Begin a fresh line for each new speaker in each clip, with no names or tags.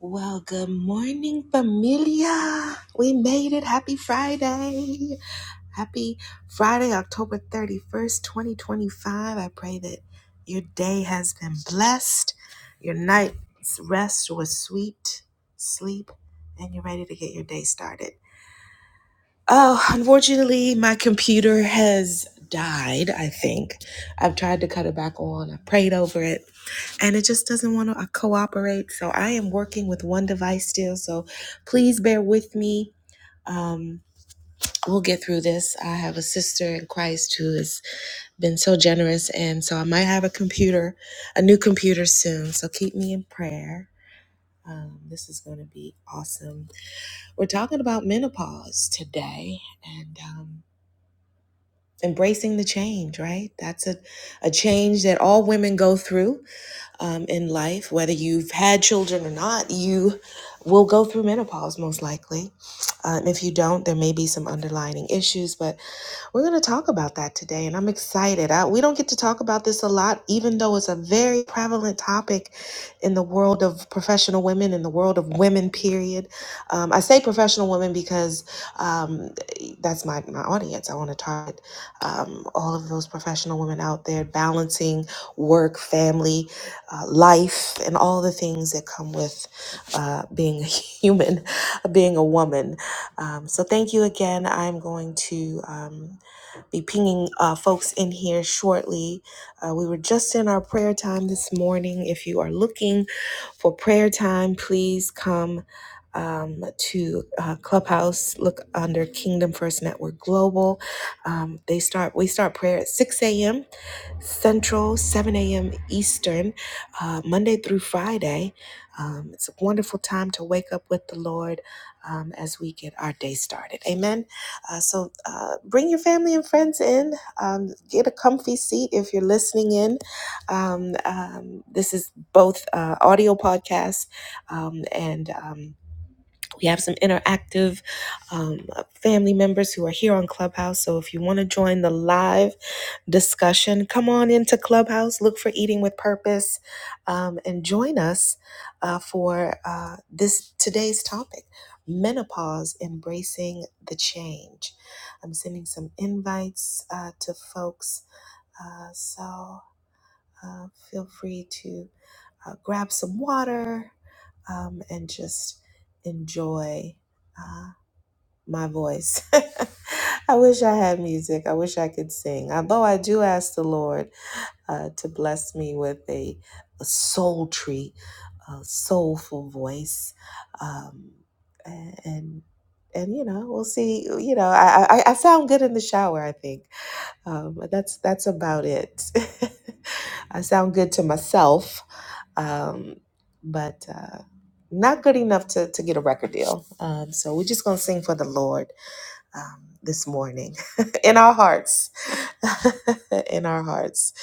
Well, good morning, familia. We made it. Happy Friday. Happy Friday, October 31st, 2025. I pray that your day has been blessed, your night's rest was sweet, sleep, and you're ready to get your day started. Oh, unfortunately, my computer has died, I think. I've tried to cut it back on. I prayed over it, and it just doesn't want to uh, cooperate. So I am working with one device still. So please bear with me. Um, we'll get through this. I have a sister in Christ who has been so generous, and so I might have a computer, a new computer soon. So keep me in prayer. Um, this is going to be awesome. We're talking about menopause today, and um, embracing the change, right? That's a, a change that all women go through um, in life, whether you've had children or not, you will go through menopause most likely. Um, if you don't, there may be some underlying issues, but we're going to talk about that today. And I'm excited. I, we don't get to talk about this a lot, even though it's a very prevalent topic in the world of professional women, in the world of women, period. Um, I say professional women because um, that's my, my audience. I want to target um, all of those professional women out there balancing work, family, uh, life and all the things that come with uh, being a human, being a woman. Um, so, thank you again. I'm going to. Um, be pinging uh, folks in here shortly. Uh, we were just in our prayer time this morning. If you are looking for prayer time, please come um, to uh, Clubhouse. Look under Kingdom First Network Global. Um, they start. We start prayer at six a.m. Central, seven a.m. Eastern, uh, Monday through Friday. Um, it's a wonderful time to wake up with the Lord um, as we get our day started. Amen. Uh, so uh, bring your family and friends in. Um, get a comfy seat if you're listening in. Um, um, this is both uh, audio podcasts um, and. Um, we have some interactive um, uh, family members who are here on Clubhouse. So if you want to join the live discussion, come on into Clubhouse, look for Eating with Purpose, um, and join us uh, for uh, this today's topic: menopause, embracing the change. I'm sending some invites uh, to folks, uh, so uh, feel free to uh, grab some water, um, and just enjoy uh, my voice. I wish I had music. I wish I could sing. Although I do ask the Lord uh, to bless me with a, a sultry, uh, soulful voice, um, a- and and you know we'll see. You know I, I I sound good in the shower. I think um, but that's that's about it. I sound good to myself um, but uh, not good enough to, to get a record deal. Um, so we're just going to sing for the Lord um, this morning in our hearts. in our hearts.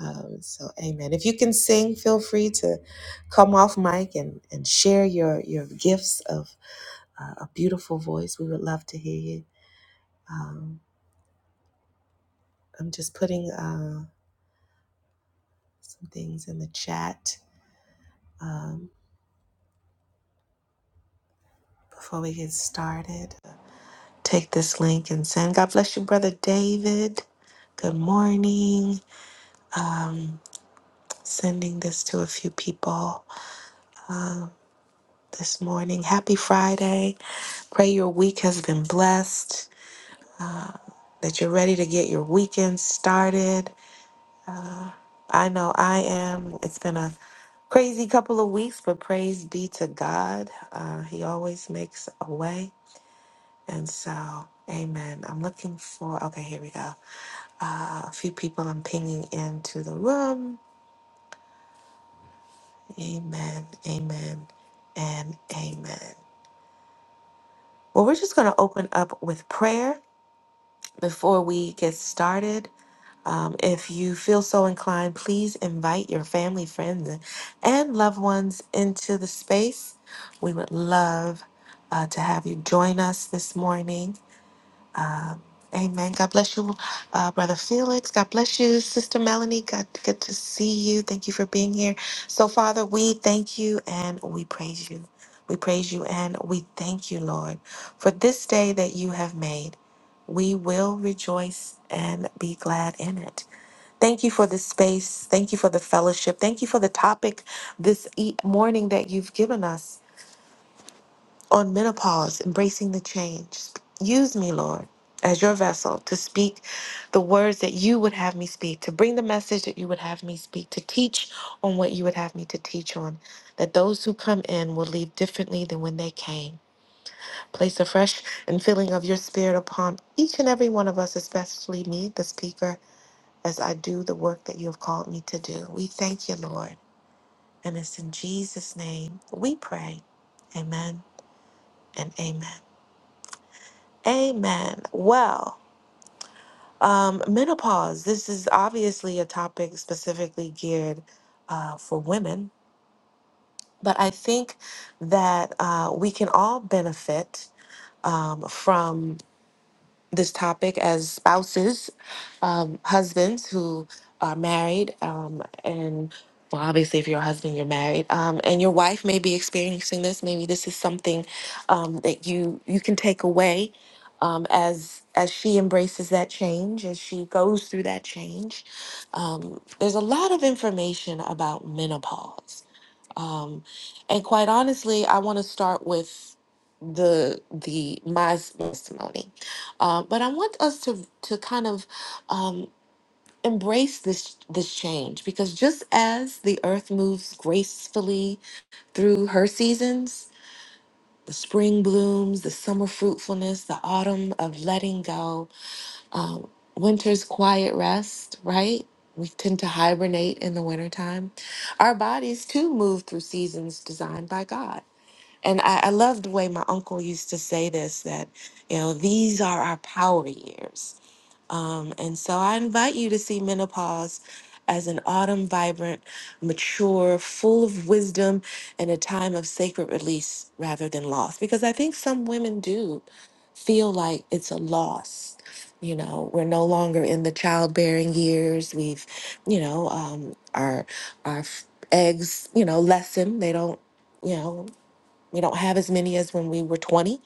Um, so, amen. If you can sing, feel free to come off mic and, and share your, your gifts of uh, a beautiful voice. We would love to hear you. Um, I'm just putting uh, some things in the chat um, before we get started. take this link and send. God bless you, Brother David. Good morning. Um, sending this to a few people this morning. Happy Friday. Pray your week has been blessed, that you're ready to get your weekend started. I know I am. It's been a crazy couple of weeks, but praise be to God. Uh, he always makes a way. And so, amen. I'm looking for, okay, here we go. Uh, a few people I'm pinging into the room. Amen, amen, and amen. Well, we're just going to open up with prayer before we get started. Um, if you feel so inclined, please invite your family, friends, and loved ones into the space. We would love uh, to have you join us this morning. Um, amen. God bless you, uh, Brother Felix. God bless you, Sister Melanie. God, good to see you. Thank you for being here. So, Father, we thank you and we praise you. We praise you and we thank you, Lord, for this day that you have made. We will rejoice and be glad in it. Thank you for this space. Thank you for the fellowship. Thank you for the topic this e- morning that you've given us on menopause, embracing the change. Use me, Lord, as your vessel to speak the words that you would have me speak, to bring the message that you would have me speak, to teach on what you would have me to teach on, that those who come in will leave differently than when they came. Place a fresh and filling of your spirit upon each and every one of us, especially me, the speaker, as I do the work that you have called me to do. We thank you, Lord. And it's in Jesus' name we pray. Amen and amen. Amen. Well, um, menopause. This is obviously a topic specifically geared uh, for women, but I think that uh, we can all benefit um, from. this topic as spouses, um, husbands who are married, um, and well, obviously, if you're a husband, you're married, um, and your wife may be experiencing this. Maybe this is something um, that you you can take away um, as as she embraces that change, as she goes through that change. Um, there's a lot of information about menopause um, and quite honestly, I want to start with the the my testimony, uh, but I want us to to kind of um, embrace this this change because just as the earth moves gracefully through her seasons. The spring blooms, the summer fruitfulness, the autumn of letting go, um, winter's quiet rest, right? We tend to hibernate in the wintertime. Our bodies too move through seasons designed by God and I, I love the way my uncle used to say this that, you know, these are our power years. Um, and so I invite you to see menopause as an autumn vibrant, mature, full of wisdom, and a time of sacred release rather than loss. Because I think some women do feel like it's a loss. You know, we're no longer in the childbearing years. We've, you know, um, our our eggs, you know, lessen. They don't you know we don't have as many as when we were 20.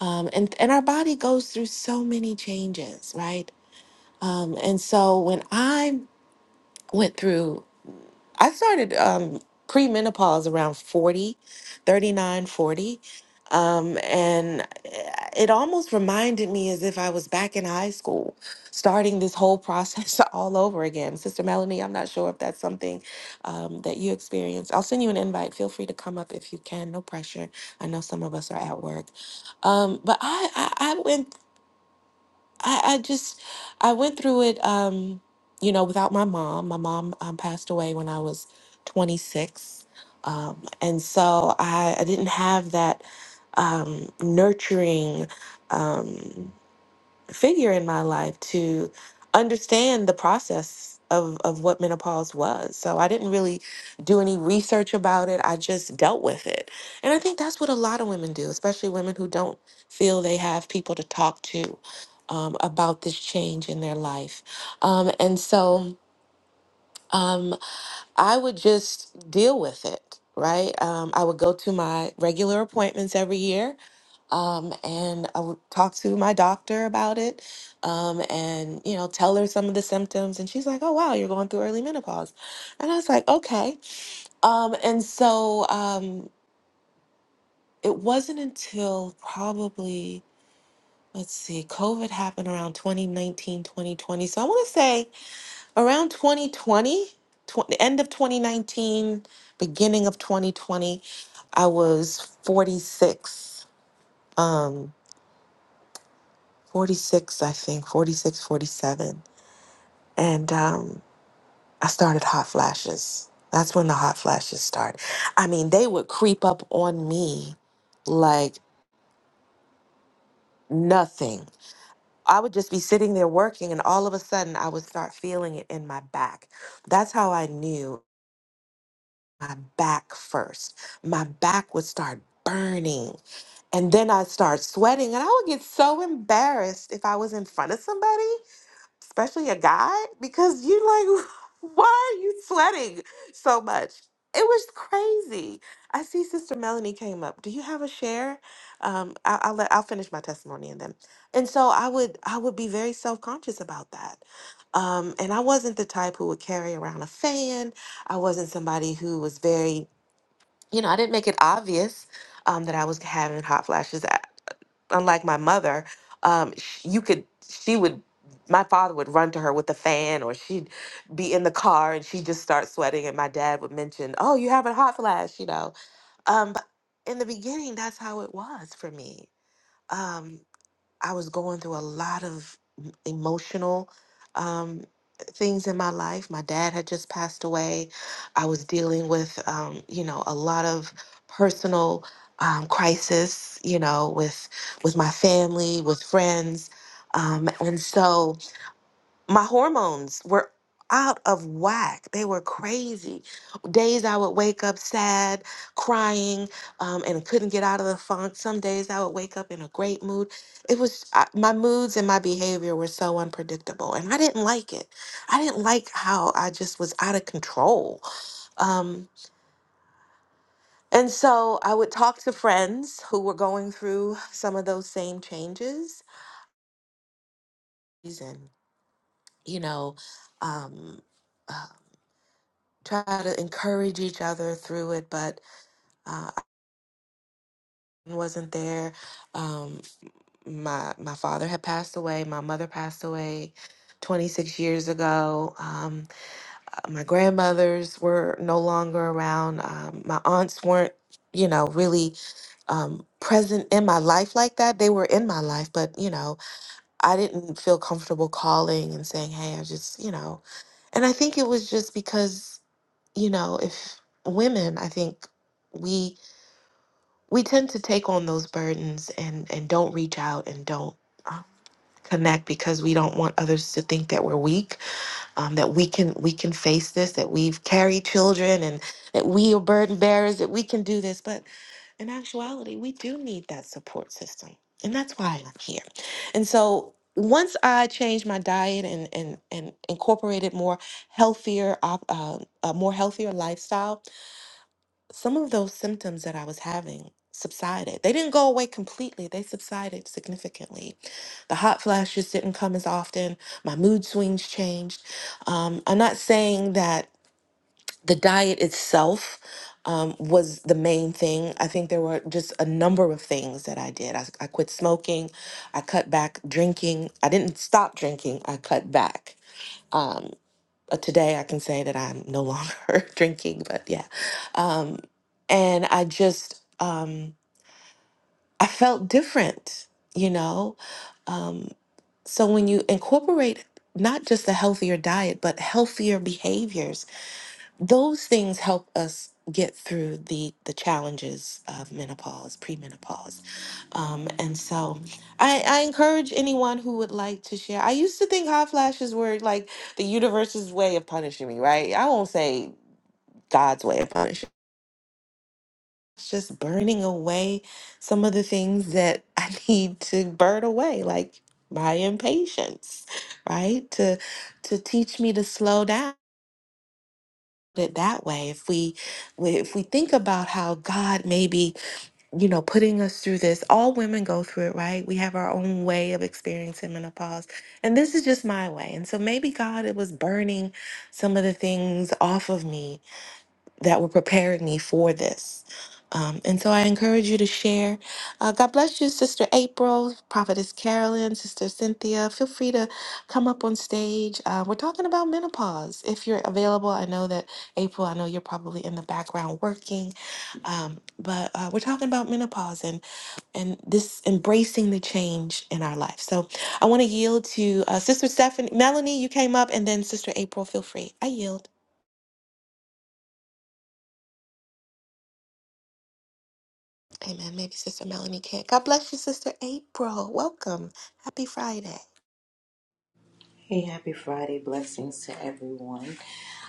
Um, and, and our body goes through so many changes, right? Um, and so when I went through I started um, premenopause around 40, 39, 40, Um, and uh, it almost reminded me as if I was back in high school, starting this whole process all over again. Sister Melanie, I'm not sure if that's something um, that you experienced. I'll send you an invite. Feel free to come up if you can. No pressure. I know some of us are at work. Um, but I, I, I went I, I just I went through it um you know without my mom my mom um, passed away when I was 26 um and so I, I didn't have that um nurturing um figure in my life to understand the process of, of what menopause was. So I didn't really do any research about it. I just dealt with it. And I think that's what a lot of women do, especially women who don't feel they have people to talk to um, about this change in their life. Um, and so um, I would just deal with it. Right. Um, I would go to my regular appointments every year um, and I would talk to my doctor about it, um, and you know, tell her some of the symptoms, and she's like, "Oh wow, you're going through early menopause," and I was like, "Okay," um, and so um, it wasn't until probably let's see, COVID happened around 2019, 2020. so I want to say around 2020, tw- the end of 2019, beginning of 2020, I was 46. um, 46, I think, 46, 47, And um, I started hot flashes. That's when the hot flashes start. I mean, they would creep up on me like nothing. I would just be sitting there working, and all of a sudden, I would start feeling it in my back. That's how I knew my back first. My back would start burning, and then I'd start sweating, and I would get so embarrassed if I was in front of somebody. especially a guy, because you like, why are you sweating so much? It was crazy. I see Sister Melanie came up. Do you have a share? Um, I, I'll let I'll finish my testimony and then. And so I would I would be very self conscious about that. Um, and I wasn't the type who would carry around a fan. I wasn't somebody who was very you know I didn't make it obvious um, that I was having hot flashes unlike my mother, um, sh- you could, she would, my father would run to her with a fan, or she'd be in the car and she'd just start sweating. And my dad would mention, Oh, you having a hot flash, you know. Um, but in the beginning, that's how it was for me. Um, I was going through a lot of m- emotional um, things in my life. My dad had just passed away. I was dealing with, um, you know, a lot of personal um, crisis, you know, with with my family, with friends, um, and so my hormones were out of whack. They were crazy. Days I would wake up sad, crying, um, and couldn't get out of the funk. Some days I would wake up in a great mood. It was I, my moods and my behavior were so unpredictable, and I didn't like it. I didn't like how I just was out of control. Um, and so I would talk to friends who were going through some of those same changes. And, you know, um, try to encourage each other through it, but uh, I wasn't there. Um, my my father had passed away. My mother passed away 26 years ago. Um, uh, my grandmothers were no longer around. Um, my aunts weren't, you know, really um, present in my life like that. They were in my life, but you know, I didn't feel comfortable calling and saying, "Hey, I just," you know. And I think it was just because, you know, if women, I think we we tend to take on those burdens and and don't reach out and don't um, connect because we don't want others to think that we're weak um, that we can we can face this that we've carried children and that we are burden bearers that we can do this but in actuality we do need that support system and that's why i'm here and so once i changed my diet and and and incorporated more healthier op- uh, a more healthier lifestyle some of those symptoms that I was having subsided. They didn't go away completely, they subsided significantly. The hot flashes didn't come as often, my mood swings changed. Um, I'm not saying that the diet itself. Um, was the main thing. I think there were just a number of things that I did. I, I quit smoking. I cut back drinking. I didn't stop drinking. I cut back. Um, uh, today I can say that I'm no longer drinking, but yeah. Um, and I just, um, I felt different, you know? Um, so when you incorporate not just a healthier diet, but healthier behaviors, those things help us get through the the challenges of menopause premenopause um and so i i encourage anyone who would like to share i used to think hot flashes were like the universe's way of punishing me right i won't say god's way of punishing it's just burning away some of the things that i need to burn away like my impatience right to to teach me to slow down it that way if we if we think about how god may be you know putting us through this all women go through it right we have our own way of experiencing menopause and this is just my way and so maybe god it was burning some of the things off of me that were preparing me for this. Um, and so I encourage you to share. Uh, God bless you, Sister April, Prophetess Carolyn, Sister Cynthia. Feel free to come up on stage. Uh, we're talking about menopause. If you're available, I know that April, I know you're probably in the background working, um, but uh, we're talking about menopause and and this embracing the change in our life. So I want to yield to uh, Sister Stephanie, Melanie. You came up, and then Sister April. Feel free. I yield. Amen. Maybe Sister Melanie can't. God bless you, Sister April. Welcome. Happy Friday.
Hey, happy Friday. Blessings to everyone.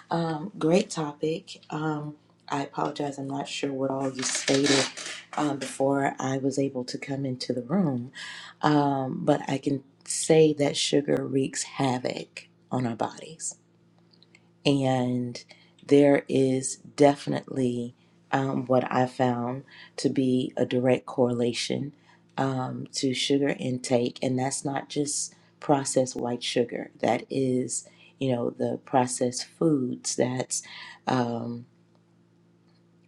Um, great topic. Um, I apologize. I'm not sure what all you stated um, before I was able to come into the room, um, but I can say that sugar wreaks havoc on our bodies. And there is definitely um, what I found to be a direct correlation um, to sugar intake. And that's not just processed white sugar, that is, you know, the processed foods, that's um,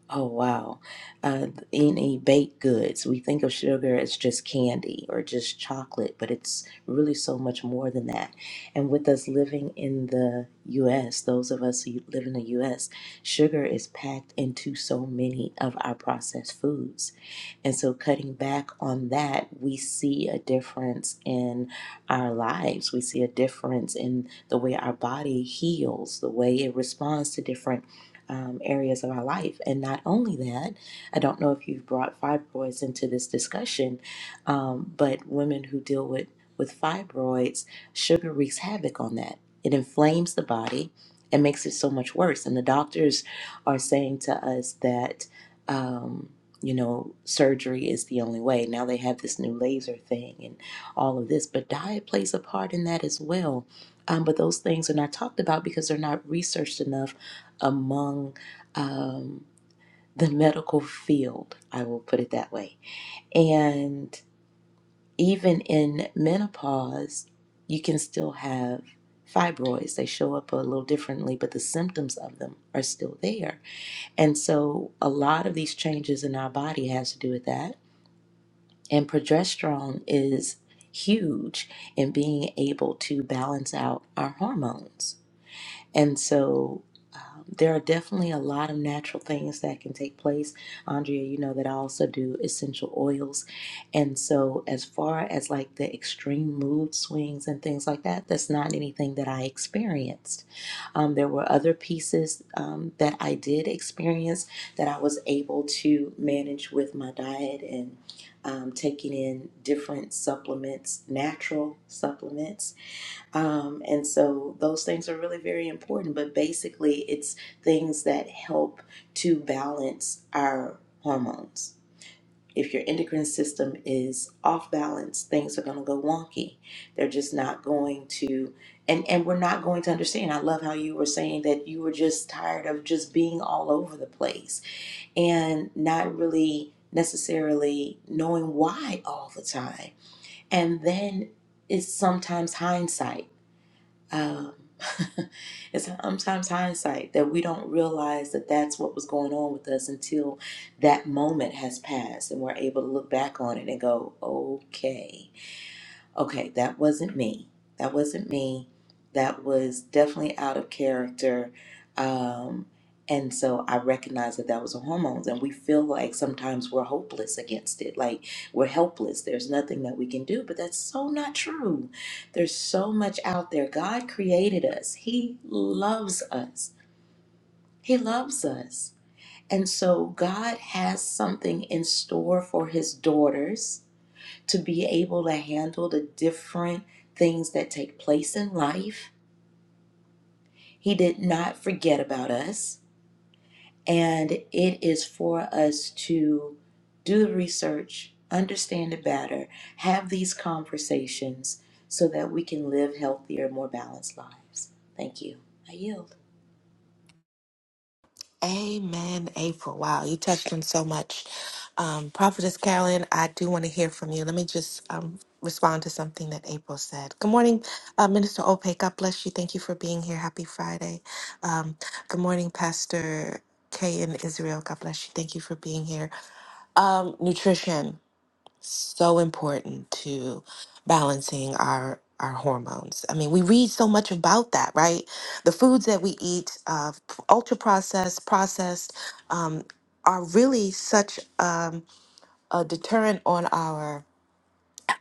Oh, wow. Uh, any baked goods, we think of sugar as just candy or just chocolate, but it's really so much more than that. And with us living in the US, those of us who live in the US, sugar is packed into so many of our processed foods. And so, cutting back on that, we see a difference in our lives. We see a difference in the way our body heals, the way it responds to different um, areas of our life. And not only that, I don't know if you've brought fibroids into this discussion, um, but women who deal with, with fibroids, sugar wreaks havoc on that. It inflames the body and makes it so much worse. And the doctors are saying to us that. Um, you know, surgery is the only way. Now they have this new laser thing and all of this, but diet plays a part in that as well. Um, but those things are not talked about because they're not researched enough among um, the medical field. I will put it that way. And even in menopause, you can still have fibroids. They show up a little differently, but the symptoms of them are still there. And so a lot of these changes in our body has to do with that and progesterone is huge in being able to balance out our hormones. And so um, there are definitely a lot of natural things that can take place. Andrea, you know that I also do essential oils. And so, as far as like the extreme mood swings and things like that, that's not anything that I experienced. Um, there were other pieces um, that I did experience that I was able to manage with my diet and um, taking in different supplements, natural supplements um, and so those things are really very important, but basically, it's things that help to balance our hormones. If your endocrine system is off balance, things are going to go wonky. They're just not going to, and, and we're not going to understand. I love how you were saying that you were just tired of just being all over the place and not really necessarily knowing why all the time. And then it's sometimes hindsight um, it's sometimes hindsight that we don't realize that that's what was going on with us until that moment has passed and we're able to look back on it and go, okay okay, that wasn't me. That wasn't me. That was definitely out of character. Um, and so I recognized that that was the hormones. And we feel like sometimes we're hopeless against it, like we're helpless. There's nothing that we can do. But that's so not true. There's so much out there. God created us, He loves us. He loves us. And so God has something in store for His daughters to be able to handle the different things that take place in life. He did not forget about us. And it is for us to do the research, understand it better, have these conversations so that we can live healthier, more balanced lives. Thank you. I yield.
Amen, April. Wow, you touched on so much. Um, Prophetess Carolyn, I do want to hear from you. Let me just um, respond to something that April said. Good morning, uh, Minister Ope. God bless you. Thank you for being here. Happy Friday. Um, good morning, Pastor Kay in Israel. God bless you. Thank you for being here. Um, nutrition. so important to balancing our our hormones. I mean, we read so much about that, right? The foods that we eat, uh, ultra processed, processed, um, are really such um, a deterrent on our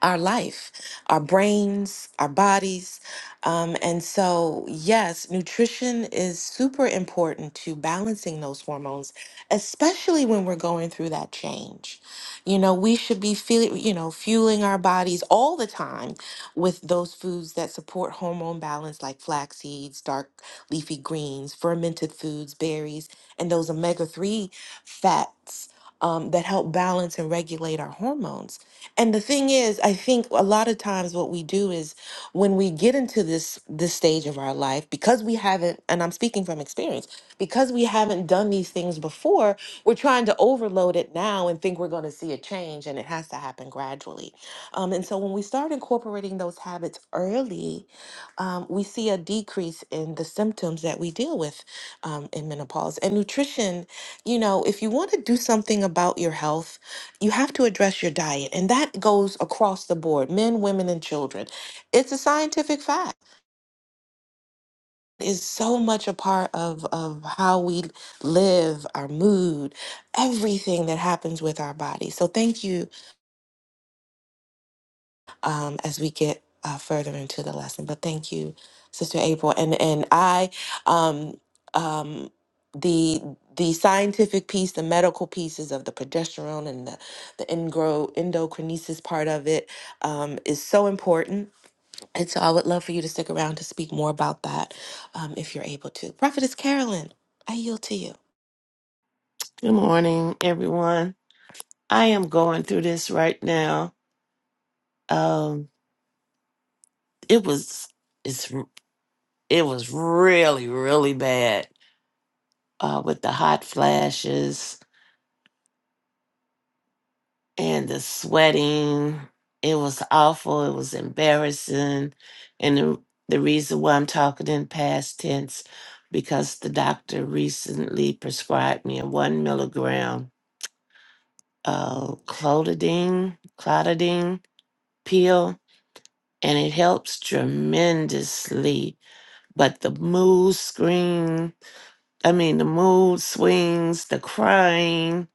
our life, our brains, our bodies. Um, and so, yes, nutrition is super important to balancing those hormones, especially when we're going through that change. You know, we should be feeling, you know, fueling our bodies all the time with those foods that support hormone balance, like flax seeds, dark leafy greens, fermented foods, berries, and those omega 3 fats um, that help balance and regulate our hormones. And the thing is, I think a lot of times what we do is when we get into this this stage of our life, because we haven't, and I'm speaking from experience, because we haven't done these things before, we're trying to overload it now and think we're going to see a change, and it has to happen gradually. Um, and so when we start incorporating those habits early, um, we see a decrease in the symptoms that we deal with um, in menopause. And nutrition, you know, if you want to do something about your health you have to address your diet and that goes across the board men women and children it's a scientific fact it's so much a part of of how we live our mood everything that happens with our body so thank you um, as we get uh, further into the lesson. But thank you, Sister April. And and I, um, um, the the scientific piece, the medical pieces of the progesterone and the the engro, endocrinesis part of it um, is so important. And so I would love for you to stick around to speak more about that um, if you're able to. Prophetess Carolyn, I yield to you.
Good morning, everyone. I am going through this right now. Um, it was it's it was really really bad uh, with the hot flashes and the sweating. It was awful. It was embarrassing, and the, the reason why I'm talking in past tense because the doctor recently prescribed me a one milligram uh, clotidine clotidine pill and it helps tremendously. But the mood screen, I mean, the mood swings, the crying,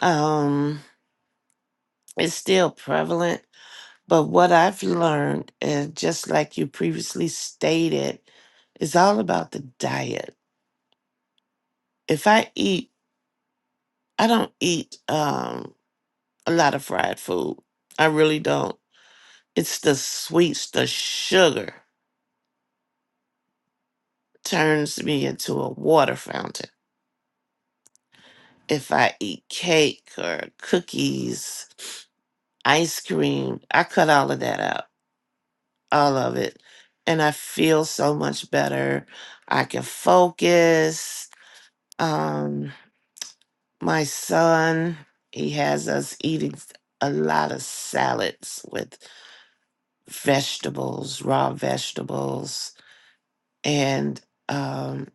um, is still prevalent. But what I've learned, and just like you previously stated, is all about the diet. If I eat, I don't eat um, a lot of fried food. I really don't. It's the sweets, the sugar turns me into a water fountain if I eat cake or cookies, ice cream, I cut all of that out, all of it. And I feel so much better. I can focus. Um, my son, he has us eating a lot of salads with vegetables, raw vegetables. And um,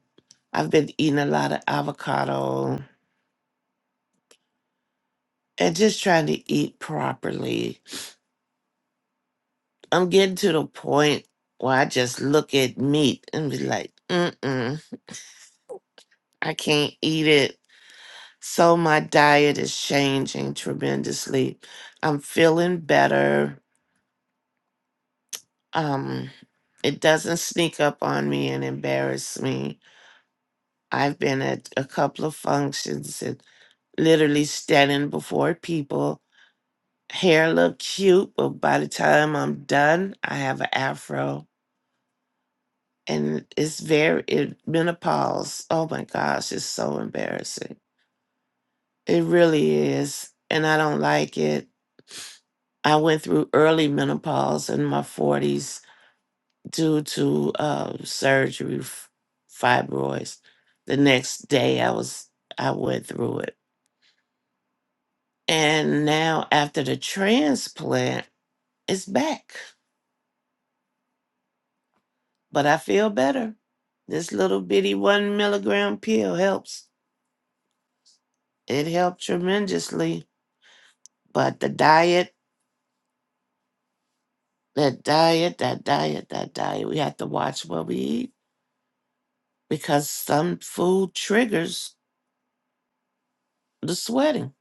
I've been eating a lot of avocado and just trying to eat properly I'm getting to the point where I just look at meat and be like, mm-mm, I can't eat it. So my diet is changing tremendously. I'm feeling better. Um, it doesn't sneak up on me and embarrass me. I've been at a couple of functions and literally standing before people. Hair look cute, but by the time I'm done, I have an afro and it's very it, menopause. Oh my gosh, it's so embarrassing. It really is, and I don't like it. I went through early menopause in my forties due to uh, surgery, f- fibroids. The next day, I was I went through it, and now after the transplant, it's back. But I feel better. This little bitty one milligram pill helps. It helped tremendously But the diet, that diet, that diet, that diet, we have to watch what we eat because some food triggers the sweating.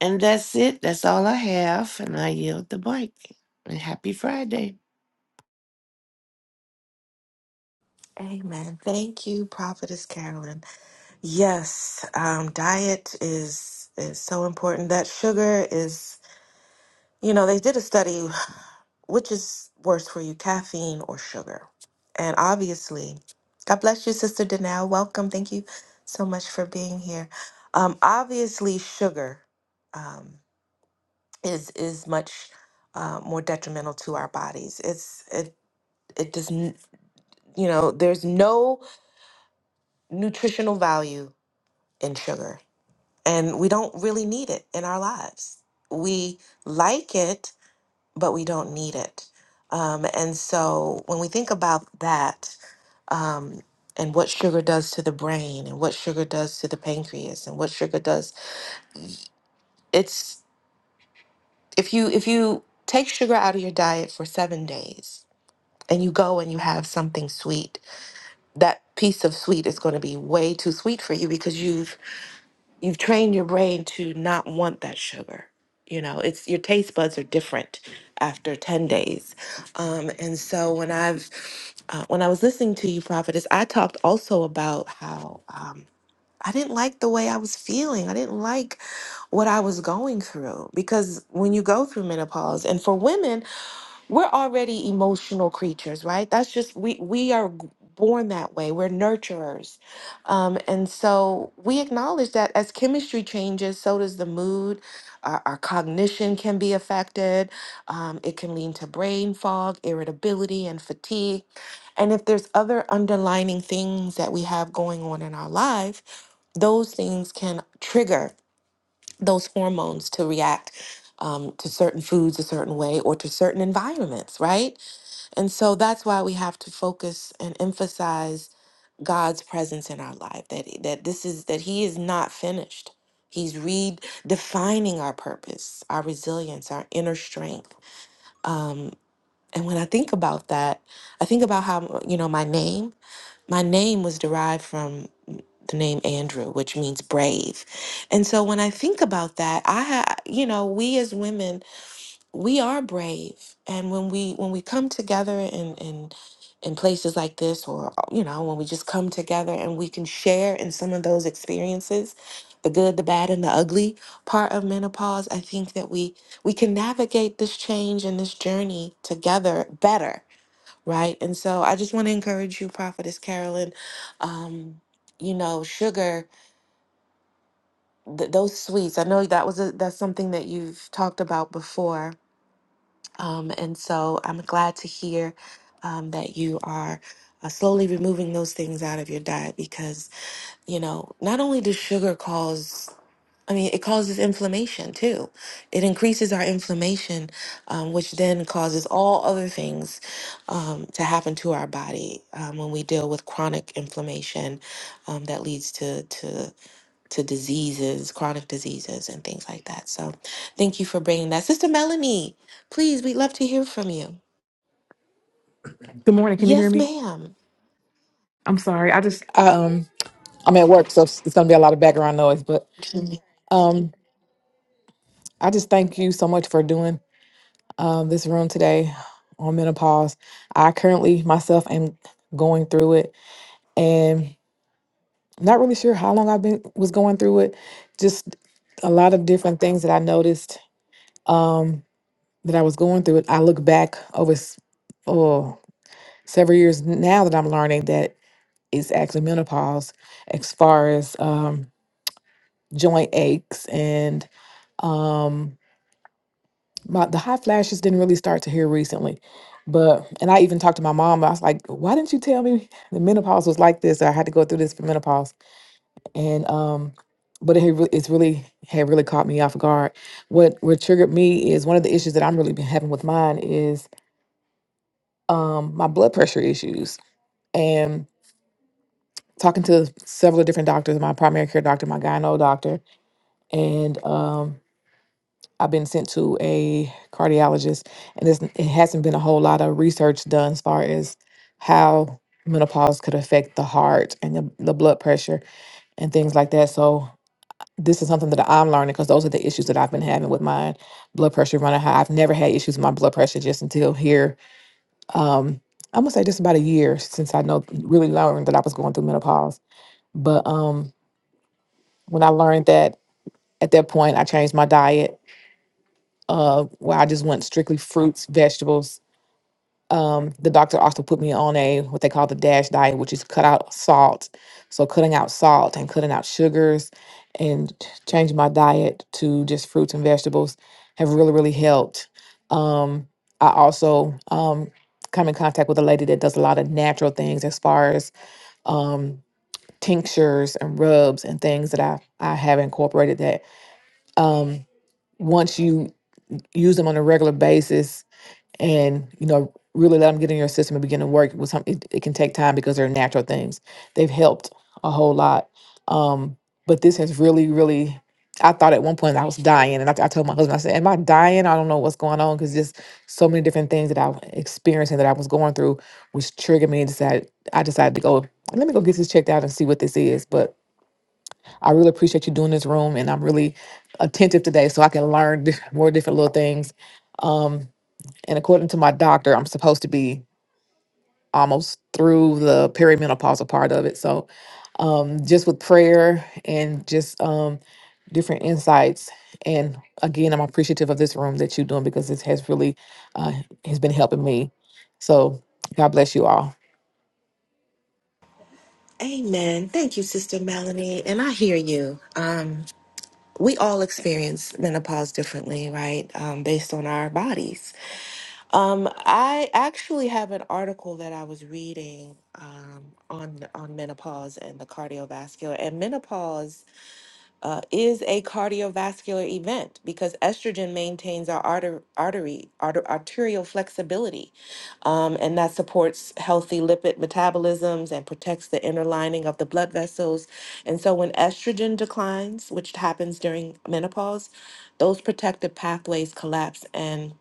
And that's it. That's all I have. And I yield the mic. And happy Friday.
Amen. Thank you, Prophetess Carolyn. Yes, um, diet is is so important. That sugar is, you know, they did a study, which is worse for you, caffeine or sugar? And obviously, God bless you, Sister Danelle. Welcome. Thank you so much for being here. Um, obviously, sugar um, is is much uh, more detrimental to our bodies. It's it it does, not you know, there's no nutritional value in sugar and we don't really need it in our lives. We like it, but we don't need it. Um, and so when we think about that um, and what sugar does to the brain and what sugar does to the pancreas and what sugar does, it's if you if you take sugar out of your diet for seven days and you go and you have something sweet, that piece of sweet is going to be way too sweet for you because you've you've trained your brain to not want that sugar. You know, it's your taste buds are different after 10 days. Um, and so when I've uh, when I was listening to you, Prophetess, I talked also about how um, I didn't like the way I was feeling. I didn't like what I was going through because when you go through menopause, and for women, we're already emotional creatures right that's just we we are g- born that way we're nurturers um, and so we acknowledge that as chemistry changes so does the mood our, our cognition can be affected um, it can lead to brain fog irritability and fatigue and if there's other underlining things that we have going on in our life those things can trigger those hormones to react um, to certain foods a certain way or to certain environments, right? And so that's why we have to focus and emphasize God's presence in our life that that this is that he is not finished. He's redefining our purpose, our resilience, our inner strength. Um and when I think about that, I think about how you know my name, my name was derived from the name Andrew, which means brave. And so when I think about that, I ha- you know, we as women we are brave and when we when we come together in in in places like this or you know when we just come together and we can share in some of those experiences the good the bad and the ugly part of menopause i think that we we can navigate this change and this journey together better right and so i just want to encourage you prophetess carolyn um you know sugar th- those sweets i know that was a, that's something that you've talked about before um, and so I'm glad to hear um, that you are uh, slowly removing those things out of your diet because, you know, not only does sugar cause, I mean, it causes inflammation too. It increases our inflammation, um, which then causes all other things um, to happen to our body um, when we deal with chronic inflammation um, that leads to, to to diseases, chronic diseases, and things like that. So thank you for bringing that. Sister Melanie, please, we'd love to hear from you.
Good morning. Can you hear
Yes,
me?
ma'am.
I'm sorry. I just I, um I'm at work, so it's gonna be a lot of background noise. But um I just thank you so much for doing um this room today on menopause. I currently myself am going through it and not really sure how long I've been was going through it. Just a lot of different things that I noticed um that I was going through it. I look back over s- oh several years now that I'm learning that it's actually menopause as far as um joint aches and um my the hot flashes didn't really start to here recently but and i even talked to my mom i was like why didn't you tell me the menopause was like this i had to go through this for menopause and um but it had re- it's really had really caught me off guard what what triggered me is one of the issues that i'm really been having with mine is um my blood pressure issues and talking to several different doctors my primary care doctor my gyno doctor and um I've been sent to a cardiologist, and it's, it hasn't been a whole lot of research done as far as how menopause could affect the heart and the, the blood pressure and things like that. So this is something that I'm learning because those are the issues that I've been having with my blood pressure running high. I've never had issues with my blood pressure just until here. Um, I'm gonna say just about a year since I know really learned that I was going through menopause. But um, when I learned that at that point, I changed my diet. Uh, where I just went strictly fruits, vegetables, Um, the doctor also put me on a what they call the DASH diet, which is cut out salt. So cutting out salt and cutting out sugars and t- changing my diet to just fruits and vegetables have really, really helped. Um, I also um, come in contact with a lady that does a lot of natural things as far as um, tinctures and rubs and things that I, I have incorporated that um, once you use them on a regular basis, and you know really let them get in your system and begin to work with some it, it can take time because they're natural things they've helped a whole lot um but this has really really i thought at one point i was dying and i, I told my husband i said am i dying i don't know what's going on because just so many different things that i was experiencing that i was going through was triggering me and decided i decided to go let me go get this checked out and see what this is but i really appreciate you doing this room and i'm really attentive today so i can learn more different little things Um, and according to my doctor, I'm supposed to be almost through the perimenopausal part of it. So, um, just with prayer and just um, different insights, and again, I'm appreciative of this room that you're doing because this has really uh, has been helping me. So, God bless you all.
Amen. Thank you, Sister Melanie. And I hear you. Um, we all experience menopause differently, right? Um, based on our bodies. Um, I actually have an article that I was reading um, on on menopause and the cardiovascular. And menopause uh, is a cardiovascular event because estrogen maintains our arter- artery, arter- arterial flexibility, um, and that supports healthy lipid metabolisms and protects the inner lining of the blood vessels. And so, when estrogen declines, which happens during menopause, those protective pathways collapse, and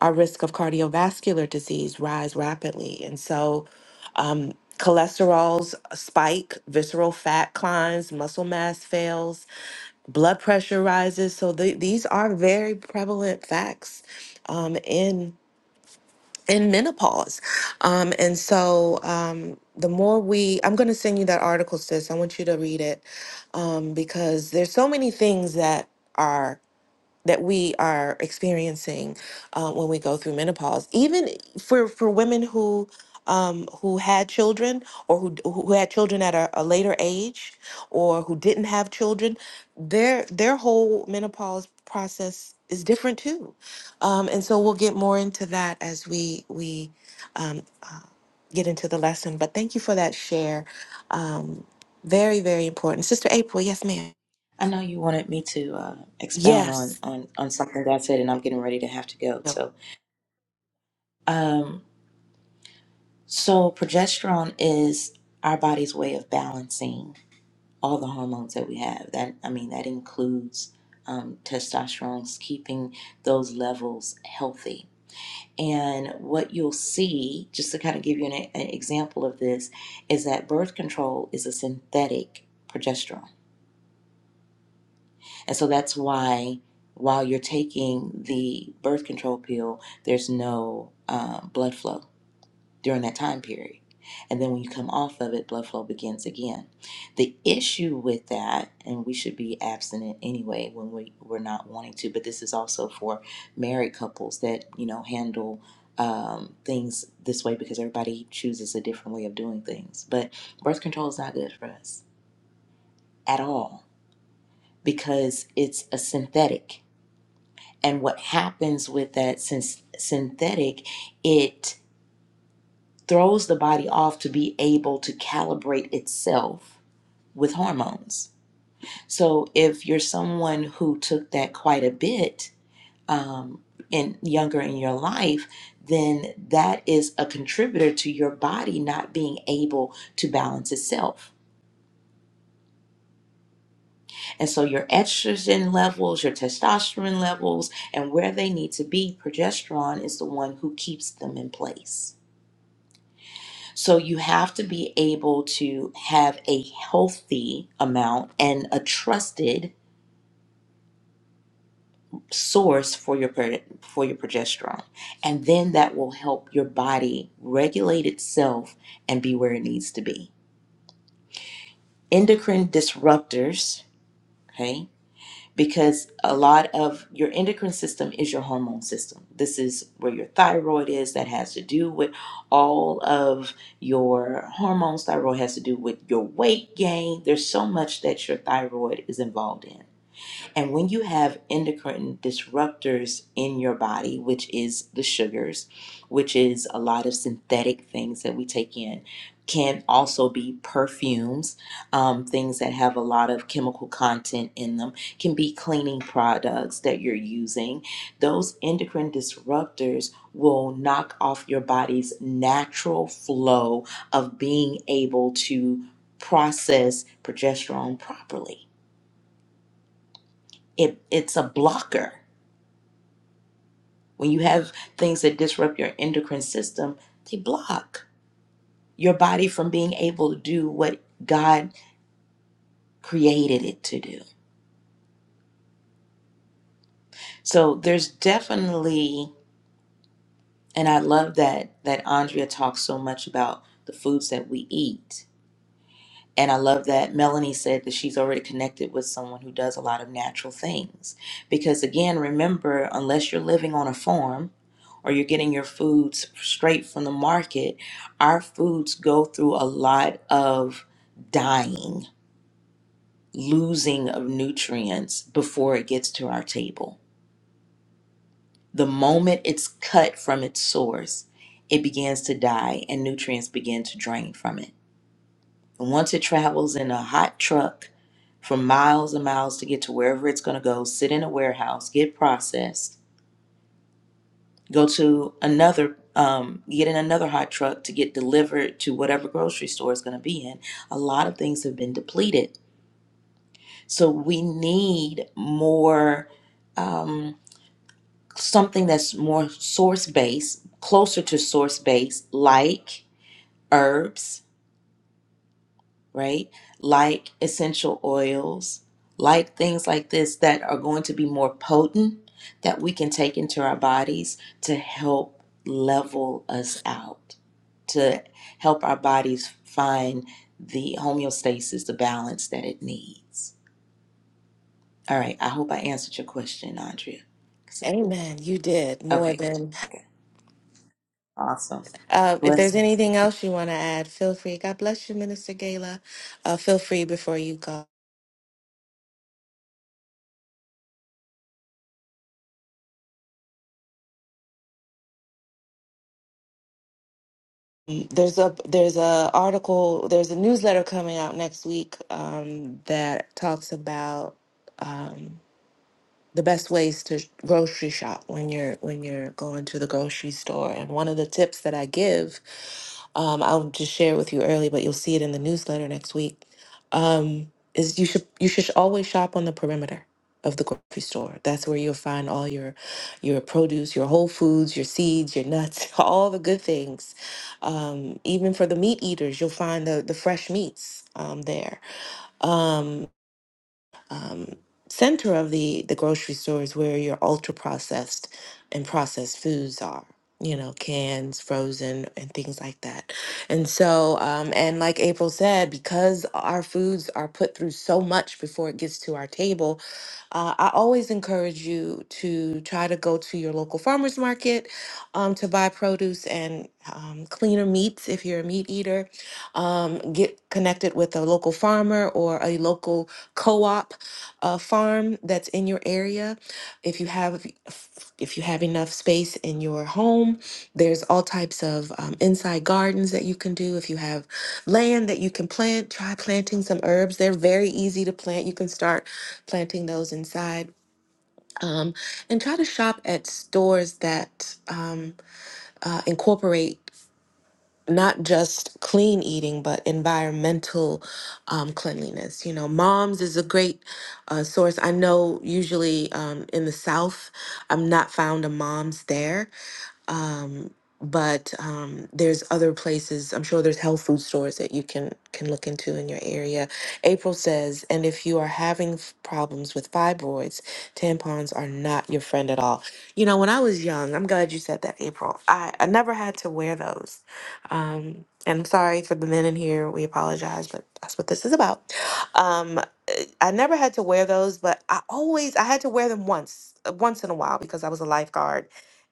our risk of cardiovascular disease rise rapidly. And so, um, cholesterols spike, visceral fat climbs, muscle mass fails blood pressure rises. So the, these are very prevalent facts um, in in menopause. Um, and so um, the more we, I'm going to send you that article, sis. I want you to read it um, because there's so many things that are that we are experiencing uh, when we go through menopause, even for for women who um, who had children or who who had children at a, a later age or who didn't have children, their their whole menopause process is different too, um, and so we'll get more into that as we we um, uh, get into the lesson. But thank you for that share, um, very very important, Sister April. Yes, ma'am.
I know you wanted me to uh, expound on,
Yes.
on, on something that I said, and I'm getting ready to have to go. So, um, So, progesterone is our body's way of balancing all the hormones that we have. That I mean, that includes um, testosterone, keeping those levels healthy. And what you'll see, just to kind of give you an, an example of this, is that birth control is a synthetic progesterone, and so that's why while you're taking the birth control pill, there's no uh, blood flow during that time period. And then when you come off of it, blood flow begins again. The issue with that, and we should be abstinent anyway when we, we're not wanting to, but this is also for married couples that, you know, handle um, things this way because everybody chooses a different way of doing things. But birth control is not good for us at all because it's a synthetic. And what happens with that since synthetic, it throws the body off to be able to calibrate itself with hormones. So if you're someone who took that quite a bit um, in younger in your life, then that is a contributor to your body not being able to balance itself. And so your estrogen levels, your testosterone levels, and where they need to be, progesterone is the one who keeps them in place. So you have to be able to have a healthy amount and a trusted source for your for your progesterone. And then that will help your body regulate itself and be where it needs to be. Endocrine disruptors, okay? because a lot of your endocrine system is your hormone system. This is where your thyroid is, that has to do with all of your hormones. Thyroid has to do with your weight gain. There's so much that your thyroid is involved in. And when you have endocrine disruptors in your body, which is the sugars, which is a lot of synthetic things that we take in, can also be perfumes, um, things that have a lot of chemical content in them, can be cleaning products that you're using. Those endocrine disruptors will knock off your body's natural flow of being able to process progesterone properly. It, it's a blocker When you have things that disrupt your endocrine system, they block your body from being able to do what God created it to do. So there's definitely and I love that that Andrea talks so much about the foods that we eat And I love that Melanie said that she's already connected with someone who does a lot of natural things. Because again, remember, unless you're living on a farm or you're getting your foods straight from the market, our foods go through a lot of dying, losing of nutrients before it gets to our table. The moment it's cut from its source, it begins to die and nutrients begin to drain from it. Once it travels in a hot truck for miles and miles to get to wherever it's going to go, sit in a warehouse, get processed, go to another, um, get in another hot truck to get delivered to whatever grocery store it's going to be in, a lot of things have been depleted. So we need more, um, something that's more source based, closer to source based, like herbs right? Like essential oils, like things like this that are going to be more potent that we can take into our bodies to help level us out, to help our bodies find the homeostasis, the balance that it needs. All right, I hope I answered your question, Andrea. So-
Amen. You did more
Okay, good.
than.
Okay, awesome.
Uh, if there's
Blessings.
anything else you want to add, feel free. God bless you, Minister Gala. Uh, feel free before you go. Um, There's a there's a article there's a newsletter coming out next week um, that talks about um, the best ways to grocery shop when you're when you're going to the grocery store and one of the tips that i give um, i'll just share with you early but you'll see it in the newsletter next week um, is you should you should always shop on the perimeter of the grocery store that's where you'll find all your your produce your whole foods your seeds your nuts all the good things um, even for the meat eaters you'll find the the fresh meats um, there Um, um, center of the the grocery store is where your ultra processed and processed foods are you know cans frozen and things like that and so um, and like april said because our foods are put through so much before it gets to our table uh, i always encourage you to try to go to your local farmers market um, to buy produce and um, cleaner meats if you're a meat eater um, get connected with a local farmer or a local co-op a farm that's in your area. If you have if you have enough space in your home, there's all types of um, inside gardens that you can do. If you have land that you can plant, try planting some herbs. They're very easy to plant. You can start planting those inside. Um, and try to shop at stores that um, uh, incorporate not just clean eating, but environmental um, cleanliness. You know, Moms is a great uh, source. I know usually um, in the South, I'm not found a Moms there um, but um, there's other places. I'm sure there's health food stores that you can can look into in your area. April says, and if you are having f- problems with fibroids, tampons are not your friend at all. You know, when I was young, I'm glad you said that, April. I, I never had to wear those. Um, and I'm sorry for the men in here. We apologize, but that's what this is about. Um, I never had to wear those, but I always I had to wear them once, uh, once in a while because I was a lifeguard,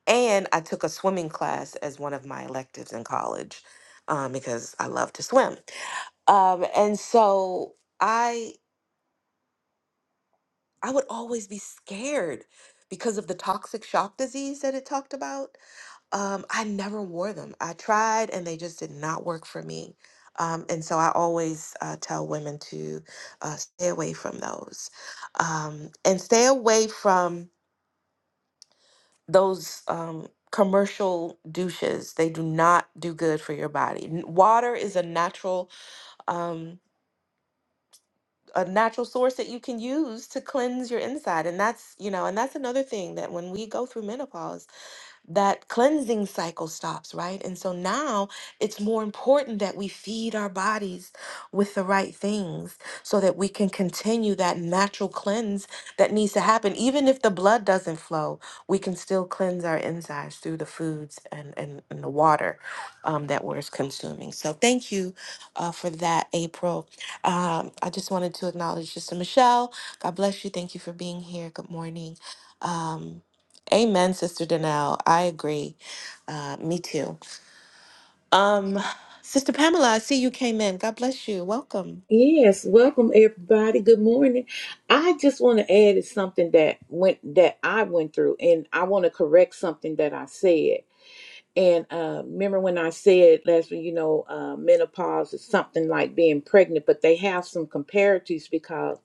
and I took a swimming class as one of my electives in college, um, because I love to swim. Um, and so I I would always be scared because of the toxic shock disease that it talked about. Um, I never wore them. I tried and they just did not work for me. Um, and so I always uh, tell women to uh, stay away from those um, and stay away from those um, commercial douches. They do not do good for your body. N- Water is a natural. Um, a natural source that you can use to cleanse your inside and that's you know and that's another thing that when we go through menopause that cleansing cycle stops, right? And so now it's more important that we feed our bodies with the right things so that we can continue that natural cleanse that needs to happen. Even if the blood doesn't flow, we can still cleanse our insides through the foods and, and, and the water um, that we're consuming. So thank you uh, for that, April. Um, I just wanted to acknowledge Sister Michelle. God bless you. Thank you for being here. Good morning. Um, Amen, Sister Danelle. I agree. Uh, me too. Um, Sister Pamela, I see you came in. God bless you. Welcome.
Yes, welcome everybody. Good morning. I just want to add is something that went that I went through, and I want to correct something that I said. And uh, remember when I said last week, you know, uh, menopause is something like being pregnant, but they have some comparatives because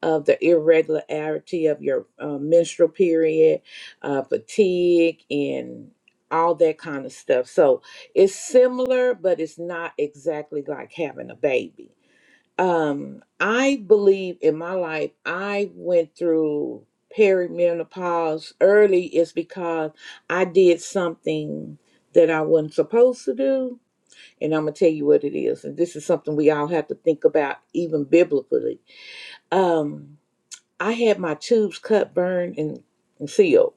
of the irregularity of your uh, menstrual period, uh, fatigue, and all that kind of stuff. So it's similar, but it's not exactly like having a baby. Um, I believe in my life, I went through perimenopause early is because I did something that I wasn't supposed to do. And I'm going to tell you what it is. And this is something we all have to think about, even biblically. Um, I had my tubes cut, burned, and, and sealed.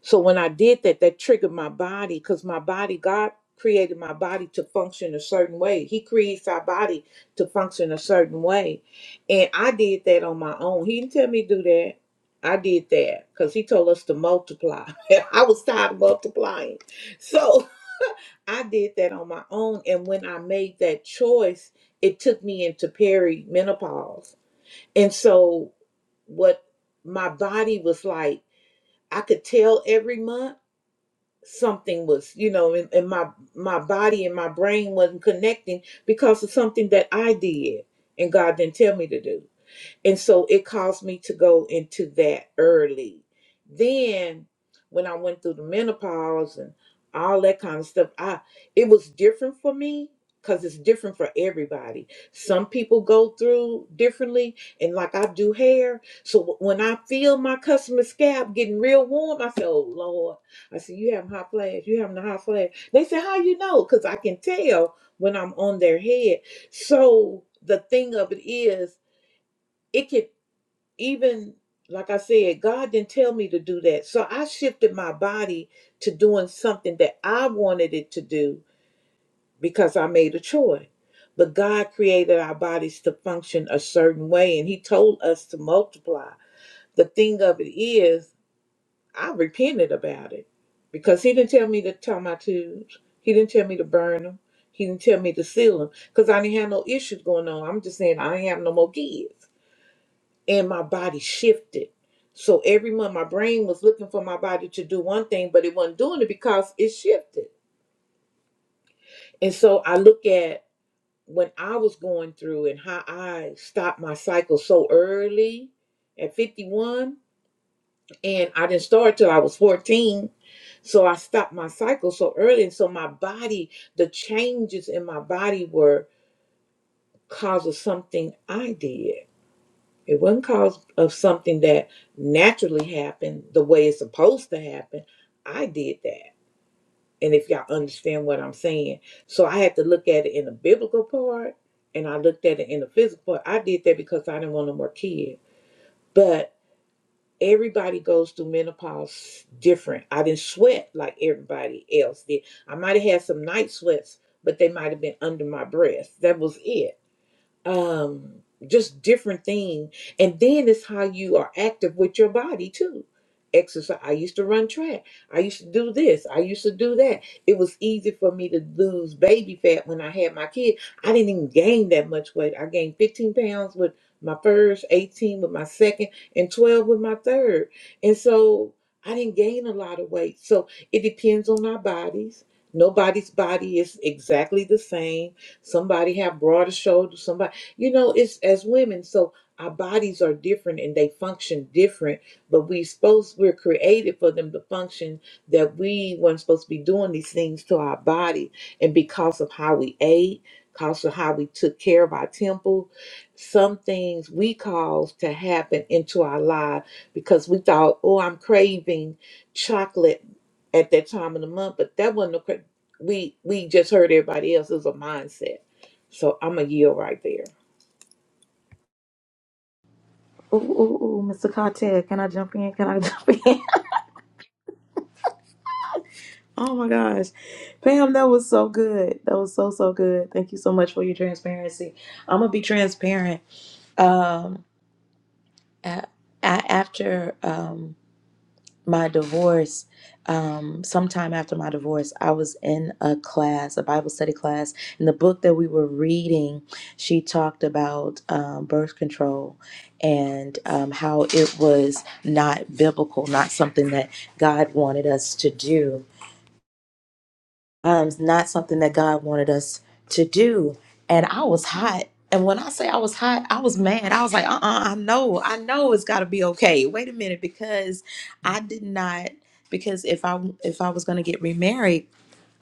So when I did that, that triggered my body because my body, God created my body to function a certain way. He creates our body to function a certain way. And I did that on my own. He didn't tell me to do that. I did that because he told us to multiply. I was tired of multiplying. So I did that on my own. And when I made that choice, it took me into perimenopause. And so what my body was like, I could tell every month something was you know and, and my my body and my brain wasn't connecting because of something that i did and god didn't tell me to do and so it caused me to go into that early. Then when I went through the menopause and all that kind of stuff, I it was different for me because it's different for everybody. Some people go through differently, and like I do hair. So when I feel my customer scalp getting real warm, I say, Oh Lord. I said, You having hot flash, you having a hot flash. They say, How you know? Because I can tell when I'm on their head. So the thing of it is it can even like I said, God didn't tell me to do that. So I shifted my body to doing something that I wanted it to do because I made a choice. But God created our bodies to function a certain way and He told us to multiply. The thing of it is, I repented about it because He didn't tell me to tie my tubes, He didn't tell me to burn them, He didn't tell me to seal them because I didn't have no issues going on. I'm just saying, I didn't have no more kids and my body shifted. So every month, my brain was looking for my body to do one thing, but it wasn't doing it because it shifted. And so I look at when I was going through and how I stopped my cycle so early at 51, and I didn't start till I was 14. So I stopped my cycle so early. And so my body, the changes in my body were because of something I did. It wasn't cause of something that naturally happened the way it's supposed to happen. I did that. And if y'all understand what I'm saying. So I had to look at it in the biblical part and I looked at it in the physical part. I did that because I didn't want no more kids. But everybody goes through menopause different. I didn't sweat like everybody else did. I might have had some night sweats, but they might have been under my breath. That was it um just different thing and then it's how you are active with your body too exercise i used to run track i used to do this i used to do that it was easy for me to lose baby fat when i had my kid i didn't even gain that much weight i gained 15 pounds with my first 18 with my second and 12 with my third and so i didn't gain a lot of weight so it depends on our bodies nobody's body is exactly the same somebody have broader shoulders somebody you know, it's as women, so our bodies are different and they function different, but we supposed we're created for them to function that we weren't supposed to be doing these things to our body. And because of how we ate, because of how we took care of our temple, some things we caused to happen into our life because we thought, oh, I'm craving chocolate at that time of the month, but that wasn't a cra- we we just heard everybody else. It was a mindset. So I'm a yield right there.
Ooh, ooh, ooh, Mr. Cartel, can I jump in? Can I jump in? Oh my gosh. Pam, that was so good. That was so, so good. Thank you so much for your transparency. I'm going to be transparent. Um, a- a- after um, my divorce, um, sometime after my divorce, I was in a class, a Bible study class, and the book that we were reading, she talked about um, birth control and um, how it was not biblical, not something that God wanted us to do um, it's not something that God wanted us to do. And I was hot. And when I say I was hot, I was mad. I was like, uh uh I know, I know it's got to be okay. Wait a minute, because I did not, because if I if I was going to get remarried,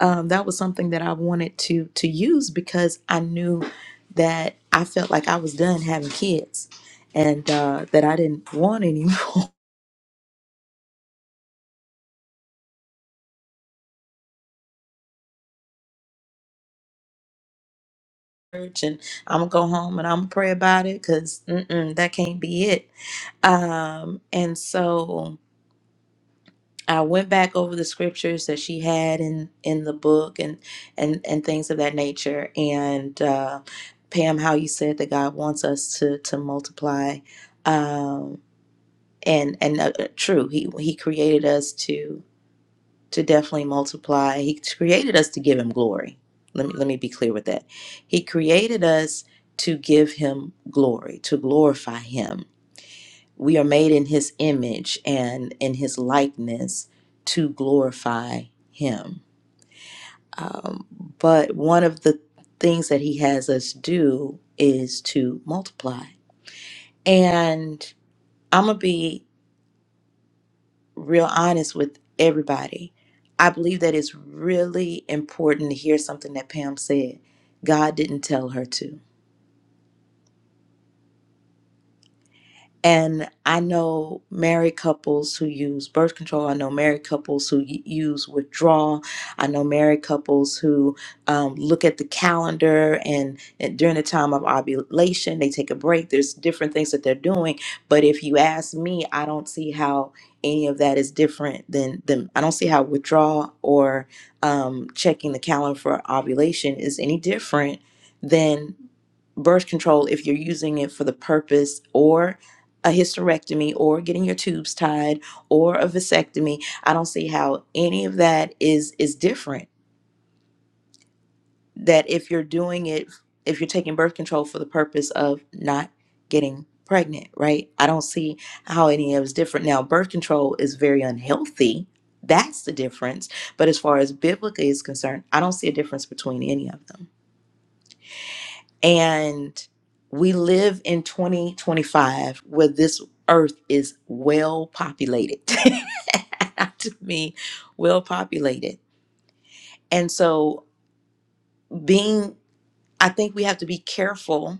um, that was something that I wanted to to use because I knew that I felt like I was done having kids, and uh, that I didn't want any more. And I'm gonna go home and I'm gonna pray about it because that can't be it Um, and so I went back over the scriptures that she had in in the book and and and things of that nature. And uh, Pam, how you said that God wants us to to multiply, um, and and uh, uh, true, he he created us to to definitely multiply. He created us to give him glory. Let me let me be clear with that. He created us to give him glory, to glorify him we are made in his image and in his likeness to glorify him. Um, but one of the things that he has us do is to multiply. And I'm going to be real honest with everybody. I believe that it's really important to hear something that Pam said. God didn't tell her to. And I know married couples who use birth control. I know married couples who y- use withdrawal. I know married couples who um, look at the calendar and, and during the time of ovulation, they take a break. There's different things that they're doing. But if you ask me, I don't see how any of that is different than, than I don't see how withdrawal or um, checking the calendar for ovulation is any different than birth control if you're using it for the purpose or a hysterectomy or getting your tubes tied or a vasectomy i don't see how any of that is is different that if you're doing it if you're taking birth control for the purpose of not getting pregnant right i don't see how any of it's different now birth control is very unhealthy that's the difference but as far as biblically is concerned i don't see a difference between any of them And we live in 2025 where this earth is well populated. to me, well populated. And so being I think we have to be careful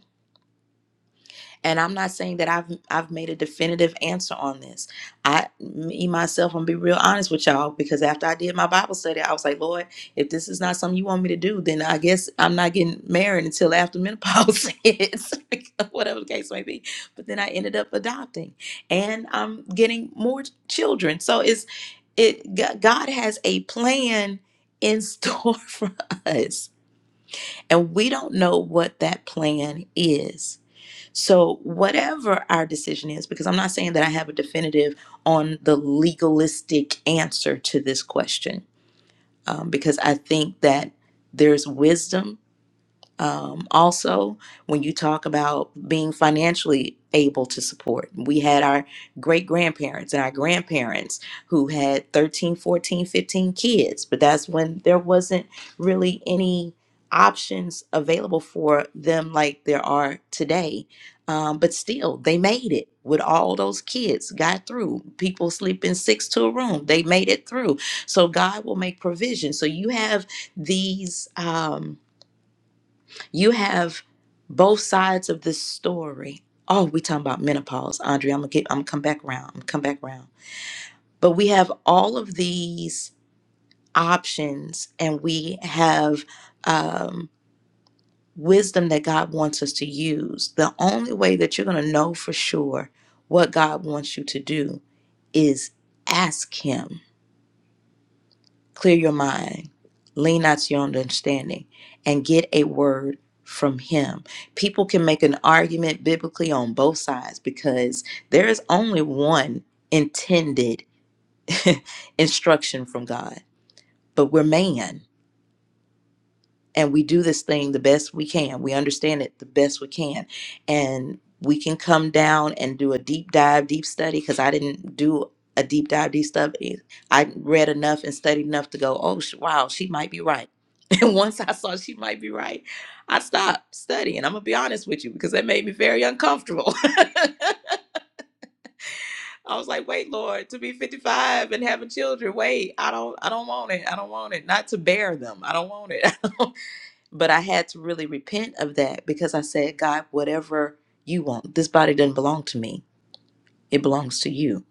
and I'm not saying that I've I've made a definitive answer on this. I me myself, I'm gonna be real honest with y'all because after I did my Bible study, I was like, Lord, if this is not something you want me to do, then I guess I'm not getting married until after menopause hits, whatever the case may be. But then I ended up adopting, and I'm getting more children. So it's it G- God has a plan in store for us, and we don't know what that plan is so, whatever our decision is, because I'm not saying that I have a definitive on the legalistic answer to this question, um, because I think that there's wisdom um, also, when you talk about being financially able to support, we had our great grandparents and our grandparents who had 13, 14, 15 kids, but that's when there wasn't really any options available for them like there are today. Um, but still, they made it with all those kids, got through. People sleeping six to a room, they made it through. So, God will make provision. So, you have these. Um, you have both sides of this story. Oh, we talking about menopause, Andrea. I'm gonna get. I'm gonna come back around. I'm gonna come back around. But we have all of these options, and we have um, wisdom that God wants us to use. The only way that you're gonna know for sure what God wants you to do is ask Him Clear your mind, lean not to your own understanding, and get a word from Him. People can make an argument biblically on both sides because there is only one intended instruction from God, but we're man and we do this thing the best we can. We understand it the best we can. And we can come down and do a deep dive, deep study, because I didn't do a deep dive, deep study. I read enough and studied enough to go, oh, sh- wow, she might be right. And once I saw she might be right, I stopped studying. I'm going to be honest with you because that made me very uncomfortable. I was like, wait, Lord, to be 55 and having children, wait, I don't, I don't want it. I don't want it. Not to bear them. I don't want it. But I had to really repent of that because I said, God, whatever you want, this body doesn't belong to me, it belongs to you.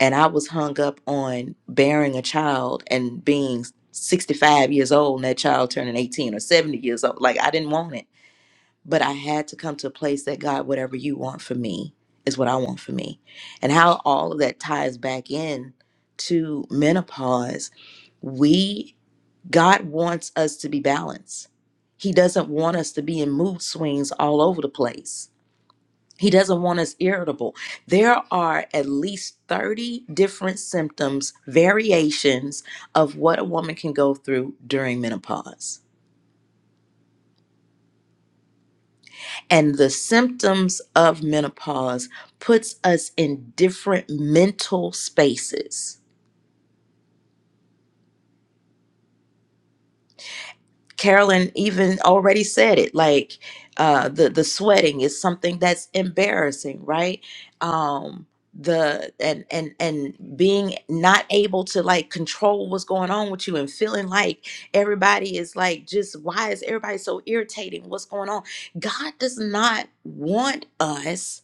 And I was hung up on bearing a child and being 65 years old and that child turning 18 or 70 years old. Like, I didn't want it. But I had to come to a place that, God, whatever you want for me is what I want for me. And how all of that ties back in to menopause we God wants us to be balanced. He doesn't want us to be in mood swings all over the place. He doesn't want us irritable. There are at least 30 different symptoms, variations of what a woman can go through during menopause. And the symptoms of menopause puts us in different mental spaces Carolyn even already said it. Like uh, the the sweating is something that's embarrassing, right? Um, the and and and being not able to like control what's going on with you and feeling like everybody is like just why is everybody so irritating what's going on god does not want us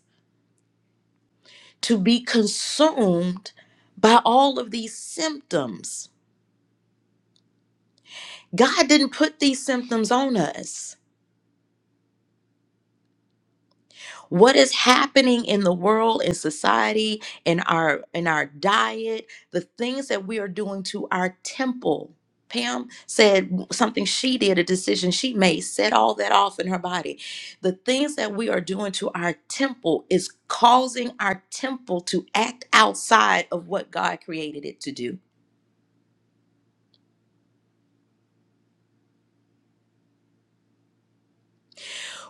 to be consumed by all of these symptoms god didn't put these symptoms on us what is happening in the world in society in our in our diet the things that we are doing to our temple pam said something she did a decision she made set all that off in her body the things that we are doing to our temple is causing our temple to act outside of what god created it to do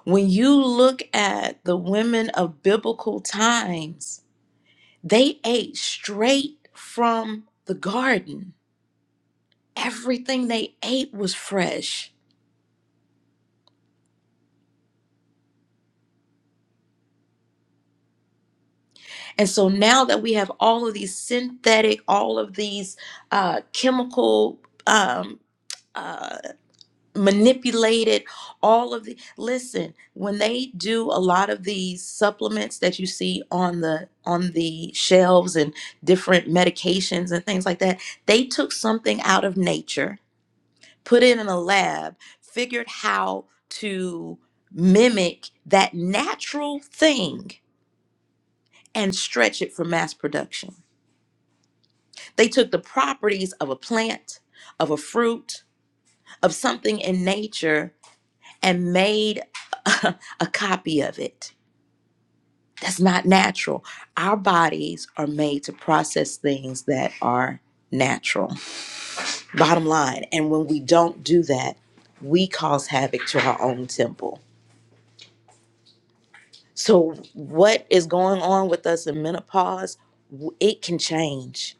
when you look at the women of biblical times they ate straight from the garden everything they ate was fresh. And so now that we have all of these synthetic, all of these uh, chemical um, uh, manipulated, all of the listen when they do a lot of these supplements that you see on the on the shelves and different medications and things like that, they took something out of nature, put it in a lab, figured how to mimic that natural thing and stretch it for mass production. They took the properties of a plant, of a fruit, of something in nature, and made a, a copy of it. That's not natural. Our bodies are made to process things that are natural. Bottom line, and when we don't do that, we cause havoc to our own temple. So, what is going on with us in menopause? It can change.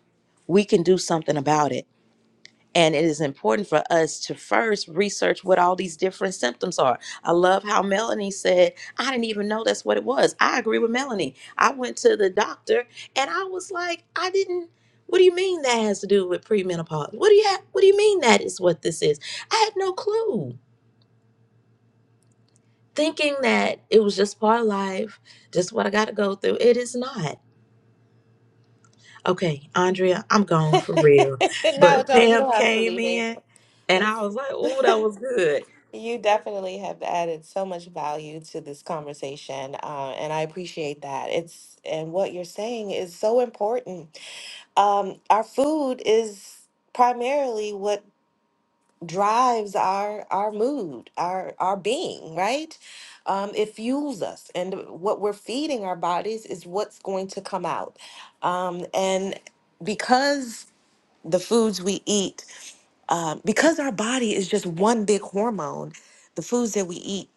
We can do something about it And it is important for us to first research what all these different symptoms are. I love how Melanie said, I didn't even know that's what it was. I agree with Melanie. I went to the doctor and I was like, I didn't. What do you mean that has to do with premenopause? What do you ha- what do you mean that is what this is? I had no clue. Thinking that it was just part of life, just what I got to go through. It is not. Okay, Andrea, I'm gone for real.
no,
But
don't. You
Pam
don't have to
came
leave.
in
April.
and
It's
I was like, "Oh, that was good."
you definitely have added so much value to this conversation, uh, and I appreciate that. It's and what you're saying is so important. Um, our food is primarily what drives our our mood our our being right um it fuels us and what we're feeding our bodies is what's going to come out um and because the foods we eat um, because our body is just one big hormone the foods that we eat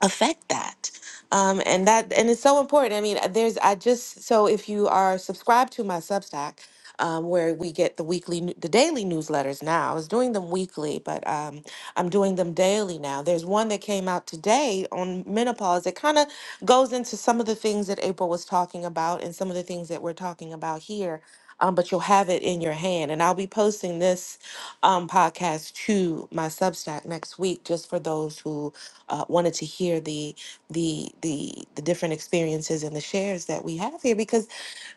affect that um, and that and it's so important i mean uh, there's i just so if you are subscribed to my substack um, where we get the weekly nu- the daily newsletters now i was doing them weekly but um, i'm doing them daily now there's one that came out today on menopause it kind of goes into some of the things that april was talking about and some of the things that we're talking about here um, but you'll have it in your hand and i'll be posting this um, podcast to my substack next week just for those who uh, wanted to hear the the the the different experiences and the shares that we have here because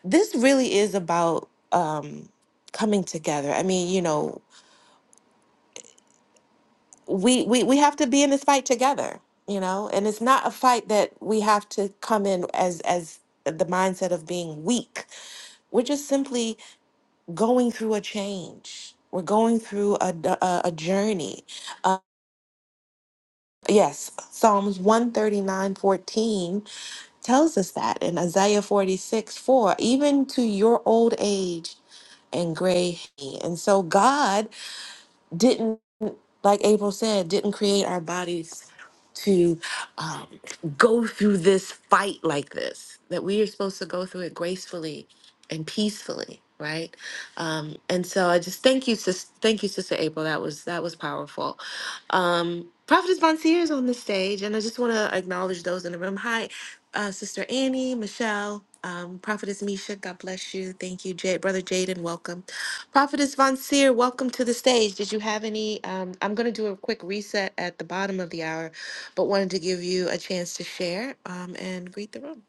this really is about um, coming together. I mean, you know, we, we we have to be in this fight together, you know, and it's not a fight that we have to come in as as the mindset of being weak. We're just simply going through a change. We're going through a, a, a journey. Uh, yes, Psalms 139:14 tells us that in Isaiah 46 4, even to your old age and gray hair. And so God didn't, like April said, didn't create our bodies to um, go through this fight like this, that we are supposed to go through it gracefully and peacefully. Right, um, and so I just thank you, sis. Thank you, Sister April. That was that was powerful. Um, Prophetess Bonsier is on the stage, and I just want to acknowledge those in the room. Hi, uh, Sister Annie, Michelle, um, Prophetess Misha, God bless you. Thank you, Jay, Brother Jaden, welcome. Prophetess Von Seer, welcome to the stage. Did you have any? Um, I'm going to do a quick reset at the bottom of the hour, but wanted to give you a chance to share um, and greet the room.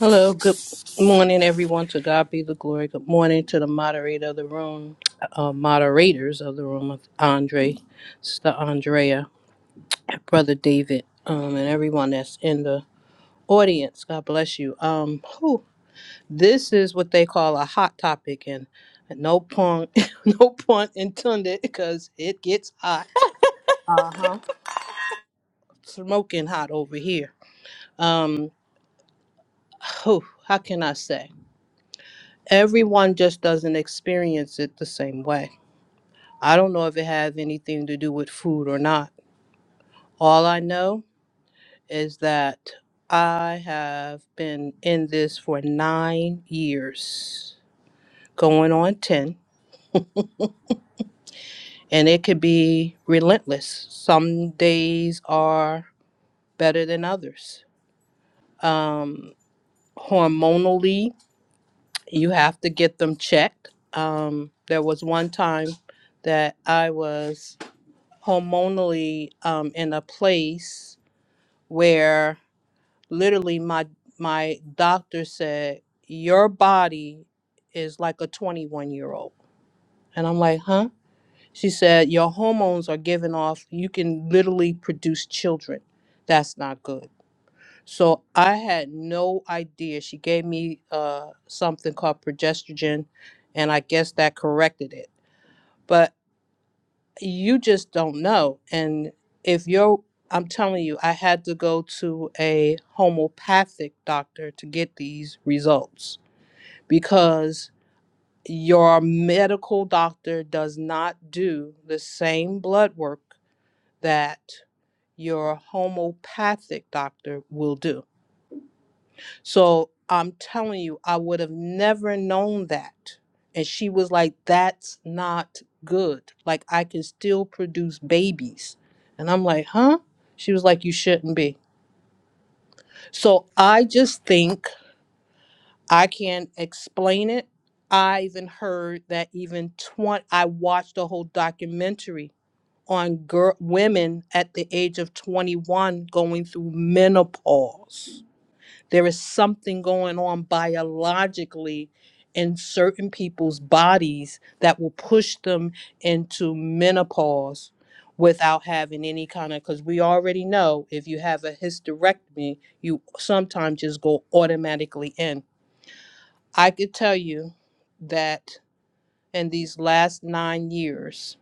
Hello, good morning, everyone. To God be the glory. Good morning to the moderator of the room, uh, moderators of the room, of Andre, Sister Andrea, Brother David, um, and everyone that's in the audience. God bless you. Um, whew, this is what they call a hot topic, and no pun, no pun intended, because it gets hot, smoking hot over here. Um, whew, how can I say? Everyone just doesn't experience it the same way I don't know if it has anything to do with food or not. All I know is that I have been in this for nine years, going on 10, and it could be relentless. Some days are better than others. Um, hormonally, you have to get them checked. Um, there was one time that I was hormonally um, in a place where literally my my doctor said your body is like a 21 year old and i'm like huh she said your hormones are giving off you can literally produce children that's not good so i had no idea she gave me uh, something called progesterone and i guess that corrected it But you just don't know. And if you're, I'm telling you, I had to go to a homeopathic doctor to get these results because your medical doctor does not do the same blood work that your homeopathic doctor will do. So I'm telling you, I would have never known that. And she was like, that's not good. Like, I can still produce babies. And I'm like, huh? She was like, you shouldn't be. So I just think I can't explain it. I even heard that even 20, I watched a whole documentary on girl, women at the age of 21 going through menopause There is something going on biologically in certain people's bodies that will push them into menopause without having any kind of because we already know if you have a hysterectomy you sometimes just go automatically in i could tell you that in these last nine years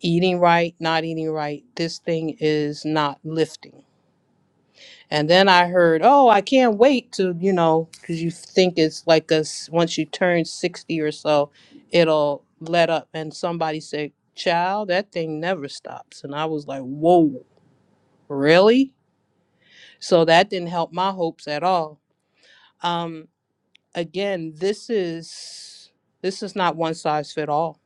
eating right not eating right this thing is not lifting And then I heard, oh, I can't wait to, you know, because you think it's like a, s- once you turn 60 or so, it'll let up. And somebody said, child, that thing never stops. And I was like, whoa, really? So that didn't help my hopes at all. Um, again, this is, this is not one size fit all.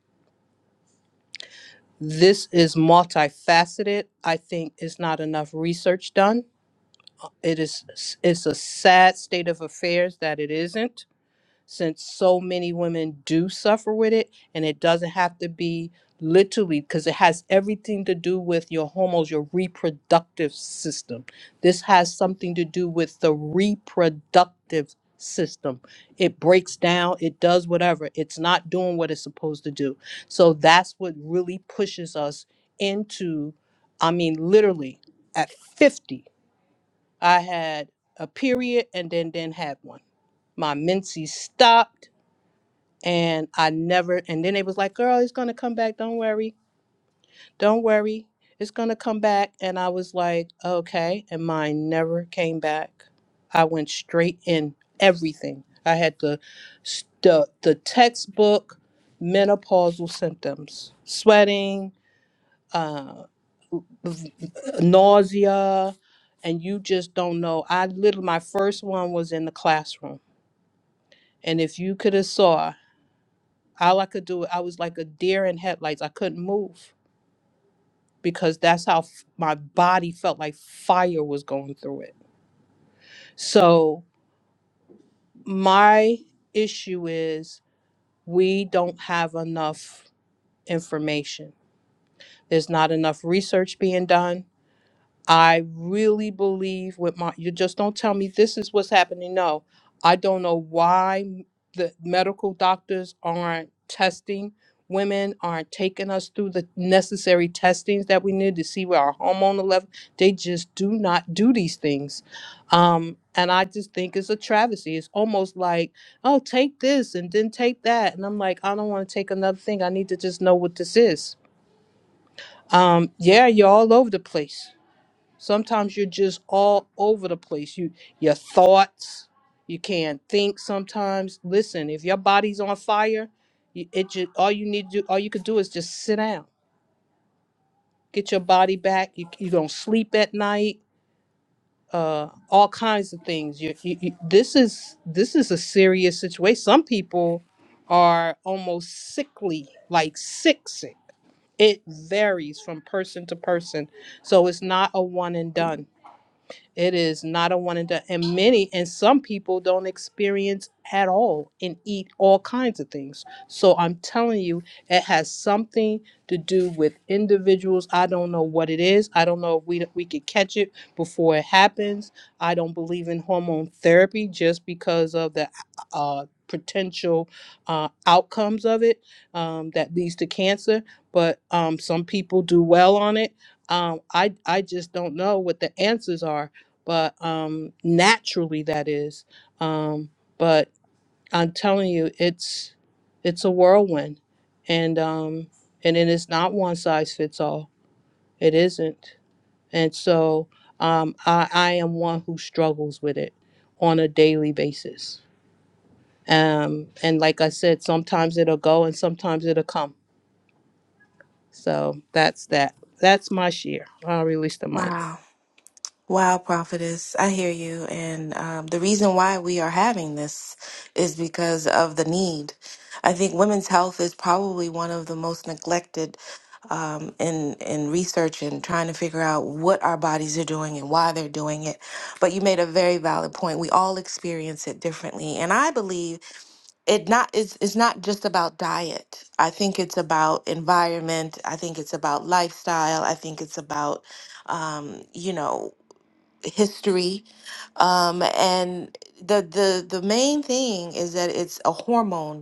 This is multifaceted. I think it's not enough research done. It is, it's a sad state of affairs that it isn't since so many women do suffer with it and it doesn't have to be literally because it has everything to do with your hormones your reproductive system this has something to do with the reproductive system it breaks down it does whatever it's not doing what it's supposed to do so that's what really pushes us into i mean literally at 50 i had a period and then didn't have one my menses stopped and I never and then they was like, "Girl, it's gonna come back. Don't worry, don't worry, it's gonna come back." And I was like, "Okay," and mine never came back. I went straight in everything. I had the s- the the textbook menopausal symptoms: sweating, uh, v- nausea, and you just don't know. I literally my first one was in the classroom, and if you could have saw. All I could do, I was like a deer in headlights. I couldn't move because that's how f- my body felt like fire was going through it. So, my issue is we don't have enough information. There's not enough research being done. I really believe with my, you just don't tell me this is what's happening. No, I don't know why the medical doctors aren't testing women, aren't taking us through the necessary testings that we need to see where our hormonal level. They just do not do these things. Um, and I just think it's a travesty. It's almost like, oh, take this and then take that. And I'm like, I don't want to take another thing. I need to just know what this is. Um, yeah, you're all over the place. Sometimes you're just all over the place. You your thoughts, you can't think sometimes. Listen, if your body's on fire, you, it just, all you need to do, all you could do is just sit down. Get your body back. You you don't sleep at night. Uh, all kinds of things. You, you, you this is this is a serious situation. Some people are almost sickly, like sick sick. It varies from person to person, so it's not a one and done It is not a one and done. And many and some people don't experience at all and eat all kinds of things. So I'm telling you, it has something to do with individuals. I don't know what it is. I don't know if we we could catch it before it happens. I don't believe in hormone therapy just because of the uh, potential uh, outcomes of it um, that leads to cancer. But um, some people do well on it. Um, I I just don't know what the answers are but um naturally that is um but i'm telling you it's it's a whirlwind and um and it is not one size fits all it isn't and so um i i am one who struggles with it on a daily basis um and like i said sometimes it'll go and sometimes it'll come so that's that that's my share i'll release the mic
Wow. Wow, prophetess, I hear you. And um, the reason why we are having this is because of the need. I think women's health is probably one of the most neglected um, in in research and trying to figure out what our bodies are doing and why they're doing it. But you made a very valid point. We all experience it differently, and I believe it not it's, it's not just about diet. I think it's about environment. I think it's about lifestyle. I think it's about um, you know history um, and the the the main thing is that it's a hormone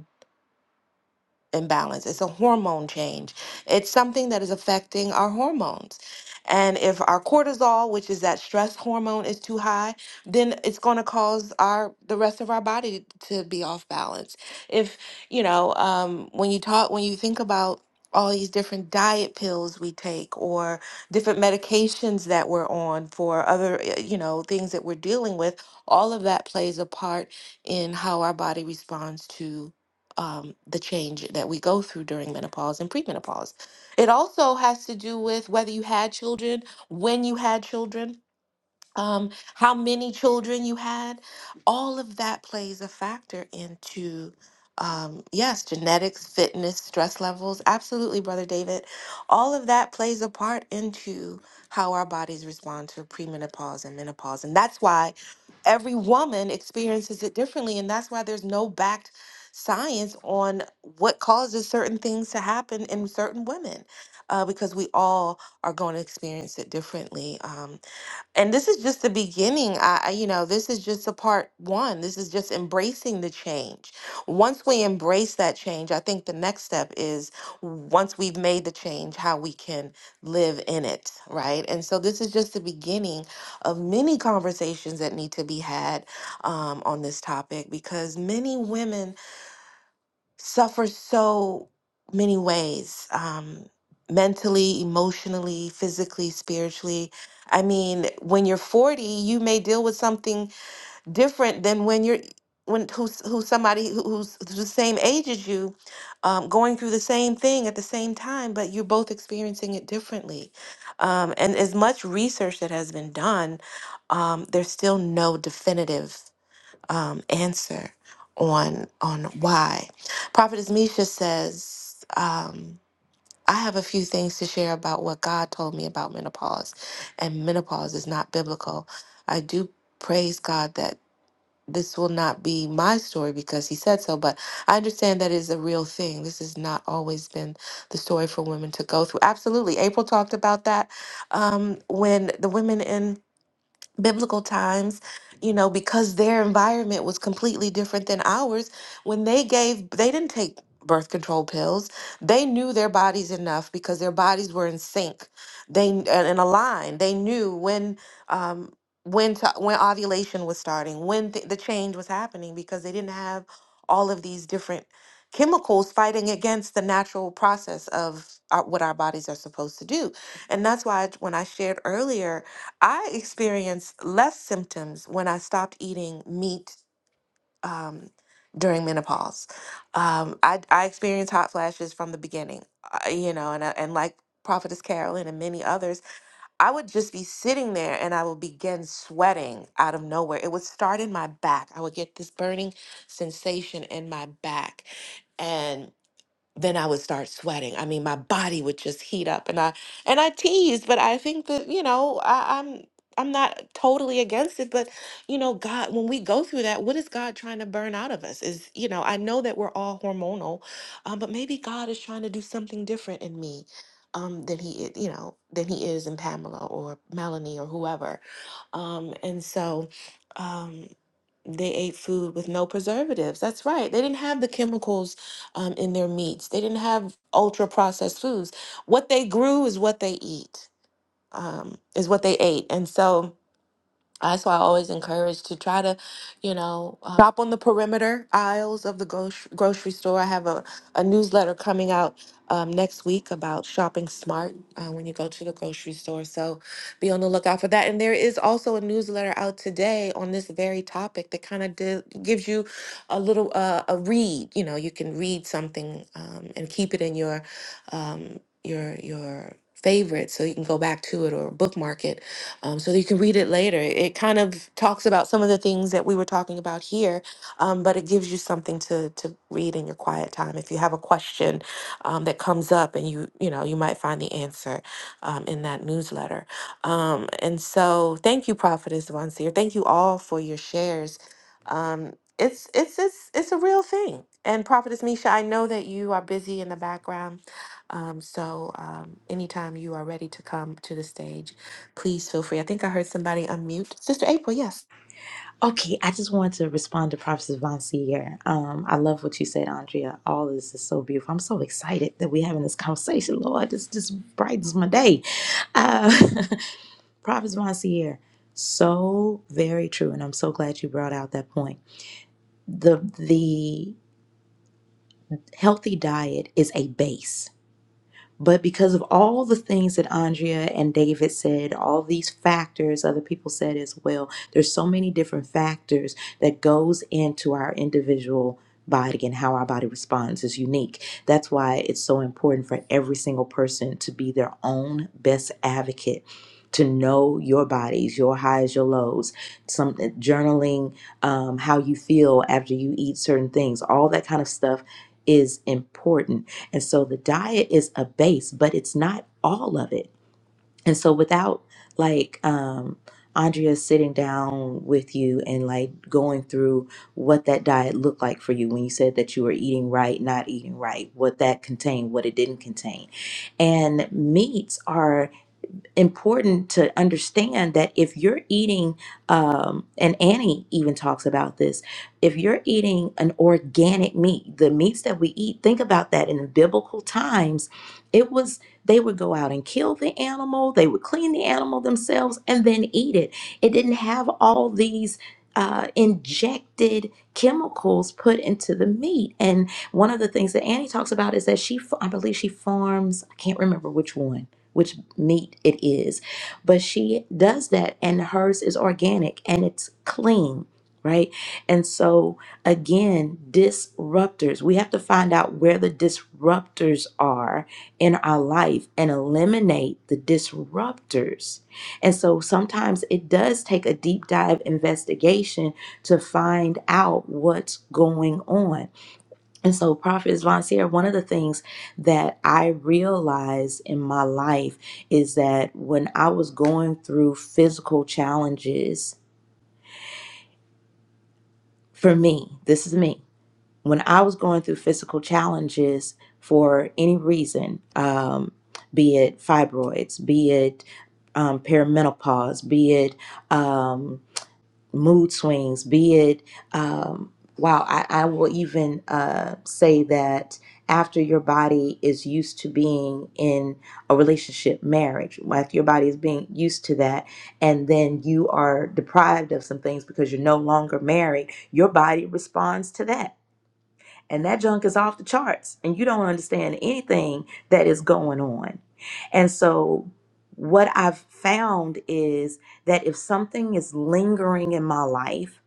imbalance. It's a hormone change. It's something that is affecting our hormones. And if our cortisol, which is that stress hormone, is too high, then it's going to cause our the rest of our body to be off balance. If you know, um, when you talk, when you think about all these different diet pills we take or different medications that we're on for other uh, you know things that we're dealing with all of that plays a part in how our body responds to um, the change that we go through during menopause and premenopause. It also has to do with whether you had children, when you had children, um, how many children you had, all of that plays a factor into, um, yes, genetics, fitness, stress levels. Absolutely, Brother David. All of that plays a part into how our bodies respond to premenopause and menopause. And that's why every woman experiences it differently. And that's why there's no backed science on what causes certain things to happen in certain women, uh, because we all are going to experience it differently. Um, and this is just the beginning I, I- you know this is just a part one this is just embracing the change once we embrace that change i think the next step is once we've made the change how we can live in it right and so this is just the beginning of many conversations that need to be had um, on this topic because many women suffer so many ways um, mentally, emotionally, physically, spiritually. I mean, when you're 40, you may deal with something different than when you're when who's who's somebody who- who's the same age as you um, going through the same thing at the same time but you're both experiencing it differently um, and as much research that has been done um, there's still no definitive um, answer on on why. Prophetess Misha says, um, I have a few things to share about what God told me about menopause, and menopause is not biblical. I do praise God that this will not be my story because He said so, but I understand that is a real thing. This has not always been the story for women to go through. Absolutely, April talked about that um, when the women in biblical times you know because their environment was completely different than ours when they gave they didn't take birth control pills they knew their bodies enough because their bodies were in sync they and in a line they knew when um when to, when ovulation was starting when th- the change was happening because they didn't have all of these different chemicals fighting against the natural process of our, what our bodies are supposed to do and that's why when i shared earlier I experienced less symptoms when I stopped eating meat um, during menopause. Um, I, I experienced hot flashes from the beginning, uh, you know, and, I- and like Prophetess Carolyn and many others, I would just be sitting there and I would begin sweating out of nowhere. It would start in my back. I would get this burning sensation in my back then I would start sweating. I mean, my body would just heat up, and I and I teased, but I think that you know I, I'm I'm not totally against it, but you know, God, when we go through that, what is God trying to burn out of us? Is you know, I know that we're all hormonal, um, but maybe God is trying to do something different in me. Um, than he, i- you know, than he is in Pamela or Melanie or whoever, um, and so, Um, they ate food with no preservatives. That's right. They didn't have the chemicals um, in their meats. They didn't have ultra processed foods. What they grew is what they eat, um, is what they ate. And so, that's why I always encourage to try to, you know, uh, shop on the perimeter aisles of the gro- grocery store. I have a, a newsletter coming out um, next week about shopping smart uh, when you go to the grocery store. So be on the lookout for that. And there is also a newsletter out today on this very topic that kind of di- gives you a little uh, a read. You know, you can read something um, and keep it in your um, your your favorite so you can go back to it or bookmark it um, so that you can read it later. It kind of talks about some of the things that we were talking about here, um, but it gives you something to to read in your quiet time. If you have a question um, that comes up, and you you know you might find the answer um, in that newsletter. Um, and so, thank you, Prophetess Von Seer. Thank you all for your shares. Um, it's it's it's it's a real thing. And Prophetess Misha, I know that you are busy in the background. Um, so um, anytime you are ready to come to the stage, Please feel free. I think I heard somebody unmute. Sister April, yes.
Okay, I just wanted to respond to Prophet Vonsi here. Um, I love what you said, Andrea. All this is so beautiful. I'm so excited that we're having this conversation, Lord. This just brightens my day. Uh, Prophet Vonsi here. So very true, and I'm so glad you brought out that point. The the healthy diet is a base But because of all the things that Andrea and David said, all these factors other people said as well, there's so many different factors that goes into our individual body and how our body responds is unique. That's why it's so important for every single person to be their own best advocate. To know your bodies, your highs, your lows, some journaling, um, how you feel after you eat certain things, all that kind of stuff is important and so the diet is a base, but it's not all of it. And so without like um Andrea sitting down with you and like going through what that diet looked like for you when you said that you were eating right, not eating right, what that contained, what it didn't contain. And meats are important to understand that if you're eating, um, and Annie even talks about this, if you're eating an organic meat, the meats that we eat, think about that in biblical times, it was they would go out and kill the animal, they would clean the animal themselves, and then eat it. It didn't have all these uh, injected chemicals put into the meat. And one of the things that Annie talks about is that she, fa- I believe she farms, I can't remember which one which meat it is. But she does that, and hers is organic and it's clean, right? And so, again, disruptors, we have to find out where the disruptors are in our life and eliminate the disruptors. And so, sometimes it does take a deep dive investigation to find out what's going on. And so, Prophet Vonsier, one of the things that I realized in my life is that when I was going through physical challenges, for me, this is me, when I was going through physical challenges for any reason, um, be it fibroids, be it um, perimenopause, be it. Um, mood swings, be it, um, wow, I, I will even uh, say that after your body is used to being in a relationship, marriage, like your body is being used to that, and then you are deprived of some things because you're no longer married, your body responds to that and that junk is off the charts and you don't understand anything that is going on. And so what I've found is that if something is lingering in my life,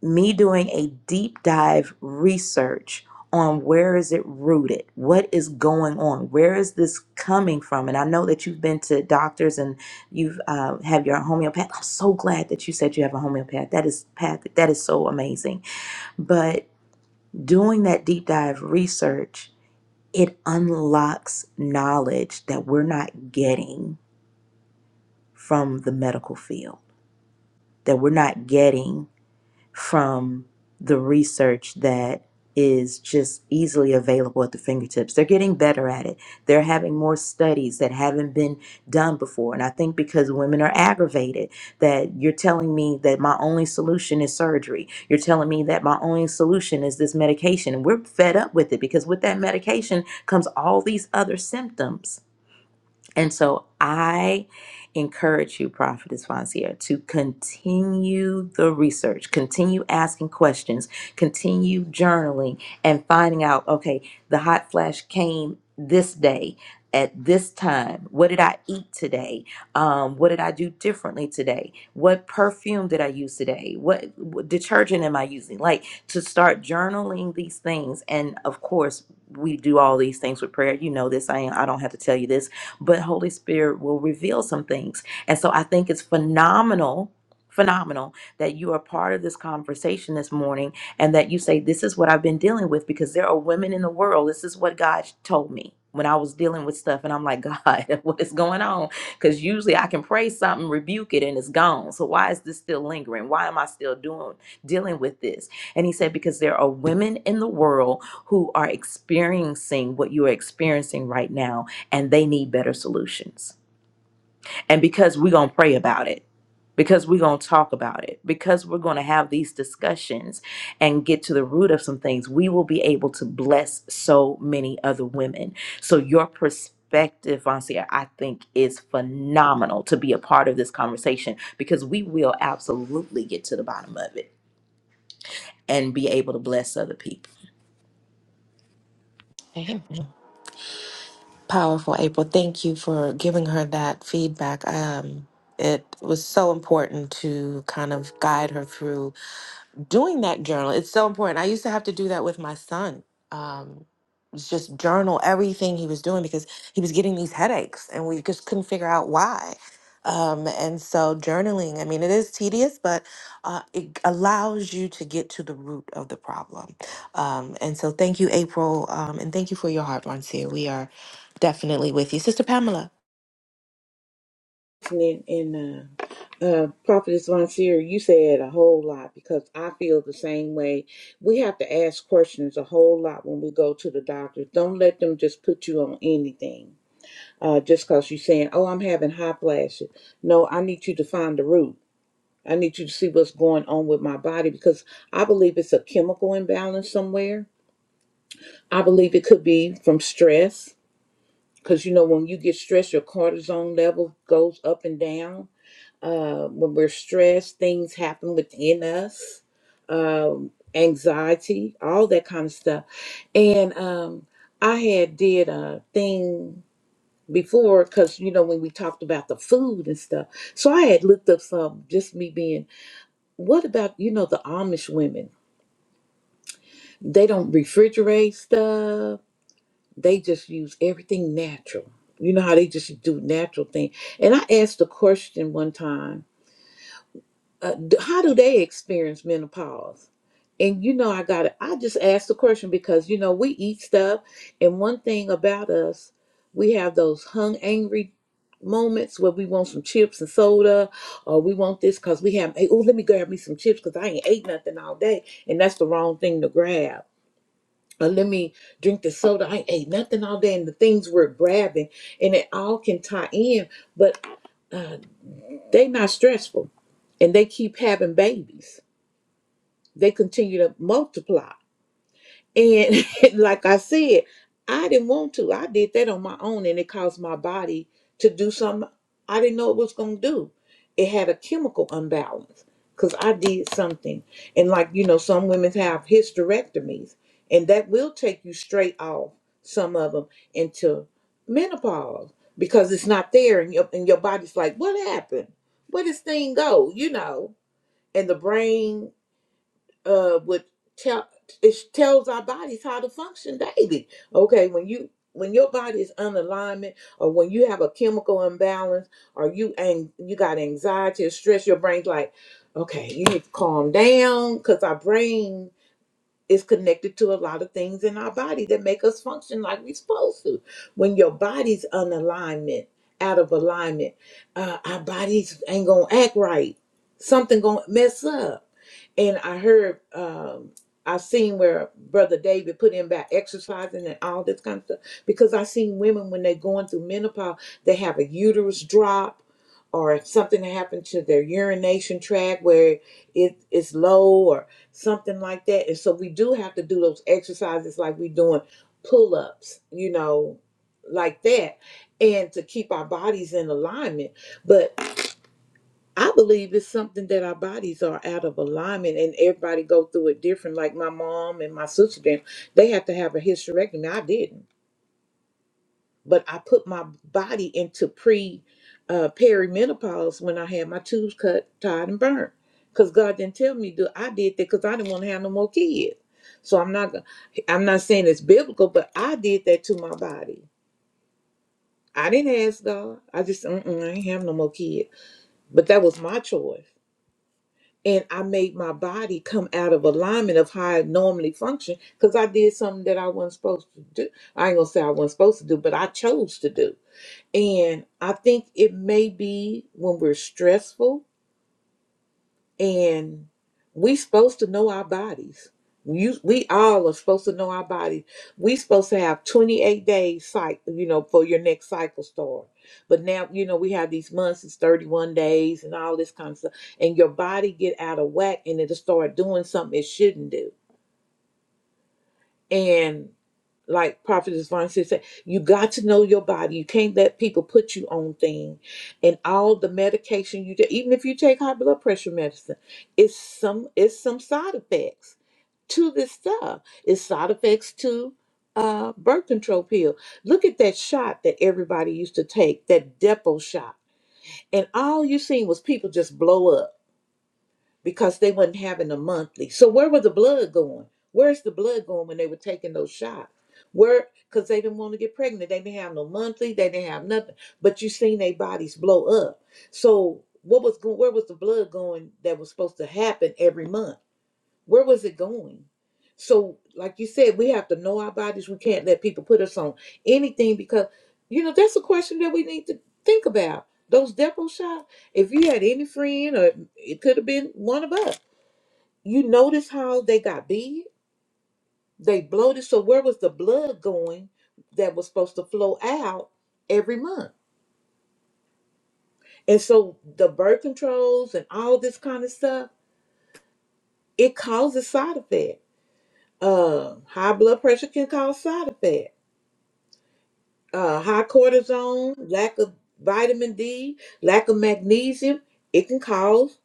me doing a deep dive research on where is it rooted? What is going on? Where is this coming from? And I know that you've been to doctors and you've uh, have your homeopath. I'm so glad that you said you have a homeopath. That is path. That is so amazing. But doing that deep dive research, it unlocks knowledge that we're not getting from the medical field, that we're not getting from the research that is just easily available at the fingertips. They're getting better at it. They're having more studies that haven't been done before. And I think because women are aggravated, that you're telling me that my only solution is surgery. You're telling me that my only solution is this medication. And we're fed up with it because with that medication comes all these other symptoms and so I encourage you, Prophetess Fonseca, to continue the research, continue asking questions, continue journaling and finding out okay, the hot flash came this day. At this time, what did I eat today? Um, what did I do differently today? What perfume did I use today? What, what detergent am I using? Like to start journaling these things, and of course, we do all these things with prayer. You know this. I I don't have to tell you this but Holy Spirit will reveal some things. And so I think it's phenomenal, phenomenal that you are part of this conversation this morning and that you say, This is what I've been dealing with because there are women in the world. This is what God told me. When I was dealing with stuff, and I'm like, God, what is going on? Because usually I can pray something, rebuke it, and it's gone. So why is this still lingering? Why am I still doing dealing with this? And he said, Because there are women in the world who are experiencing what you are experiencing right now and they need better solutions. And because we're going to pray about it, because we're going to talk about it, because we're going to have these discussions and get to the root of some things, we will be able to bless so many other women. So, your perspective, Vancia, I think is phenomenal to be a part of this conversation because we will absolutely get to the bottom of it and be able to bless other people.
Amen. Powerful April. Thank you for giving her that feedback. Um, it was so important to kind of guide her through doing that journal it's so important i used to have to do that with my son um it's just journal everything he was doing because he was getting these headaches and we just couldn't figure out why um and so journaling i mean it is tedious but uh, it allows you to get to the root of the problem um and so thank you april um and thank you for your heart Marcia. we are definitely with you sister pamela
listening and uh, uh, prophetess von Seer, you said a whole lot because I feel the same way. We have to ask questions a whole lot when we go to the doctors. Don't let them just put you on anything uh, just because you're saying, "Oh, I'm having hot flashes." No, I need you to find the root. I need you to see what's going on with my body because I believe it's a chemical imbalance somewhere. I believe it could be from stress because you know when you get stressed, your cortisone level goes up and down uh, when we're stressed, things happen within us, um, anxiety, all that kind of stuff. And um, I had did a thing before because you know when we talked about the food and stuff. So I had looked up some just me being. What about you know the Amish women? They don't refrigerate stuff. They just use everything natural. You know how they just do natural thing. And I asked a question one time uh, d- how do they experience menopause? And you know, I got to I just asked the question because you know we eat stuff, and one thing about us, we have those hung angry moments where we want some chips and soda, or we want this because we have. Hey, oh, let me grab me some chips because I ain't ate nothing all day, and that's the wrong thing to grab. Or let me drink the soda. I ain't ate nothing all day, and the things we're grabbing, and it all can tie in, but uh, they not stressful, and they keep having babies they continue to multiply. And like I said, I didn't want to. I did that on my own and it caused my body to do something I didn't know it was going to do. It had a chemical imbalance because I did something. And like, you know, some women have hysterectomies and that will take you straight off, some of them, into menopause because it's not there and your, and your body's like, what happened? Where this thing go? You know, and the brain uh would tell it tells our bodies how to function daily okay when you when your body is unalignment or when you have a chemical imbalance or you and you got anxiety or stress your brain's like okay you need to calm down because our brain is connected to a lot of things in our body that make us function like we're supposed to. When your body's on alignment, out of alignment, uh, our bodies ain't gonna act right. Something gonna mess up. And I heard, um, I seen where Brother David put in about exercising and all this kind of stuff because I seen women when they're going through menopause, they have a uterus drop. Or if something happened to their urination tract where it is low, or something like that. And so we do have to do those exercises like we're doing pull ups, you know, like that, and to keep our bodies in alignment. But I believe it's something that our bodies are out of alignment, and everybody go through it different. Like my mom and my sister, them they have to have a hysterectomy. I didn't but I put my body into pre uh, perimenopause when I had my tubes cut, tied, and burnt. Cause God didn't tell me to. do- I did that because I didn't want to have no more kids. So I'm not. gonna I'm not saying it's biblical, but I did that to my body. I didn't ask God. I just Mm-mm, I ain't have no more kids. But that was my choice, and I made my body come out of alignment of how it normally functions because I did something that I wasn't supposed to do. I ain't gonna say I wasn't supposed to do, but I chose to do. And I think it may be when we're stressful and we supposed to know our bodies. You, we all are supposed to know our bodies. We supposed to have 28 days cycle, you know, for your next cycle start. But now, you know, we have these months, it's 31 days and all this kind of stuff. And your body get out of whack and it'll start doing something it shouldn't do. And like Prophetess Vaughn said, you got to know your body. You can't let people put you on thing, and all the medication you take, even if you take high blood pressure medicine, it's some it's some side effects to this stuff. It's side effects to uh, birth control pill. Look at that shot that everybody used to take, that Depo shot, and all you seen was people just blow up because they wasn't having a monthly. So where was the blood going? Where's the blood going when they were taking those shots? Where because they didn't want to get pregnant. They didn't have no monthly. They didn't have nothing. But you seen their bodies blow up. So what was going? Where was the blood going that was supposed to happen every month? Where was it going? So, like you said, we have to know our bodies. We can't let people put us on anything because, you know, that's a question that we need to think about. Those depot shots, if you had any friend, or it could have been one of us, you notice how they got big, they bloated. So, where was the blood going that was supposed to flow out every month? And so, the birth controls and all this kind of stuff, it causes side effects. Uh, high blood pressure can cause side effects uh, high cortisone, lack of vitamin D, lack of magnesium, it can cause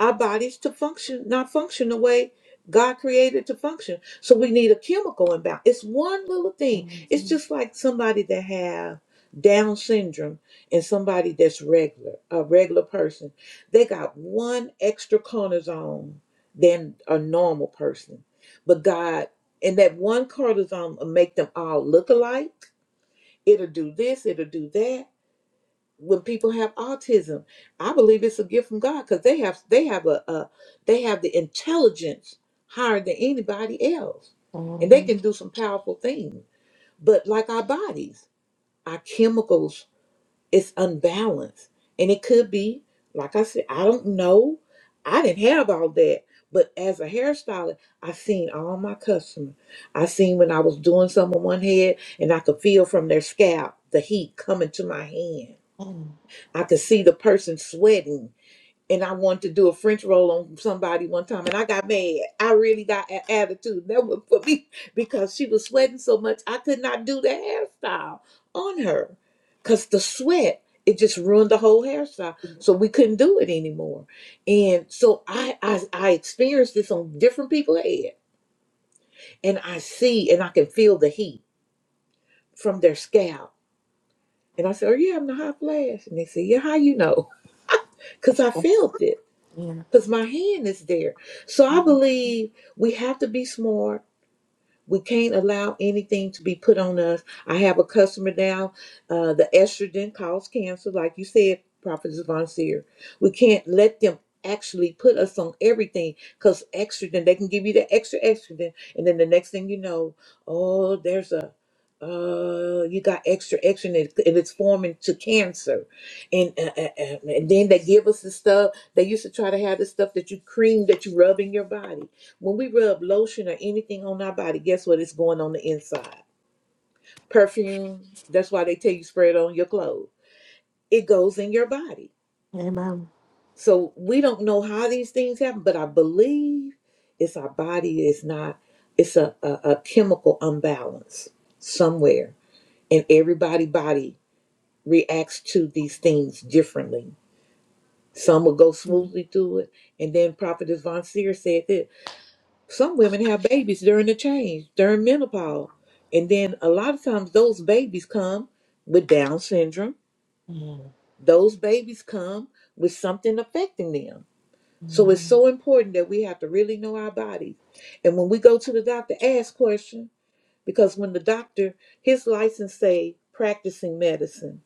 our bodies to function, not function the way God created to function. So we need a chemical imbalance. It's one little thing. It's just like somebody that have Down syndrome and somebody that's regular, a regular person, they got one extra cortisone than a normal person. But God, and that one cortisone will make them all look alike it'll do this, it'll do that. When people have autism, I believe it's a gift from God because they have they have a, a they have the intelligence higher than anybody else, and they
Mhm.
can do some powerful things. But like our bodies, our chemicals it's unbalanced. And it could be, like I said, I don't know. I didn't have all that. But as a hairstylist, I seen all my customers. I seen when I was doing something on one head and I could feel from their scalp the heat coming to my hand. I could see the person sweating and I wanted to do a French roll on somebody one time, and I got mad. I really got an attitude. That was for me because she was sweating so much, I could not do the hairstyle on her because the sweat it just ruined the whole hairstyle, so we couldn't do it anymore. And so I I, I experienced this on different people's head, and I see and I can feel the heat from their scalp. And I said, "Are you having a hot flash?" And they said, "Yeah, how you know?" Because I felt it.
yeah
because my hand is there. So I believe we have to be smart we can't allow anything to be put on us. I have a customer now. Uh, the estrogen causes cancer, like you said, Prophet Von Seer. We can't let them actually put us on everything because estrogen, they can give you the extra estrogen. And then the next thing you know, oh, there's a, uh, you got extra estrogen and it- and it's forming to cancer. And, uh, uh, uh, and then they give us the stuff. They used to try to have the stuff that you cream that you rub in your body. When we rub lotion or anything on our body, guess what? It's going on the inside. Perfume, that's why they tell you spray it on your clothes. It goes in your body.
amen
So we don't know how these things happen, but I believe it's our body is not, it's a, a, a chemical imbalance somewhere. And everybody body reacts to these things differently. Some will go
Mhm.
smoothly through it. And then Prophetess Von Seer said this. Some women have babies during the change, during menopause. And then a lot of times those babies come with Down syndrome.
Mhm.
Those babies come with something affecting them. So it's so important that we have to really know our bodies. And when we go to the doctor, ask questions. Because when the doctor, his license say practicing medicine.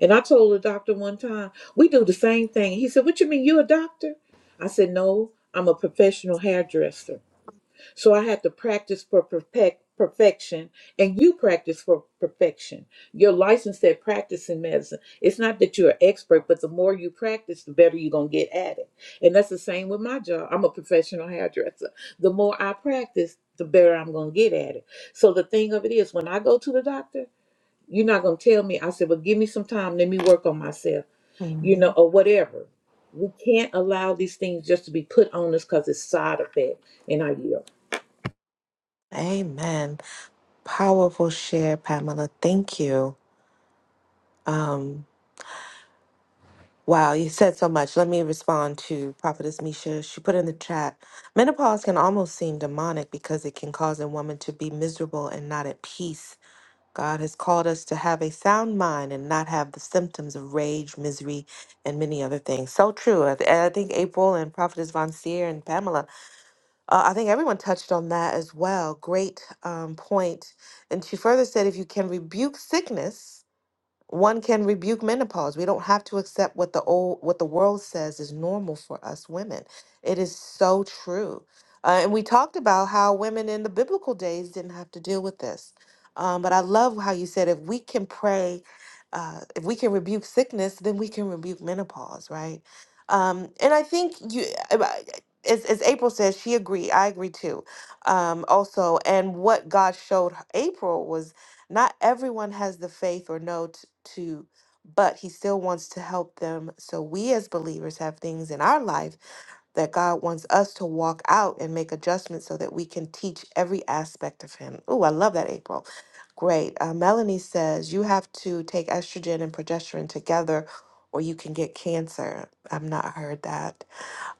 And I told the doctor one time, we do the same thing. He said, What you mean you a doctor? I said, No, I'm a professional hairdresser. So I have to practice for perfect, perfection, and you practice for perfection. You're licensed at practicing medicine. It's not that you're an expert, but the more you practice, the better you're going to get at it. And that's the same with my job. I'm a professional hairdresser. The more I practice, the better I'm going to get at it. So the thing of it is, when I go to the doctor, you're not going to tell me, I said, well, give me some time, let me work on myself, you
Mhm.
know, or whatever. We can't allow these things just to be put on us because it's side effect and I year.
Amen. Powerful share, Pamela. Thank you. Um, wow, you said so much. Let me respond to Prophetess Misha. She put in the chat menopause can almost seem demonic because it can cause a woman to be miserable and not at peace. God has called us to have a sound mind and not have the symptoms of rage, misery, and many other things. So true. I, I think April and Prophetess Von Seer and Pamela Uh, I think everyone touched on that as well. Great um, point. And she further said, if you can rebuke sickness, one can rebuke menopause. We don't have to accept what the old what the world says is normal for us women. It is so true. Uh, and we talked about how women in the biblical days didn't have to deal with this. Um, but I love how you said if we can pray, uh, if we can rebuke sickness, then we can rebuke menopause, right? Um, and I think you, uh, uh, as, as April says, she agreed. I agree too. Um, also, and what God showed April was not everyone has the faith or know t- to, but He still wants to help them. So we as believers have things in our life that God wants us to walk out and make adjustments so that we can teach every aspect of Him. Oh, I love that, April. Great. Uh, Melanie says you have to take estrogen and progesterone together, or you can get cancer. I've not heard that.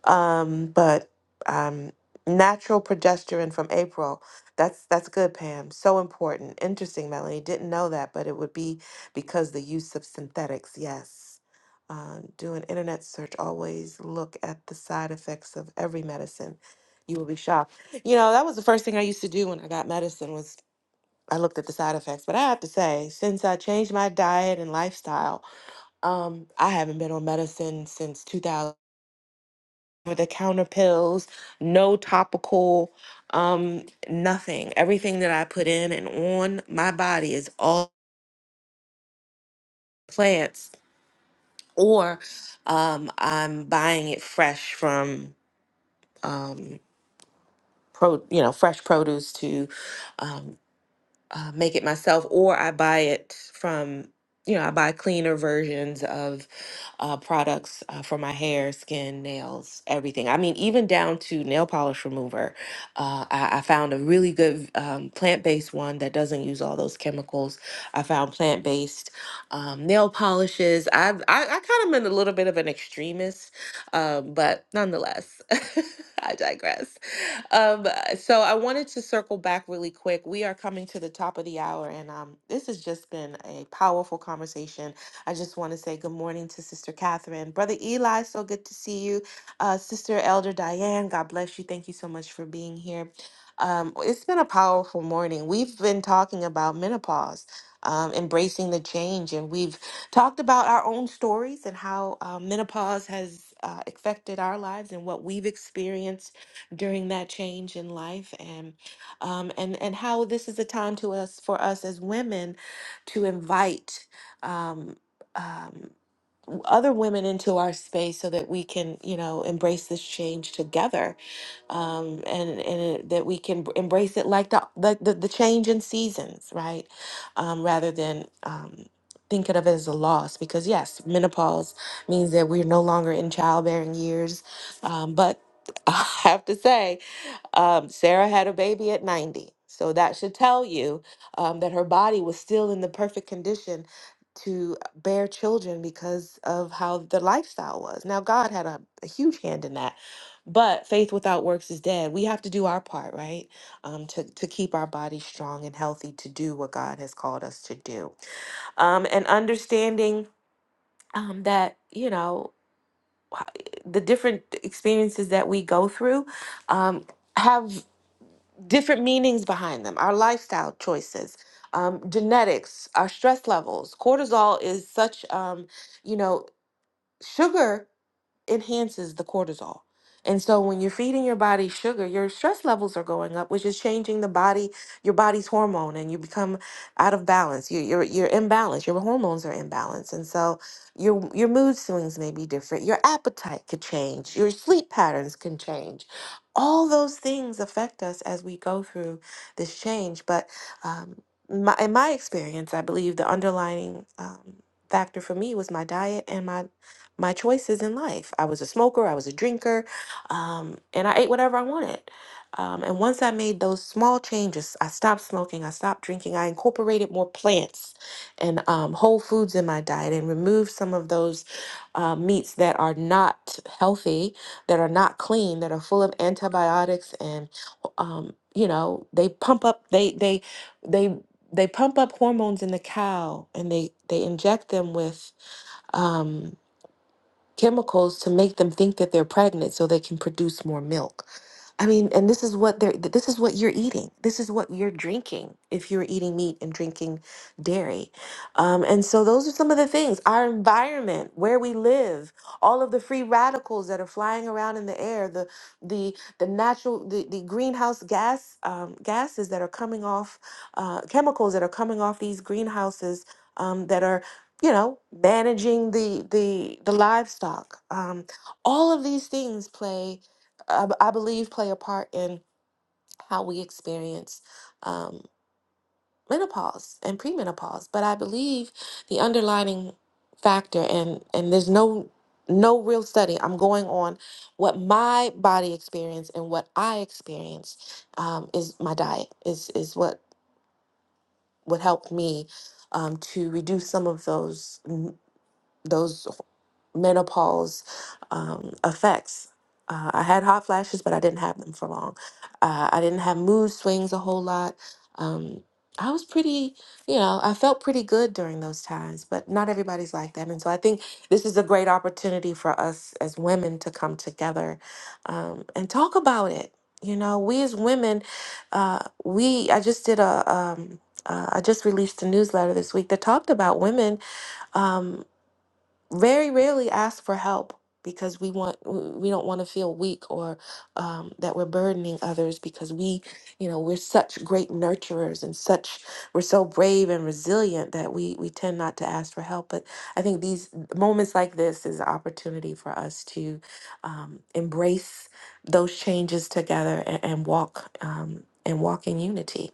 Um, but um, natural progesterone from April. That's that's good, Pam. So important. Interesting, Melanie. Didn't know that, but it would be because the use of synthetics. Yes. Um, do an internet search. Always look at the side effects of every medicine. You will be shocked. You know that was the first thing I used to do when I got medicine was I looked at the side effects. But I have to say, since I changed my diet and lifestyle, um, I haven't been on medicine since 2000 over the counter pills, no topical, um, nothing. Everything that I put in and on my body is all plants, or um, I'm buying it fresh from, um, pro, you know, fresh produce to um, uh, make it myself, or I buy it from, you know, I buy cleaner versions of uh, products uh, for my hair, skin, nails, everything. I mean, even down to nail polish remover. Uh, I, I found a really good um, plant based one that doesn't use all those chemicals. I found plant based um, nail polishes. I've, I, I kind of been a little bit of an extremist, um, but nonetheless, I digress um, so I wanted to circle back really quick. We are coming to the top of the hour, and um, this has just been a powerful conversation. I just want to say good morning to Sister Catherine, Brother Eli. So good to see you, uh, Sister Elder Diane. God bless you. Thank you so much for being here. Um, it's been a powerful morning. We've been talking about menopause. Um, embracing the change, and we've talked about our own stories and how uh, menopause has uh, affected our lives and what we've experienced during that change in life and um, and and how this is a time to us for us as women to invite um, um, w- other women into our space so that we can you know embrace this change together um, and and it- that we can b- embrace it like the like the, the change in seasons right um, rather than um, thinking of it as a loss because yes menopause means that we're no longer in childbearing years um, but I have to say um, Sarah had a baby at 90. So that should tell you um, that her body was still in the perfect condition to bear children because of how the lifestyle was. Now, God had a, a huge hand in that. But faith without works is dead. We have to do our part, right? Um, to, to keep our body strong and healthy to do what God has called us to do. Um, and understanding um, that, you know, the different experiences that we go through um, have different meanings behind them our lifestyle choices um, genetics our stress levels cortisol is such um, you know sugar enhances the cortisol. And so when you're feeding your body sugar, your stress levels are going up, which is changing the body, your body's hormone, and you become out of balance. You, you're you're imbalanced. Your hormones are imbalanced, and so your your mood swings may be different. Your appetite could change. Your sleep patterns can change. All those things affect us as we go through this change. But um, my, in my experience, I believe the underlining um, factor for me was my diet and my my choices in life. I was a smoker, I was a drinker, um, and I ate whatever I wanted. Um, and once I made those small changes, I stopped smoking, I stopped drinking, I incorporated more plants and um, whole foods in my diet and removed some of those uh, meats that are not healthy, that are not clean, that are full of antibiotics and, um, you know, they pump up, they, they, they, they pump up hormones in the cow and they, they inject them with um, chemicals to make them think that they're pregnant so they can produce more milk. I mean, and this is what they're th- this is what you're eating. This is what you're drinking if you're eating meat and drinking dairy. Um, and so those are some of the things. Our environment, where we live, all of the free radicals that are flying around in the air, the the the natural the, the greenhouse gas um, gases that are coming off, uh, chemicals that are coming off these greenhouses um, that are you know managing the the the livestock um all of these things play i, b- I believe play a part in how we experience um menopause and premenopause but i believe the underlining factor and and there's no no real study i'm going on what my body experienced and what i experienced um, is my diet is is what what helped me um, to reduce some of those those menopause um, effects. Uh, I had hot flashes, but I didn't have them for long. Uh, I didn't have mood swings a whole lot. Um, I was pretty, you know, I felt pretty good during those times, but not everybody's like that. And so I think this is a great opportunity for us as women to come together um, and talk about it. You know, we as women, uh, we, I just did a, um, uh, I just released a newsletter this week that talked about women. um, very rarely ask for help because we want we don't want to feel weak or um, that we're burdening others because we you know we're such great nurturers and such we're so brave and resilient that we we tend not to ask for help but i think these moments like this is an opportunity for us to um, embrace those changes together and, and walk um, and walk in unity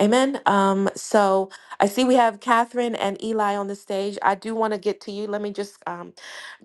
Amen. Um, so I see we have Catherine and Eli on the stage. I do want to get to you. Let me just um,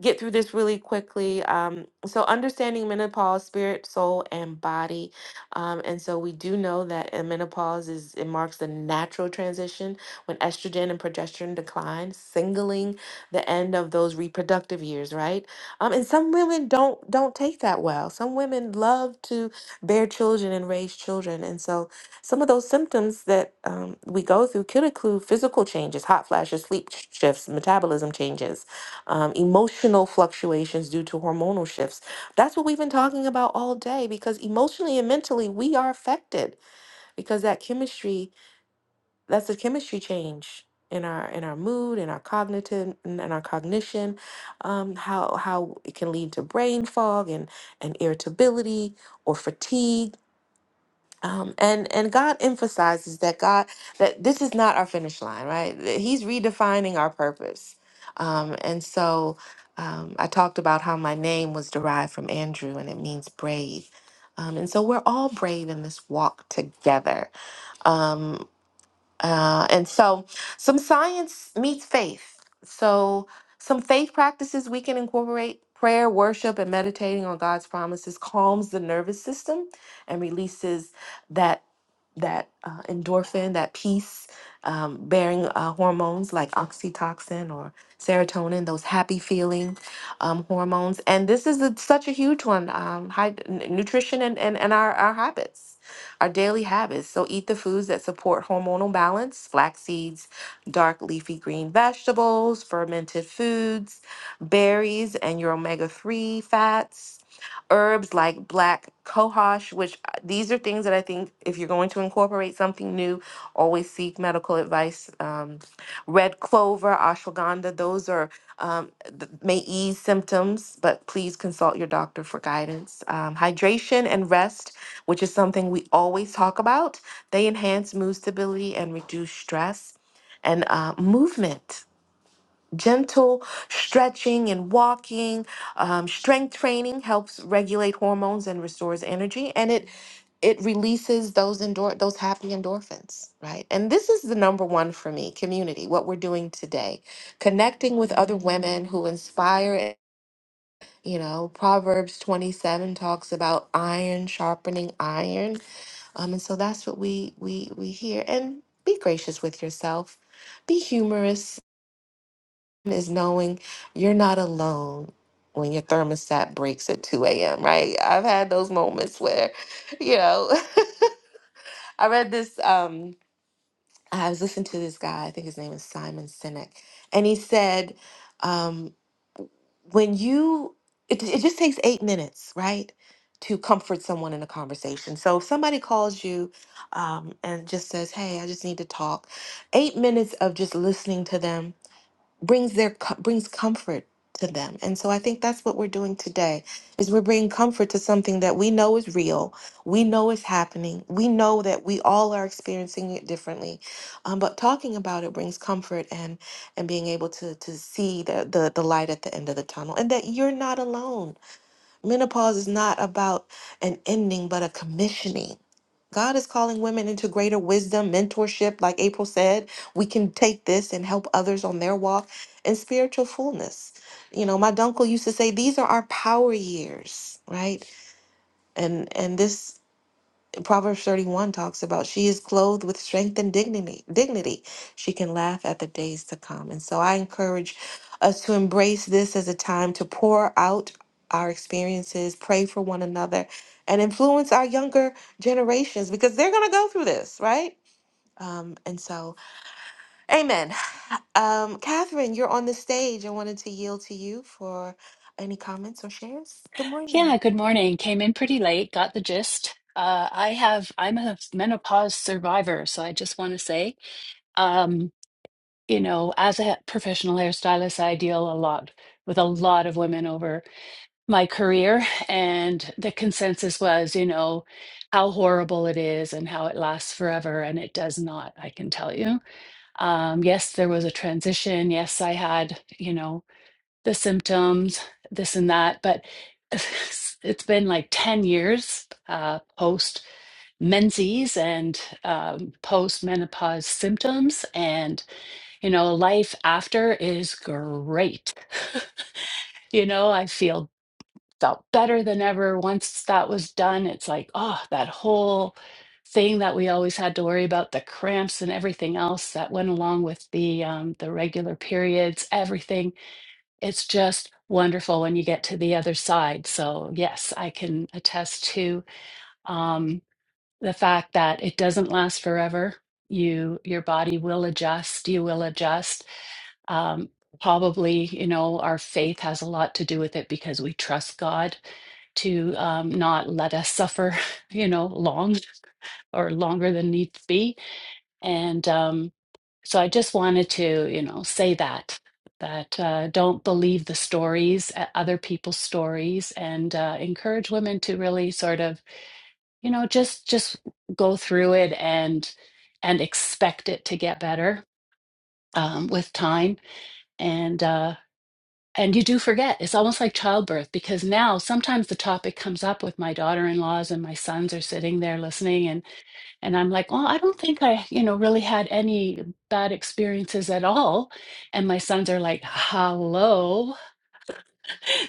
get through this really quickly. Um, so, understanding menopause, spirit, soul, and body. Um, and so, we do know that in menopause is it marks the natural transition when estrogen and progesterone decline, singling the end of those reproductive years, right? Um, and some women don't don't take that well. Some women love to bear children and raise children, and so some of those symptoms that um, we go through could include physical changes, hot flashes, sleep sh- shifts, metabolism changes, um, emotional fluctuations due to hormonal shifts. That's what we've been talking about all day because emotionally and mentally we are affected because that chemistry, that's a chemistry change in our in our mood, in our cognitive, in, in our cognition, um, how how it can lead to brain fog and and irritability or fatigue um, and and God emphasizes that God that this is not our finish line, right? That He's redefining our purpose. Um, and so um, I talked about how my name was derived from Andrew, and it means brave. Um, and so we're all brave in this walk together. Um, uh, and so some science meets faith. So some faith practices we can incorporate. Prayer, worship, and meditating on God's promises calms the nervous system and releases that that uh, endorphin, that peace um, bearing uh, hormones like oxytocin or serotonin, those happy feeling um, hormones. And this is a, such a huge one um, high, n- nutrition and, and, and our, our habits, our daily habits. So eat the foods that support hormonal balance flax seeds, dark leafy green vegetables, fermented foods, berries, and your omega 3 fats herbs like black cohosh, these are things that I think if you're going to incorporate something new, always seek medical advice. Um, red clover, ashwagandha, those are um, th- may ease symptoms, but please consult your doctor for guidance. Um, hydration and rest, which is something we always talk about, they enhance mood stability and reduce stress. And uh, movement, gentle stretching and walking, um, strength training helps regulate hormones and restores energy, and it it releases those endor- those happy endorphins, right? And this is the number one for me, community, what we're doing today. Connecting with other women who inspire and- you know, Proverbs 27 talks about iron sharpening iron. Um, and so that's what we we we hear. And be gracious with yourself. Be humorous is knowing you're not alone when your thermostat breaks at 2 a.m. right? I've had those moments where, you know, I read this. Um, I was listening to this guy, I think his name is Simon Sinek, and he said, um, when you, it, it just takes eight minutes, right, to comfort someone in a conversation. So if somebody calls you um, and just says, hey, I just need to talk, eight minutes of just listening to them brings their co- brings comfort to them and so i think that's what we're doing today is we're bringing comfort to something that we know is real we know is happening we know that we all are experiencing it differently um, but talking about it brings comfort and and being able to to see the, the the light at the end of the tunnel and that you're not alone menopause is not about an ending but a commissioning God is calling women into greater wisdom, mentorship. Like April said, we can take this and help others on their walk and spiritual fullness. You know, my uncle used to say, these are our power years, right? And and this Proverbs 31 talks about she is clothed with strength and dignity. Dignity. She can laugh at the days to come. And so I encourage us to embrace this as a time to pour out our experiences, pray for one another, and influence our younger generations because they're going to go through this, right? Um, and so, amen. Um, Catherine, you're on the stage. I wanted to yield to you for any comments or shares. Good morning.
Yeah, good morning. Came in pretty late, got the gist. Uh, I have, I'm a menopause survivor, so I just want to say, um, you know, as a professional hairstylist, I deal a lot with a lot of women over my career, and the consensus was, you know, how horrible it is and how it lasts forever, and it does not, I can tell you. Um, yes, there was a transition. Yes, I had, you know, the symptoms, this and that. But it's been like 10 years uh, post menses and um, post menopause symptoms. And, you know, life after is great. you know, I feel felt better than ever. Once that was done, it's like, oh, that whole thing that we always had to worry about the cramps and everything else that went along with the um, the regular periods everything it's just wonderful when you get to the other side. So, yes, I can attest to um, the fact that it doesn't last forever. You, your body will adjust. You will adjust. Um, probably, you know, our faith has a lot to do with it because we trust God to um, not let us suffer, you know, long or longer than needs be. And um, so I just wanted to, you know, say that that uh, don't believe the stories, uh, other people's stories, and uh, encourage women to really sort of, you know, just just go through it and and expect it to get better um, with time. And uh, and you do forget. It's almost like childbirth because now sometimes the topic comes up with my daughter-in-laws and my sons are sitting there listening, and. And I'm like, well, I don't think I, you know, really had any bad experiences at all. And my sons are like, hello.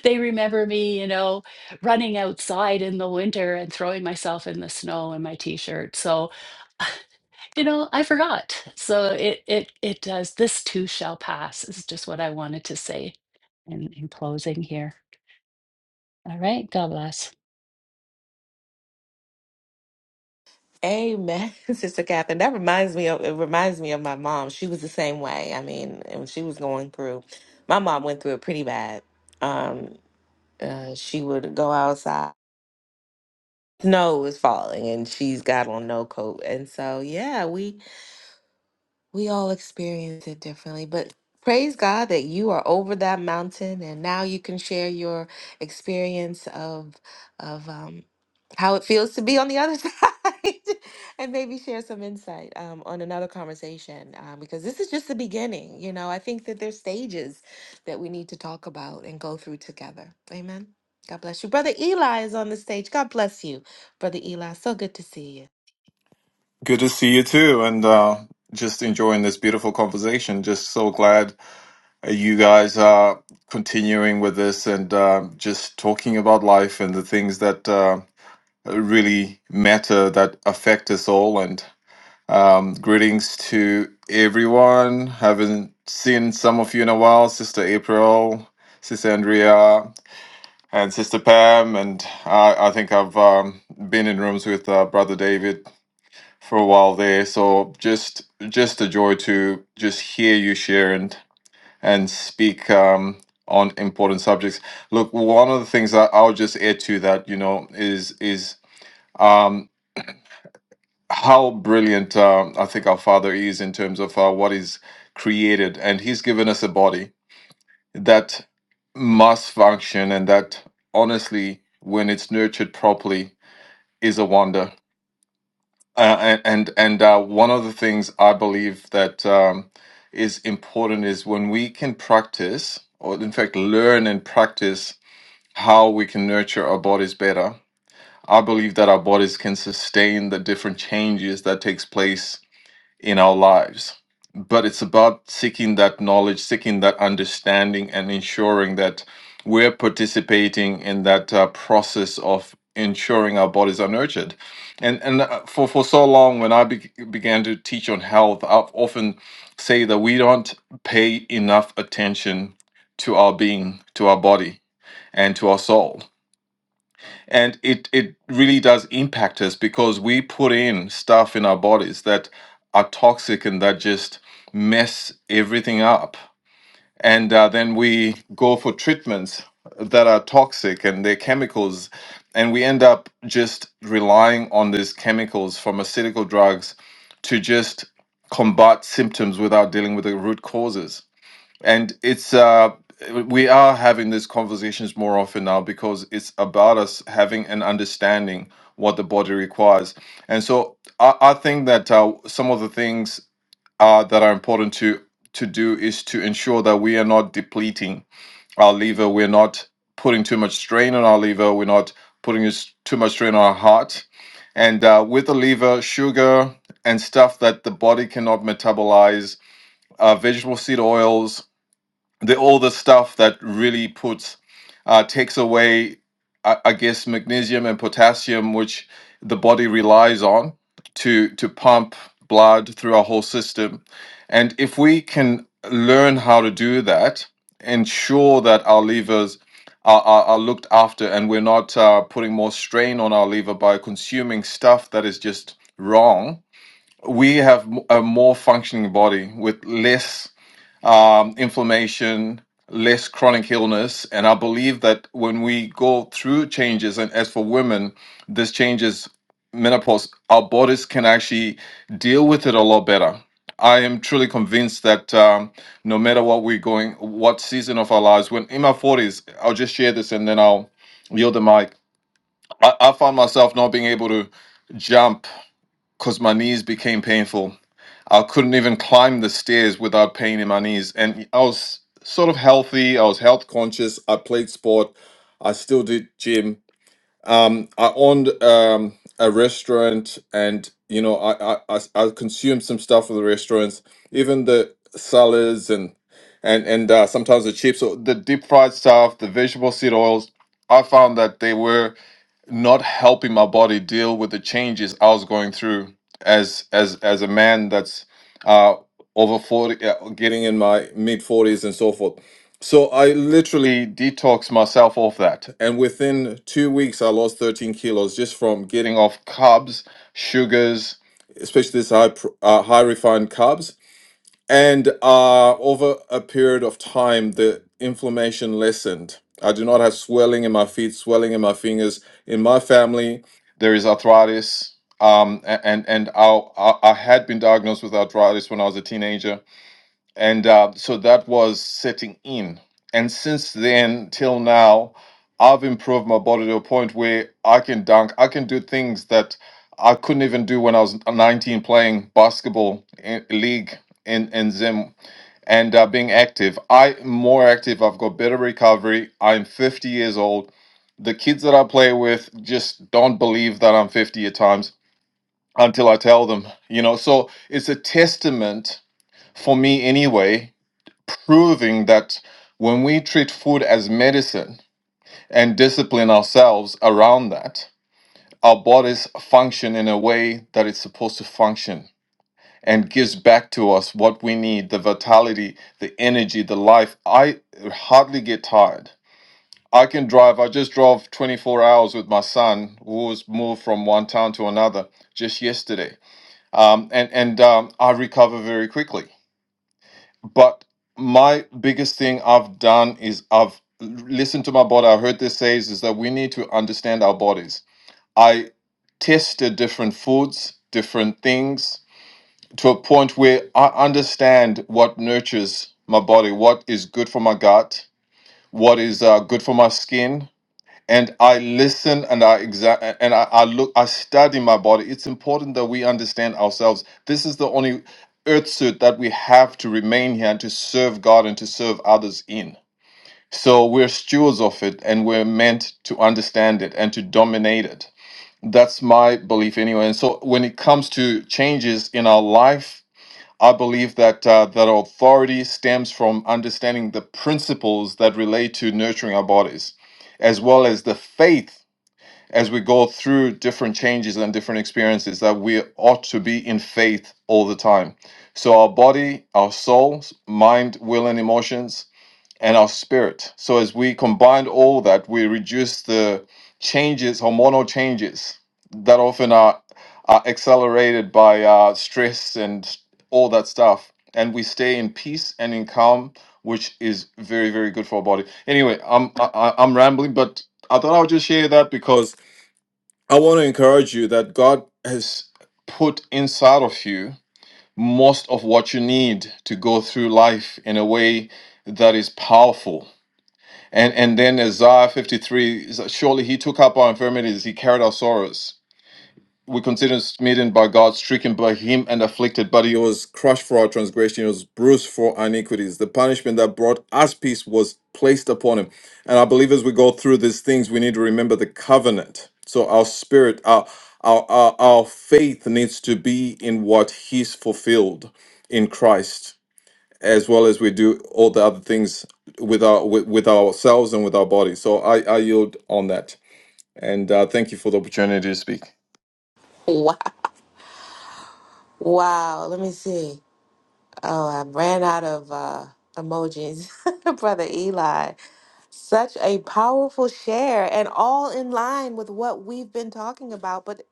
They remember me, you know, running outside in the winter and throwing myself in the snow in my t-shirt. So, you know, I forgot. So it it it does. This too shall pass is just what I wanted to say in, in closing here. All right. God bless.
Amen, Sister Catherine. That reminds me of it reminds me of my mom. She was the same way. I mean, when she was going through, my mom went through it pretty bad. Um, uh, she would go outside. Snow was falling, and she's got on no coat, and so yeah, we we all experience it differently, but praise God that you are over that mountain and now you can share your experience of of um, how it feels to be on the other side and maybe share some insight um, on another conversation um, because this is just the beginning. You know, I think that there's stages that we need to talk about and go through together. Amen. God bless you. Brother Eli is on the stage. God bless you, Brother Eli. So good to see you.
Good to see you too, and uh, just enjoying this beautiful conversation. Just so glad uh, you guys are continuing with this and uh, just talking about life and the things that uh, really matter that affect us all. And um, greetings to everyone. Haven't seen some of you in a while, Sister April, Sister Andrea, and Sister Pam. And I, I think I've um, been in rooms with uh, Brother David for a while there. So just just a joy to just hear you share and and speak um, on important subjects. Look, one of the things that I'll just add to that, you know, is is um, how brilliant um, I think our Father is in terms of uh, what is created, and He's given us a body that must function, and that honestly, when it's nurtured properly, is a wonder Uh, and and uh, one of the things I believe that um, is important is when we can practice, or in fact, learn and practice how we can nurture our bodies better. I believe that our bodies can sustain the different changes that takes place in our lives. But it's about seeking that knowledge, seeking that understanding, and ensuring that we're participating in that uh, process of ensuring our bodies are nurtured. And and uh, for for so long, when I be- began to teach on health, I've often say that we don't pay enough attention to our being, to our body, and to our soul and it it really does impact us because we put in stuff in our bodies that are toxic and that just mess everything up and uh, then we go for treatments that are toxic and they're chemicals and we end up just relying on these chemicals pharmaceutical drugs to just combat symptoms without dealing with the root causes and it's uh we are having these conversations more often now because it's about us having an understanding what the body requires and so i, I think that uh, some of the things uh, that are important to to do is to ensure that we are not depleting our liver we're not putting too much strain on our liver we're not putting us- too much strain on our heart and uh, with the liver sugar and stuff that the body cannot metabolize uh, vegetable seed oils the all the stuff that really puts uh, takes away I, I guess magnesium and potassium which the body relies on to to pump blood through our whole system and if we can learn how to do that ensure that our levers are, are, are looked after and we're not uh, putting more strain on our liver by consuming stuff that is just wrong we have m- a more functioning body with less um, inflammation, less chronic illness. And I believe that when we go through changes, and as for women, this changes menopause, our bodies can actually deal with it a lot better. I am truly convinced that um, no matter what we're going, what season of our lives, when in my 40s, I'll just share this and then I'll yield the mic. I, I found myself not being able to jump because my knees became painful I couldn't even climb the stairs without pain in my knees. And I was sort of healthy. I was health conscious. I played sport. I still did gym. Um, I owned um, a restaurant, and you know, I I I I consumed some stuff from the restaurants, even the salads and and and uh, sometimes the chips, or the deep fried stuff, the vegetable seed oils. I found that they were not helping my body deal with the changes I was going through as as as a man that's uh over 40 uh, getting in my mid 40s and so forth. So I literally detoxed myself off that and within 2 weeks I lost 13 kilos just from getting off carbs, sugars, especially this high pr- uh, high refined carbs and uh, over a period of time, the inflammation lessened. I do not have swelling in my feet, swelling in my fingers. In my family, there is arthritis. Um, a- and and I, I I had been diagnosed with arthritis when I was a teenager and uh, so that was setting in. And since then till now, I've improved my body to a point where I can dunk. I can do things that I couldn't even do when I was 19 playing basketball in, league in in Zim and uh, being active. I'm more active. I've got better recovery. I'm 50 years old. The kids that I play with just don't believe that I'm 50 at times until I tell them. You know, so it's a testament for me anyway proving that when we treat food as medicine and discipline ourselves around that, our bodies function in a way that it's supposed to function and gives back to us what we need the vitality, the energy, the life. I hardly get tired. I can drive, I just drove 24 hours with my son who was moved from one town to another just yesterday. Um, and and um, I recover very quickly But my biggest thing I've done is I've listened to my body. I heard this says is that we need to understand our bodies. I tested different foods, different things to a point where I understand what nurtures my body, what is good for my gut, what is uh, good for my skin, and I listen and I exa- and I, I look I study my body. It's important that we understand ourselves. This is the only earth suit that we have to remain here and to serve God and to serve others in. So we're stewards of it and we're meant to understand it and to dominate it. That's my belief anyway. And so when it comes to changes in our life, I believe that uh, that our authority stems from understanding the principles that relate to nurturing our bodies as well as the faith as we go through different changes and different experiences that we ought to be in faith all the time. So our body, our soul, mind, will and emotions and our spirit. So as we combine all that, we reduce the changes, hormonal changes that often are, are accelerated by uh, stress and all that stuff. And we stay in peace and in calm, which is very, very good for our body. Anyway, I'm I, I- I'm rambling, but I thought I would just share that because I want to encourage you that God has put inside of you most of what you need to go through life in a way that is powerful. And and then Isaiah 53, surely he took up our infirmities, he carried our sorrows we consider smitten by God, stricken by him and afflicted, but he was crushed for our transgression, he was bruised for our iniquities. The punishment that brought us peace was placed upon him. And I believe as we go through these things, we need to remember the covenant. So our spirit, our our our, our faith needs to be in what he's fulfilled in Christ, as well as we do all the other things with our with, with ourselves and with our bodies. So I, I yield on that. And uh, thank you for the opportunity to speak.
Wow. Wow. Let me see. Oh, I ran out of uh, emojis. Brother Eli, such a powerful share and all in line with what we've been talking about. But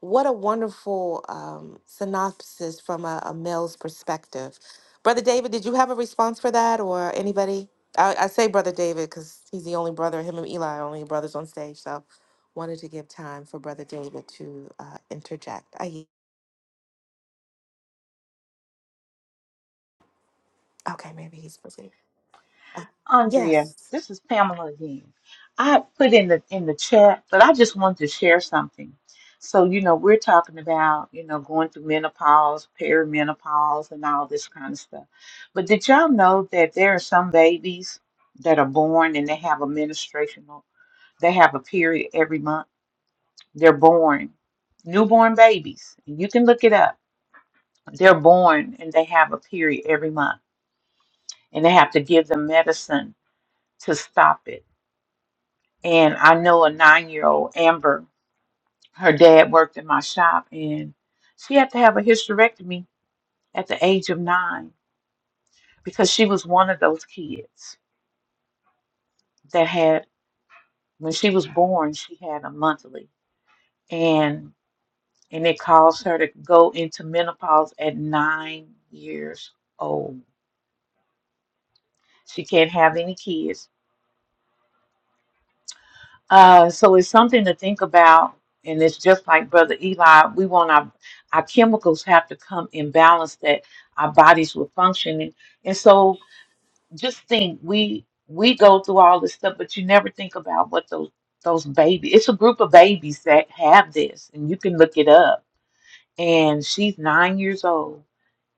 what a wonderful um, synopsis from a, a male's perspective. Brother David, did you have a response for that or anybody? I, I say Brother David because he's the only brother, him and Eli are only brothers on stage. So wanted to give time for Brother David to uh, interject. I, okay, maybe he's busy. Uh,
Andrea,
yes.
this is Penny. I have something. So, you know, we're talking about, you know, going through menopause, perimenopause, and all this kind of stuff. But did y'all know that there are some babies that are born and they have a menstruational, they have a period every month? They're born, newborn babies. You can look it up. They're born and they have a period every month, and they have to give them medicine to stop it. And I know a nine year old, Amber. her dad worked in my shop and she had to have a hysterectomy at the age of nine because she was one of those kids that had when she was born she had a monthly and and it caused her to go into menopause at nine years old she can't have any kids uh so it's something to think about and it's just like brother eli we want our our chemicals have to come in balance that our bodies will function and and so just think we we go through all this stuff, but you never think about what those those babies. It's a group of babies that have this, and you can look it up. And she's nine years old,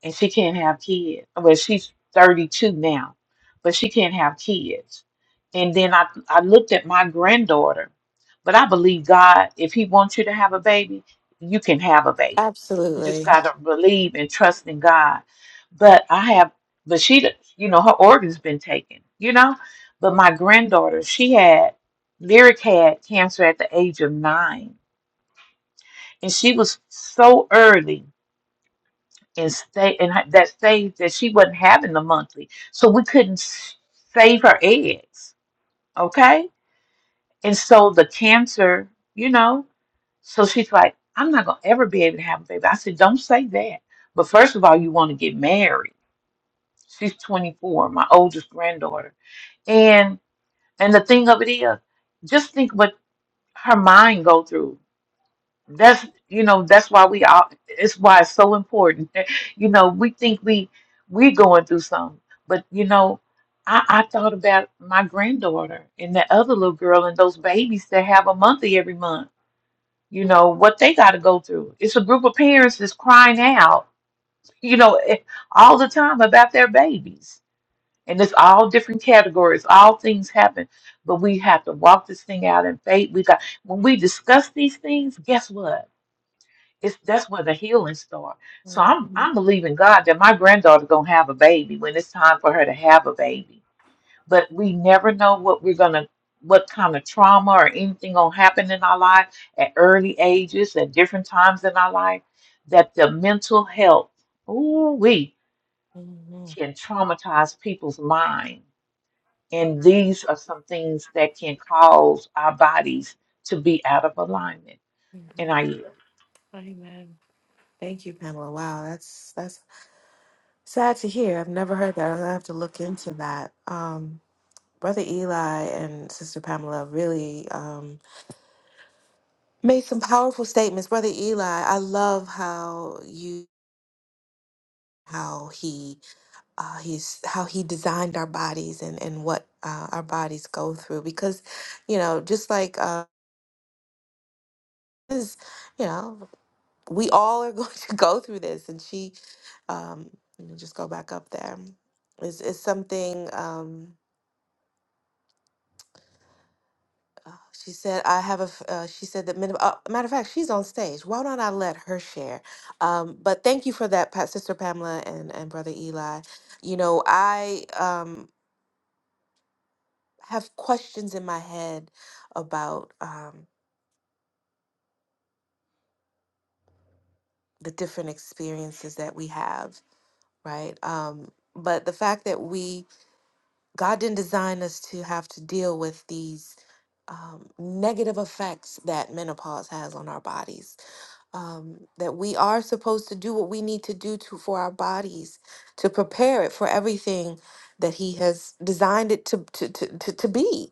and she can't have kids. Well, she's 32 now, but she can't have kids. And then I, I looked at my granddaughter, but I believe God, if He wants you to have a baby, you can have a baby. You just
Absolutely.
got to believe and trust in God. But I have, but she, you know, her organs been taken, you know. But my granddaughter, she had, Lyric had cancer at the age of nine. And she was so early and stay and her- that saved that she wasn't having the monthly, so we couldn't s- save her eggs. Okay, and so the cancer, you know, so she's like, I'm not gonna ever be able to have a baby. I said, don't say that. But first of all, you want to get married. She's 24, my oldest granddaughter, and and the thing of it is, just think what her mind go through. that's you know that's why we all it's why it's so important you know we think we we going through something but you know I, I thought about my granddaughter and the other little girl and those babies that have a monthly every month you know what they got to go through it's a group of parents that's crying out you know eh, all the time about their babies and it's all different categories all things happen but we have to walk this thing out in faith we got when we discuss these things guess what it's that's where the healing starts. So I'm
Mhm.
I'm believing God that my granddaughter gonna have a baby when it's time for her to have a baby. But we never know what we're gonna what kind of trauma or anything gonna happen in our life at early ages at different times in our life that the mental health ooh we
Amen.
can traumatize people's mind. And these are some things that can cause our bodies to be out of alignment. And I yield.
Amen. Thank you, Pamela. Wow, that's that's sad to hear. I've never heard that. I'm gonna have to look into that. Um, Brother Eli and Sister Pamela really um, made some powerful statements. Brother Eli, I love how you how he uh, he's how he designed our bodies and and what uh, our bodies go through because you know just like uh, is you know we all are going to go through this and she um let me just go back up there is is something um uh, she said i have a f- uh, she said that men, uh, matter of fact she's on stage why don't i let her share um but thank you for that Pat, sister pamela and and brother eli you know i um have questions in my head about um the different experiences that we have right um but the fact that we God didn't design us to have to deal with these um, negative effects that menopause has on our bodies um, that we are supposed to do what we need to do to for our bodies to prepare it for everything that He has designed it to to to, to, to be.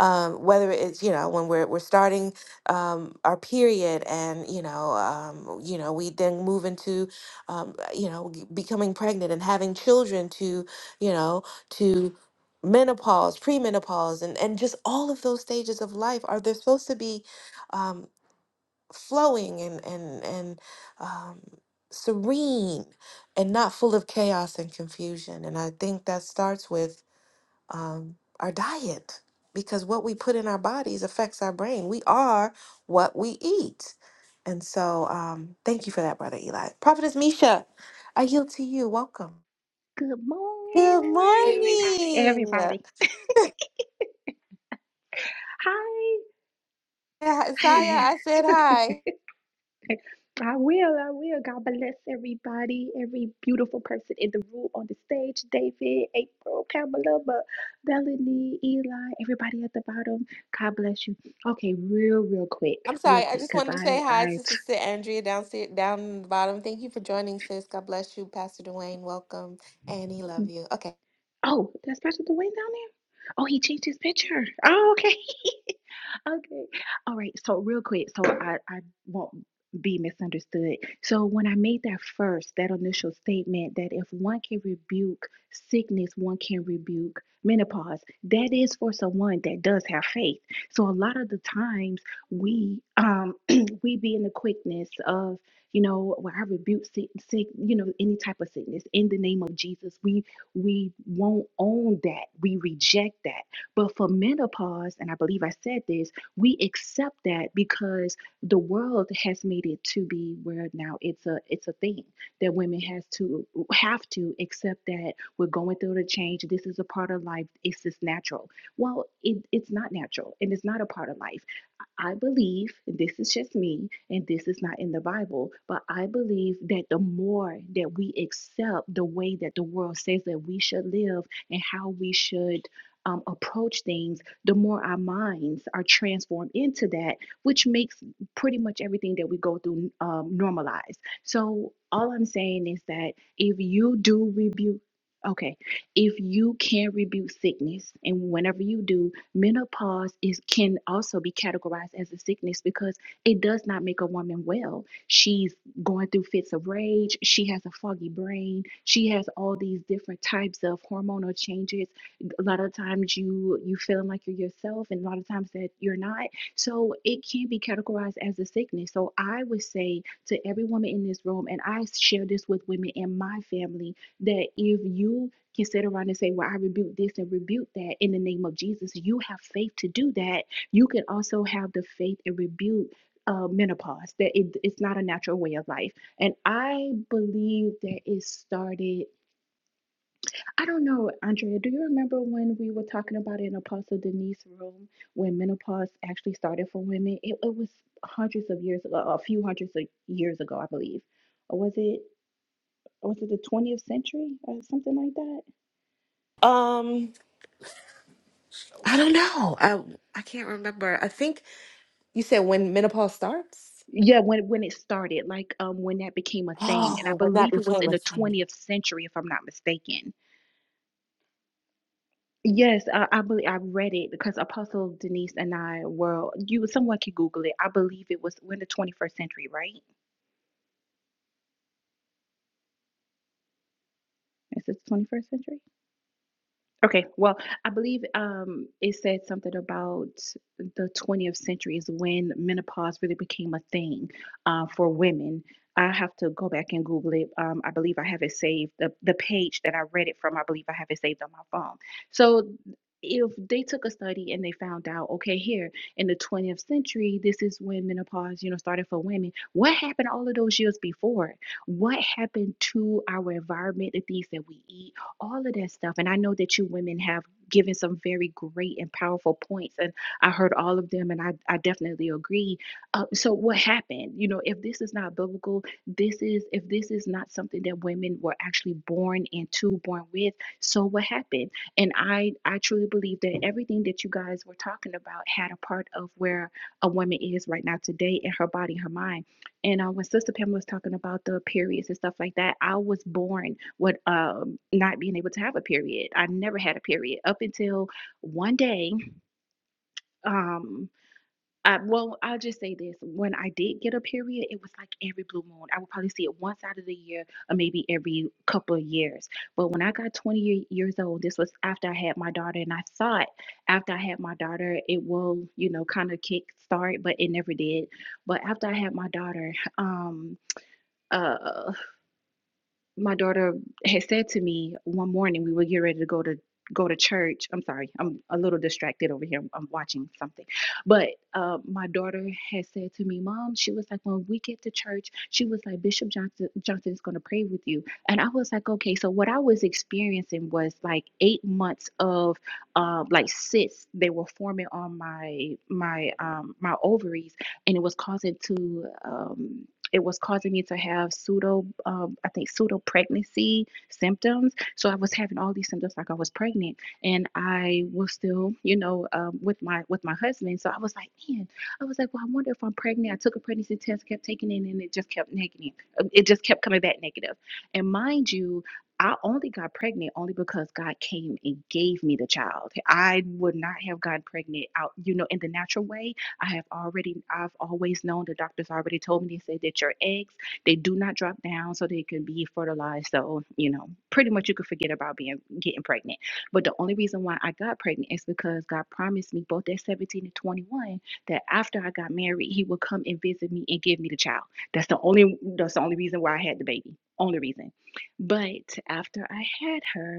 Um, whether it's you know when we're we're starting um, our period and you know um, you know we then move into um, you know g- becoming pregnant and having children to you know to menopause premenopause and and just all of those stages of life are there supposed to be um, flowing and and and um, serene and not full of chaos and confusion. And I think that starts with um, our diet because what we put in our bodies affects our brain. We are what we eat. And so, um, thank you for that, brother Eli. Prophetess Misha, I yield to you. Welcome.
Good
Good
morning,
morning. morning.
everybody. Hi.
Yeah, Saya, I said hi.
I will, I will. God bless everybody, every beautiful person in the room, on the stage, David, April, Pamela, Melanie, Eli, everybody at the bottom. God bless you. Okay, real, real quick,
I'm
real
sorry. I
quick,
just
because
wanted to
I,
say hi
I,
to Sister Andrea downstairs, down in the bottom. Thank you for joining, sis. God bless you, Pastor Dwayne. Welcome, Annie. Love you. Okay.
oh, that's Pastor Dwayne down there? Oh, he changed his picture. Oh, okay. Okay. All right. So real quick, so I, I won't be misunderstood. So when I made that first, that initial statement that if one can rebuke sickness, one can rebuke menopause, that is for someone that does have faith. So a lot of the times we um we be in the quickness of you know, where I rebuke sick, sick, you know, any type of sickness in the name of Jesus. We we won't own that. We reject that. But for menopause, and I believe I said this we accept that because the world has made it to be where now it's a it's a thing that women has to have to accept that we're going through the change this is a part of life it's just natural well it, it's not natural and it's not a part of life I believe, and this is just me, and this is not in the Bible, but I believe that the more that we accept the way that the world says that we should live and how we should um, approach things, the more our minds are transformed into that, which makes pretty much everything that we go through um, normalized. So, all I'm saying is that if you do rebuke, okay, if you can rebuke sickness, and whenever you do, menopause is can also be categorized as a sickness because it does not make a woman well. She's going through fits of rage, she has a foggy brain, she has all these different types of hormonal changes. A lot of times you you feeling like you're yourself and a lot of times that you're not. So it can be categorized as a sickness. So I would say to every woman in this room and I share this with women in my family that if you can sit around and say, Well, I rebuke this and rebuke that in the name of Jesus. You have faith to do that. You can also have the faith and rebuke uh, menopause, that it, it's not a natural way of life. And I believe that it started, I don't know, Andrea, do you remember when we were talking about it in Apostle Denise room when menopause actually started for women? It, it was hundreds of years ago, a few hundreds of years ago, I believe. Or was it? Was it the 20th century or something like that?
Um, I don't know. I I can't remember. I think you said when menopause starts.
Yeah, when when it started, like um when that became a thing, and I
Oh, when that
believe it was
became
in
a
the
thing.
20th century, if I'm not mistaken. Yes, I, I believe I read it because Apostle Denise and I were you someone can Google it. I believe it was when the 21st century, right? Is it 21st century? Okay, well, I believe um, it said something about the 20th century is when menopause really became a thing uh, for women. I have to go back and Google it. Um, I believe I have it saved. The, the page that I read it from, I believe I have it saved on my phone. So if they took a study and they found out, okay, here in the 20th century, this is when menopause, you know, started for women. What happened all of those years before? What happened to our environment, the things that we eat? all of that stuff. And I know that you women have given some very great and powerful points, and I heard all of them, and I, I definitely agree. Uh, so, what happened? You know, if this is not biblical, this is, if this is not something that women were actually born into, born with, so what happened? And I, I truly believe that everything that you guys were talking about had a part of where a woman is right now today in her body, her mind and uh, when Sister Pam was talking about the periods and stuff like that, I was born with um, not being able to have a period. I never had a period up until one day. Um, I, well, I'll just say this: when I did get a period, it was like every blue moon. I would probably see it once out of the year, or maybe every couple of years. But when I got 20 ye- years old, this was after I had my daughter, and I thought after I had my daughter, it will, you know, kind of kick start, but it never did. But after I had my daughter, um, uh my daughter had said to me one morning we were getting ready to go to go to church i'm sorry i'm a little distracted over here i'm, I'm watching something but uh, my daughter had said to me mom she was like when we get to church she was like bishop johnson johnson is going to pray with you and i was like okay so what i was experiencing was like eight months of uh, like cysts they were forming on my my um my ovaries and it was causing to um it was causing me to have pseudo, um, I think, pseudo pregnancy symptoms. So I was having all these symptoms like I was pregnant, and I was still, you know, um, with my with my husband. So I was like, man, I was like, well, I wonder if I'm pregnant. I took a pregnancy test, kept taking it, and it just kept negative. Um, It just kept coming back negative. And mind you. I only got pregnant only because God came and gave me the child. I would not have gotten pregnant out, you know, in the natural way I have already, I've always known the doctors already told me, they said that your eggs, they do not drop down so they can be fertilized. So, you know, pretty much you could forget about being getting pregnant. But the only reason why I got pregnant is because God promised me both at 17 and 21 that after I got married, he would come and visit me and give me the child. That's the only that's the only reason why I had the baby. Only reason. But after I had her,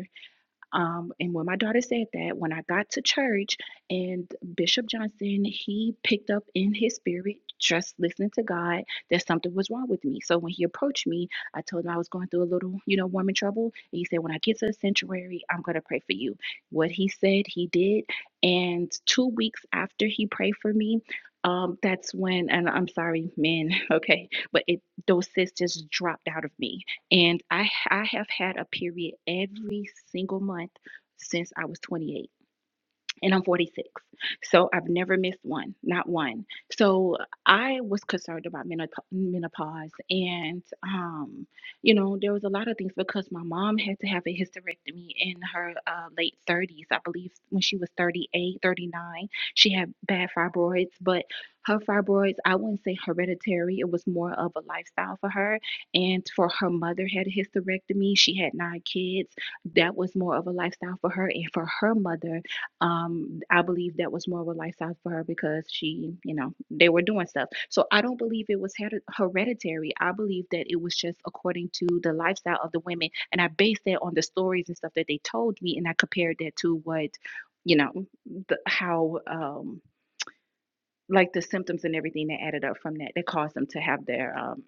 um, and when my daughter said that, when I got to church and Bishop Johnson, he picked up in his spirit, just listening to God, that something was wrong with me. So when he approached me, I told him I was going through a little, you know, woman trouble. And he said, When I get to the sanctuary, I'm going to pray for you. What he said, he did. And two weeks after he prayed for me, um, that's when, and I'm sorry, men, okay, but it those sisters dropped out of me and I, I have had a period every single month since I was 28 and I'm 46. So I've never missed one, not one. So I was concerned about menop- menopause. And, um, you know, there was a lot of things because my mom had to have a hysterectomy in her uh, late 30s. I believe when she was 38, 39, she had bad fibroids, but her fibroids, I wouldn't say hereditary. It was more of a lifestyle for her. And for her mother had a hysterectomy. She had nine kids. That was more of a lifestyle for her. And for her mother, um i believe that was more of a lifestyle for her because she you know they were doing stuff so i don't believe it was heri- hereditary i believe that it was just according to the lifestyle of the women and i based that on the stories and stuff that they told me and i compared that to what you know the, how um like the symptoms and everything that added up from that that caused them to have their um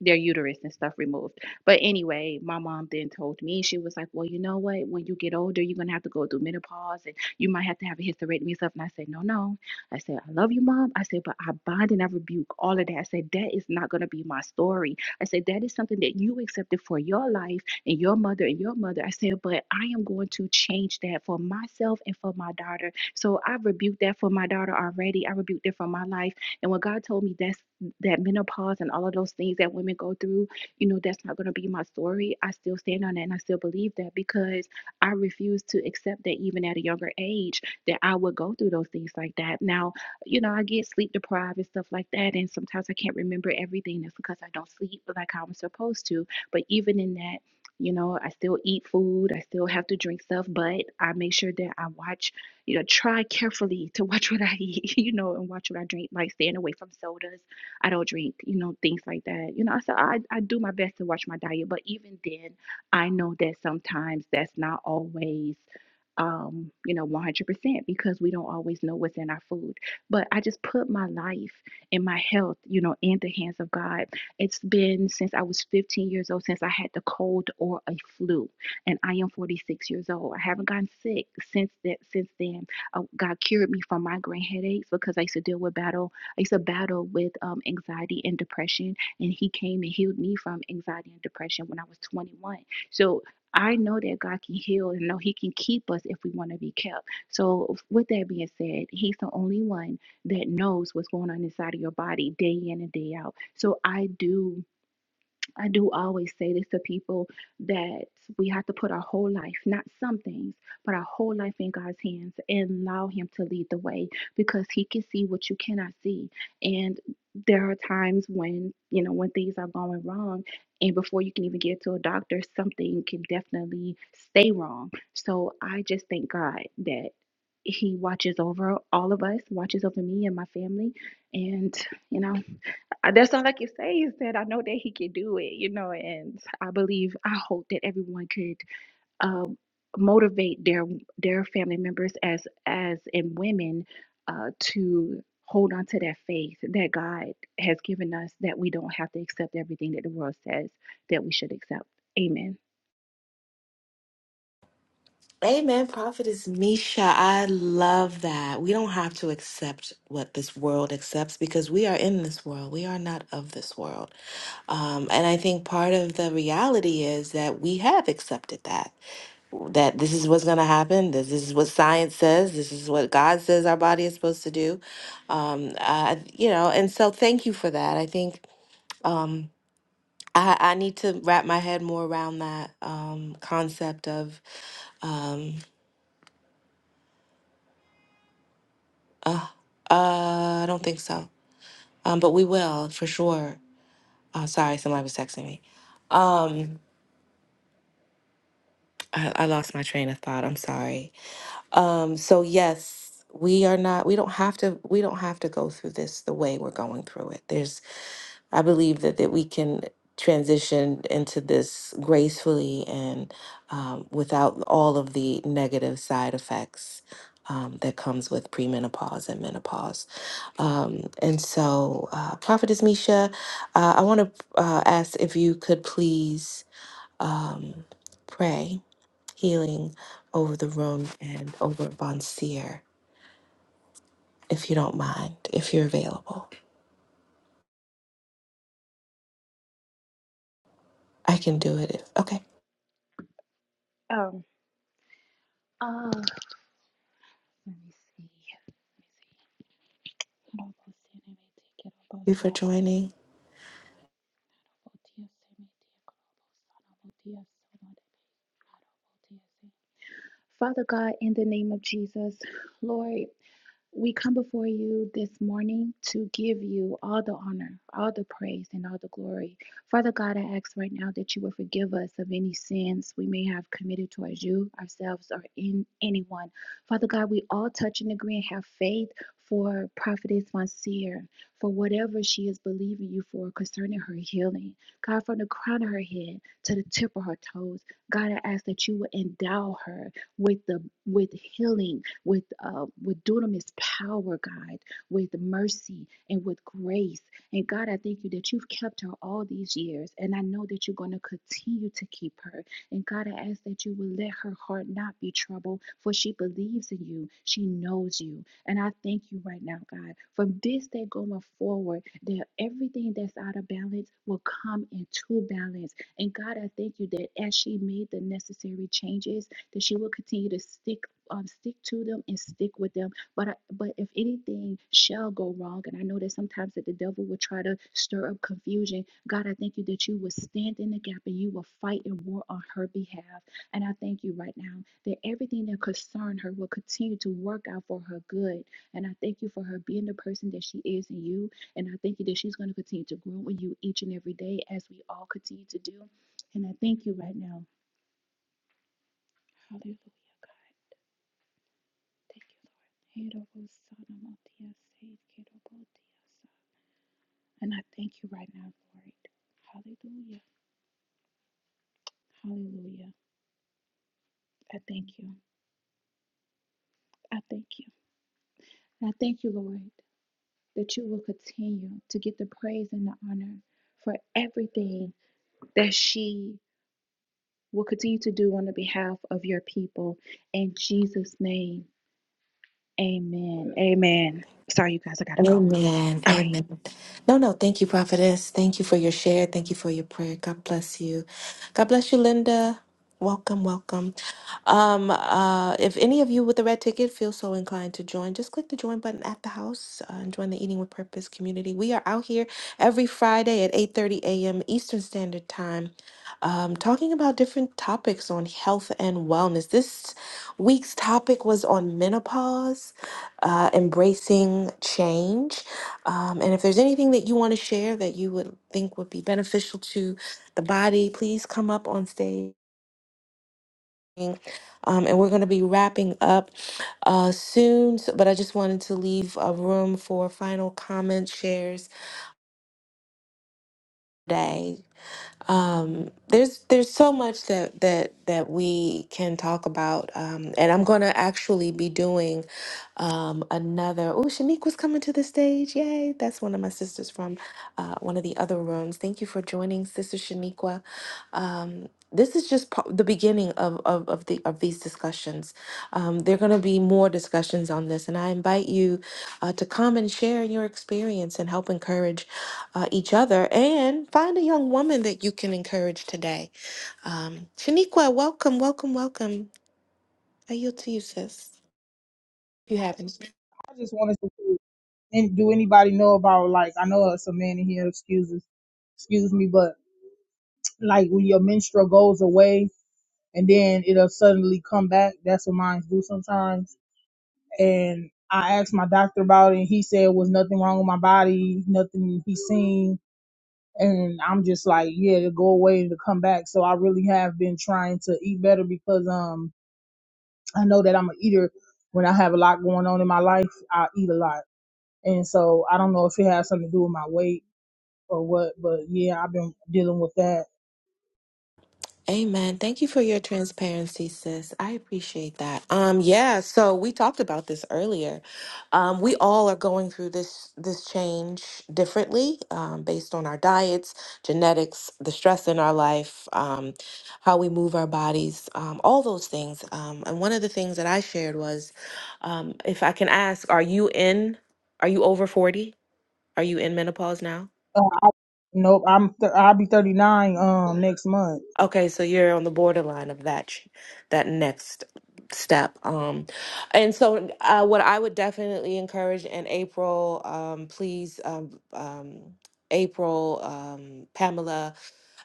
their uterus and stuff removed. But anyway, my mom then told me, she was like, Well, you know what? When you get older, you're going to have to go through menopause and you might have to have a hysterectomy and stuff. And I said, No, no. I said, I love you, mom. I said, But I bind and I rebuke all of that. I said, That is not going to be my story. I said, That is something that you accepted for your life and your mother and your mother. I said, But I am going to change that for myself and for my daughter. So I rebuked that for my daughter already. I rebuked that for my life. And when God told me that's that menopause and all of those things that women go through, you know, that's not going to be my story. I still stand on that and I still believe that because I refuse to accept that even at a younger age that I would go through those things like that. Now, you know, I get sleep deprived and stuff like that. And sometimes I can't remember everything. That's because I don't sleep like I was supposed to. But even in that, you know, I still eat food, I still have to drink stuff, but I make sure that I watch, you know, try carefully to watch what I eat, you know, and watch what I drink, like staying away from sodas I don't drink, you know, things like that. You know, so I, I do my best to watch my diet, but even then, I know that sometimes that's not always, um, you know, 100% because we don't always know what's in our food. But I just put my life and my health, you know, in the hands of God. It's been since I was 15 years old since I had the cold or a flu, and I am 46 years old. I haven't gotten sick since that since then. Uh, God cured me from migraine headaches because I used to deal with battle it's a battle with um, anxiety and depression. And He came and healed me from anxiety and depression when I was 21. So I know that God can heal and know He can keep us if we want to be kept. So, with that being said, He's the only one that knows what's going on inside of your body day in and day out. So, I do I do always say this to people that we have to put our whole life, not some things, but our whole life in God's hands and allow Him to lead the way because He can see what you cannot see. And there are times when, you know, when things are going wrong, and before you can even get to a doctor, something can definitely stay wrong. So I just thank God that He watches over all of us, watches over me and my family. And, you know, I- That's all I can say is that I know that he can do it, you know, and I believe, I hope that everyone could um, motivate their their family members as as in women uh, to hold on to that faith that God has given us that we don't have to accept everything that the world says that we should accept. Amen.
Amen. Prophetess Misha, I love that. We don't have to accept what this world accepts because we are in this world. We are not of this world. Um, and I think part of the reality is that we have accepted that that this is what's going to happen. This, this is what science says. This is what God says our body is supposed to do. Um, uh, you know, and so thank you for that. I think um, I, I need to wrap my head more around that um, concept of, um, uh, uh, I don't think so, um, but we will for sure. Oh, sorry, somebody was texting me. Um, I, I lost my train of thought. I'm sorry. Um, so yes, we are not, we don't have to, we don't have to go through this the way we're going through it. There's, I believe that, that we can transition into this gracefully and um, without all of the negative side effects um, that comes with premenopause and menopause. Um, and so, uh, Prophetess Misha, uh, I want to uh, ask if you could please um, pray healing over the room and over Bonseer if you don't mind, if you're available. I can do it if, okay. Thank
Um. Uh, let me see. Let me see. Hold on, I'll see take it on both
you for
sides.
joining.
Father God, in the name of Jesus, Lord. We come before you this morning to give you all the honor, all the praise, and all the glory. Father God, I ask right now that you will forgive us of any sins we may have committed towards you, ourselves, or in anyone. Father God, we all touch and agree and have faith for Prophetess Monsieur, for whatever she is believing you for concerning her healing. God, from the crown of her head to the tip of her toes, God, I ask that you will endow her with the with healing with uh, with dunamis power, God, with mercy and with grace. And God, I thank you that you've kept her all these years, and I know that you're going to continue to keep her. And God, I ask that you will let her heart not be troubled, for she believes in you. She knows you. And I thank you right now, God, from this day going forward, that everything that's out of balance will come into balance. And God, I thank you that as she made the necessary changes, that she will continue to stick um, stick to them and stick with them. But I, but if anything shall go wrong, and I know that sometimes that the devil will try to stir up confusion, God, I thank you that you will stand in the gap and you will fight and war on her behalf. And I thank you right now that everything that concern her will continue to work out for her good. And I thank you for her being the person that she is in you. And I thank you that she's going to continue to grow in you each and every day as we all continue to do. And I thank you right now. Hallelujah, God. Thank you, Lord. And I thank you right now for it. Hallelujah. Hallelujah. I thank you. I thank you. And I thank you, Lord, that you will continue to get the praise and the honor for everything that she will continue to do on the behalf of your people. In Jesus' name, amen. Amen. Sorry, you guys, I got to go.
Amen.
All right.
Amen. No, no. Thank you, prophetess. Thank you for your share. Thank you for your prayer. God bless you. God bless you, Linda. Welcome, welcome. Um, uh, if any of you with a red ticket feel so inclined to join, just click the join button at the house uh, and join the Eating with Purpose community. We are out here every Friday at 8:30 a.m. Eastern Standard Time, um, talking about different topics on health and wellness. This week's topic was on menopause uh, embracing change. Um, and if there's anything that you want to share that you would think would be beneficial to the body, please come up on stage. Um, and we're going to be wrapping up uh, soon, so- but I just wanted to leave a room for final comments, shares today. um, there's there's so much that that that we can talk about, um, and I'm gonna actually be doing um, another. Oh, Shaniqua's coming to the stage! Yay! That's one of my sisters from uh, one of the other rooms. Thank you for joining, Sister Shaniqua. Um, this is just pa- the beginning of, of, of the of these discussions. Um, there are going to be more discussions on this, and I invite you uh, to come and share your experience and help encourage uh, each other and find a young woman that you can encourage today. Um, Shaniqua, welcome, welcome, welcome. I yield to you, sis. If you haven't.
I just wanted to see, and do anybody know about like I know it's a man in here, excuses, excuse me, but like when your menstrual goes away and then it'll suddenly come back. That's what mine do sometimes. And I asked my doctor about it, and he said it was nothing wrong with my body, nothing he seen. And I'm just like, yeah, to go away and to come back. So I really have been trying to eat better because um I know that I'm a eater. When I have a lot going on in my life, I eat a lot And so I don't know if it has something to do with my weight or what, but yeah, I've been dealing with that.
Amen. Thank you for your transparency, sis. I appreciate that. Um, yeah, so we talked about this earlier. Um, we all are going through this this change differently, um, based on our diets, genetics, the stress in our life, um, how we move our bodies, um, all those things. Um, and one of the things that I shared was, um, if I can ask, are you in? Are you over forty? Are you in menopause now?
Uh, nope, I'm th- I'll be 39 um next month.
Okay, so you're on the borderline of that ch- that next step. Um, and so uh, what I would definitely encourage in April, um, please, um, um, April, um, Pamela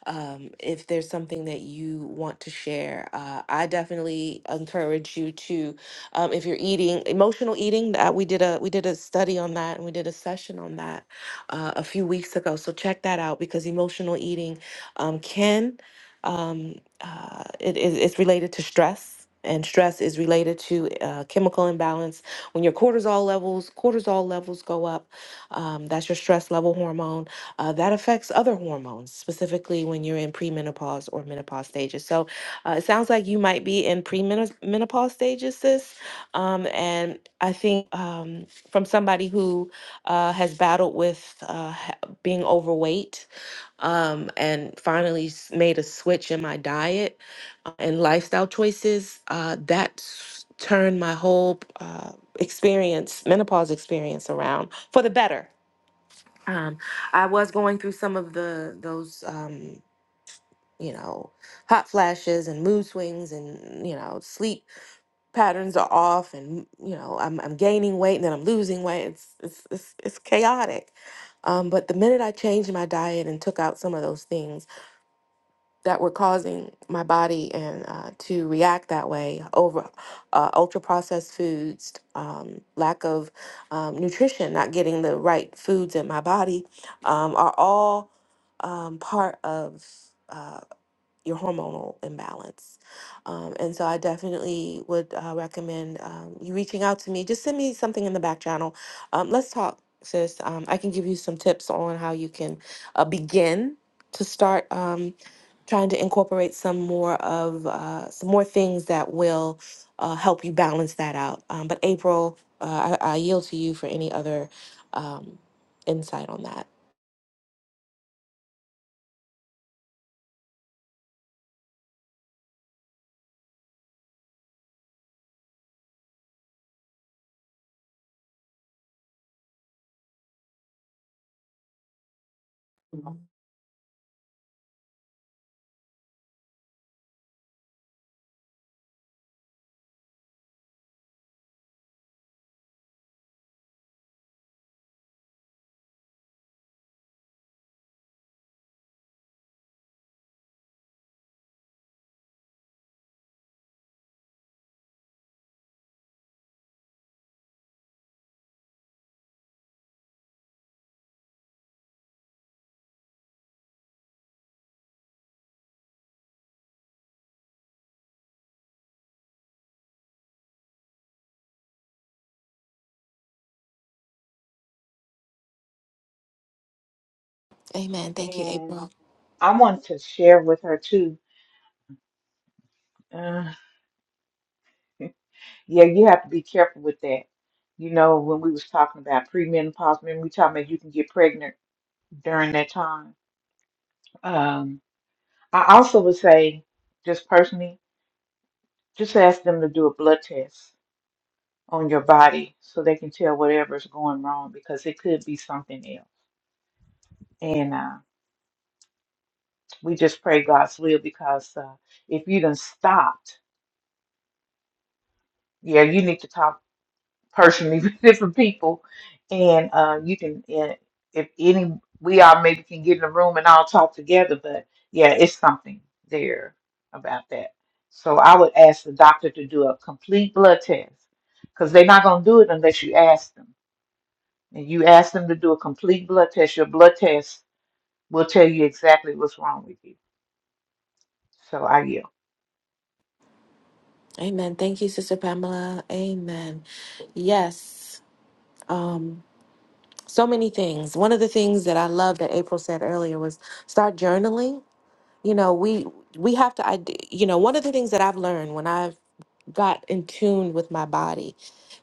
um, if there's something that you want to share. Uh, I definitely encourage you to, um, if you're eating emotional eating, that we did a we did a study on that and we did a session on that uh, a few weeks ago. So check that out because emotional eating um, can um, uh, it is it's related to stress. And stress is related to uh, chemical imbalance. When your cortisol levels cortisol levels go up, um, that's your stress level hormone uh, that affects other hormones, specifically when you're in premenopause or menopause stages. So uh, it sounds like you might be in premenopause stages, sis. Um, and I think um, from somebody who uh, has battled with uh, ha- being overweight um, and finally s- made a switch in my diet uh, and lifestyle choices, uh, that's turned my whole uh, experience, menopause experience around for the better um, I was going through some of the those um, you know hot flashes and mood swings and you know sleep patterns are off and you know I'm I'm gaining weight and then I'm losing weight. It's it's it's, it's chaotic. Um, but the minute I changed my diet and took out some of those things that were causing my body and uh, to react that way over uh, ultra processed foods um, lack of um, nutrition not getting the right foods in my body um, are all um, part of uh, your hormonal imbalance um, and so i definitely would uh, recommend um, you reaching out to me just send me something in the back channel um, let's talk sis um, i can give you some tips on how you can uh, begin to start um, trying to incorporate some more of uh, some more things that will uh, help you balance that out. Um, but April, uh, I, I yield to you for any other um, insight on that. Mhm. Amen. Thank you,
And
April.
I want to share with her too. Uh, yeah, you have to be careful with that. You know, when we was talking about premenopause, remember we talking about you can get pregnant during that time. Um, I also would say, just personally, just ask them to do a blood test. on your body so they can tell whatever's going wrong because it could be something else. And uh, we just pray God's will because uh, if you done stopped, yeah, you need to talk personally with different people, and uh, you can. And if any, we all maybe can get in a room and all talk together. But yeah, it's something there about that. So I would ask the doctor to do a complete blood test because they're not going to do it unless you ask them and you ask them to do a complete blood test, your blood test will tell you exactly what's wrong with you. So I yield.
Amen. Thank you, Sister Pamela. Amen. Yes. Um, so many things. One of the things that I love that April said earlier was start journaling. You know, we we have to. ide- You know, one of the things that I've learned when I've got in tune with my body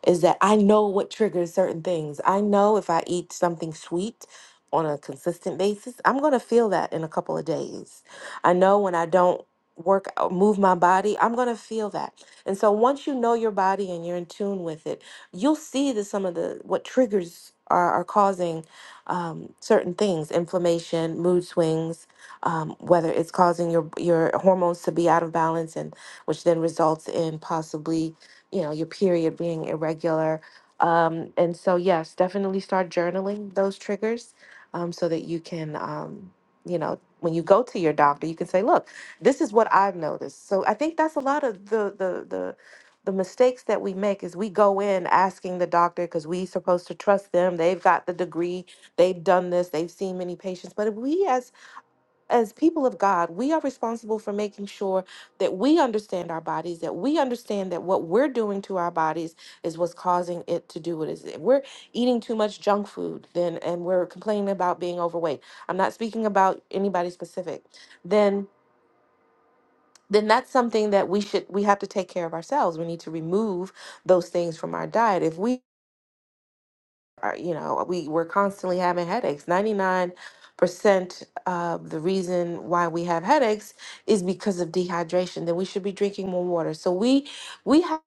is that I know what triggers certain things. I know if I eat something sweet on a consistent basis, I'm going to feel that in a couple of days. I know when I don't work out- move my body, I'm going to feel that. And so once you know your body and you're in tune with it, you'll see that some of the what triggers are, are causing um, certain things, inflammation, mood swings, um, whether it's causing your your hormones to be out of balance and which then results in possibly, you know, your period being irregular. Um, and so, yes, definitely start journaling those triggers um, so that you can, um, you know, when you go to your doctor, you can say, look, this is what I've noticed. So I think that's a lot of the, the, the, the mistakes that we make is we go in asking the doctor because we supposed to trust them. They've got the degree, they've done this, they've seen many patients. But if we as as people of God, we are responsible for making sure that we understand our bodies, that we understand that what we're doing to our bodies is what's causing it to do what it is. If we're eating too much junk food, then and we're complaining about being overweight. I'm not speaking about anybody specific. Then then that's something that we should we have to take care of ourselves. We need to remove those things from our diet. If we uh, you know, we we're constantly having headaches. Ninety nine percent of the reason why we have headaches is because of dehydration. Then we should be drinking more water. So we we have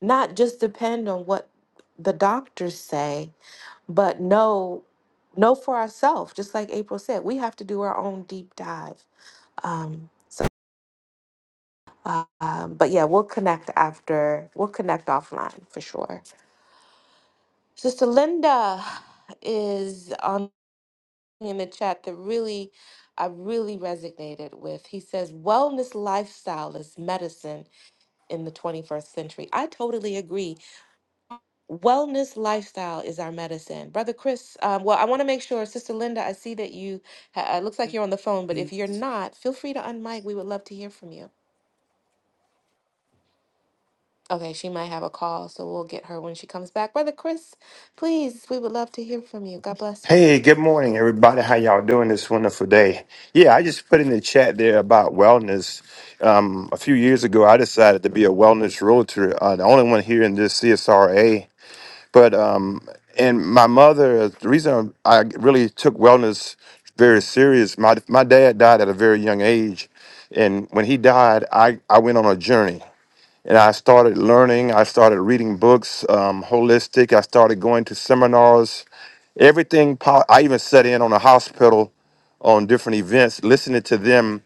not just depend on what the doctors say, but know know for ourselves. Just like April said, we have to do our own deep dive. Um, so, uh, um, but yeah, we'll connect after. We'll connect offline for sure. Sister Linda is on. in the chat that really I really resonated with. He says, Wellness lifestyle is medicine in the 21st century. I totally agree. Wellness lifestyle is our medicine. Brother Chris, um, well, I want to make sure, Sister Linda, I see that you, ha- it looks like you're on the phone, but if
Good
you're not, feel free to unmic. We would love to hear from you. Okay, she might have a call, so we'll get her when she comes back. Brother Chris, please, we would love to hear from you. God bless you.
Hey, good morning, everybody. How y'all doing this wonderful day? Yeah, I just put in the chat there about wellness. Um, a few years ago, I decided to be a wellness realtor, uh, the only one here in this CSRA. But um, and my mother, the reason I really took wellness very serious, my my dad died at a very young age, and when he died, I I went on a journey and I started learning. I started reading books, um, holistic. I started going to seminars. Everything. Po- I even sat in on a hospital on different events, listening to them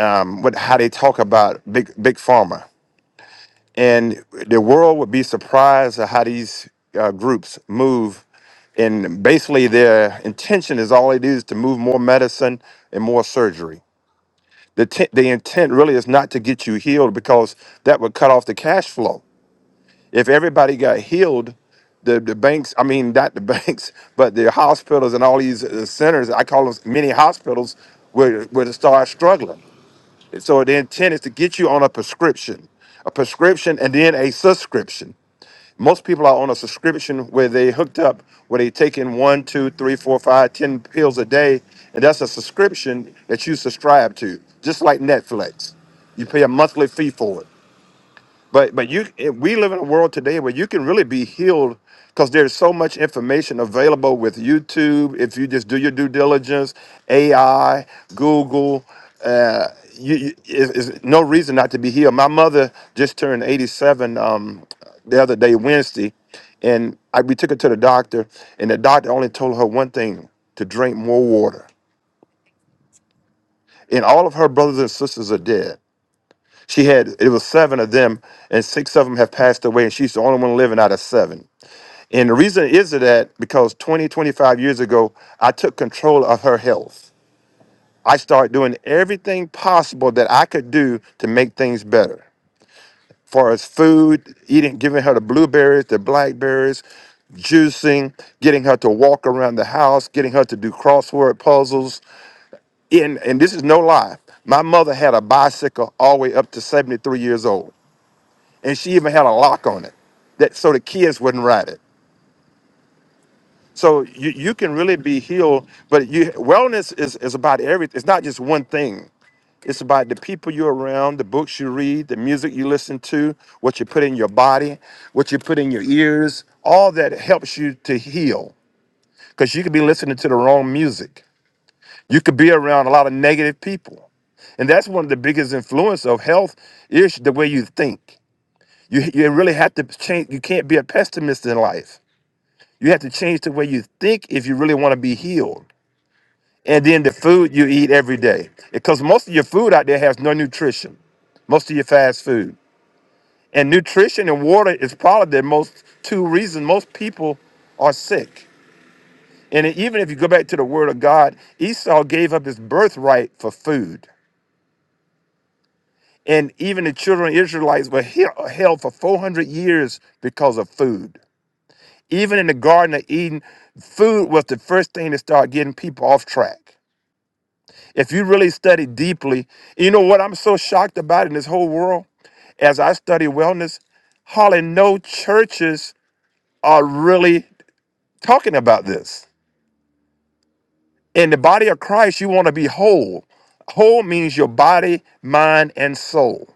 um, what how they talk about big big pharma, and the world would be surprised at how these uh, groups move. And basically, their intention is all it is to move more medicine and more surgery. The, t- the intent really is not to get you healed because that would cut off the cash flow if everybody got healed, the, the banks, I mean, not the banks, but the hospitals and all these uh, centers, I call them mini hospitals, would, would start struggling. So the intent is to get you on a prescription, a prescription and then a subscription most people are on a subscription where they hooked up where they taking one two three four five ten pills a day and that's a subscription that you subscribe to just like netflix you pay a monthly fee for it but but you eh, we live in a world today where you can really be healed because there's so much information available with YouTube. If you just do your due diligence, AI, Google, uh, you, you is, is no reason not to be healed. My mother just turned 87 um, the other day, Wednesday, and I, we took her to the doctor, and the doctor only told her one thing: to drink more water. And all of her brothers and sisters are dead she had it was seven of them, and six of them have passed away, and she's the only one living out of seven. And the reason is that because 20, 25 years ago, I took control of her health. I started doing everything possible that I could do to make things better. Far as food, eating, giving her the blueberries, the blackberries, juicing, getting her to walk around the house, getting her to do crossword puzzles. And, and this is no lie. My mother had a bicycle all the way up to 73 years old. and she even had a lock on it that so the kids wouldn't ride it so you, you can really be healed but you wellness is, is about everything it's not just one thing it's about the people you're around the books you read the music you listen to what you put in your body what you put in your ears all that helps you to heal because you could be listening to the wrong music you could be around a lot of negative people and that's one of the biggest influence of health is the way you think You you really have to change. You can't be a pessimist in life. You have to change the way you think if you really want to be healed. And then the food you eat every day, because most of your food out there has no nutrition. Most of your fast food and nutrition and water is probably the most two reasons most people are sick. And even if you go back to the Word of God, Esau gave up his birthright for food. And even the children of Israelites were he- held for 400 years because of food. Even in the Garden of Eden, food was the first thing to start getting people off track. If you really study deeply, you know what I'm so shocked about in this whole world? As I study wellness, hardly no churches are really talking about this. In the body of Christ, you want to be whole. Whole means your body, mind, and soul.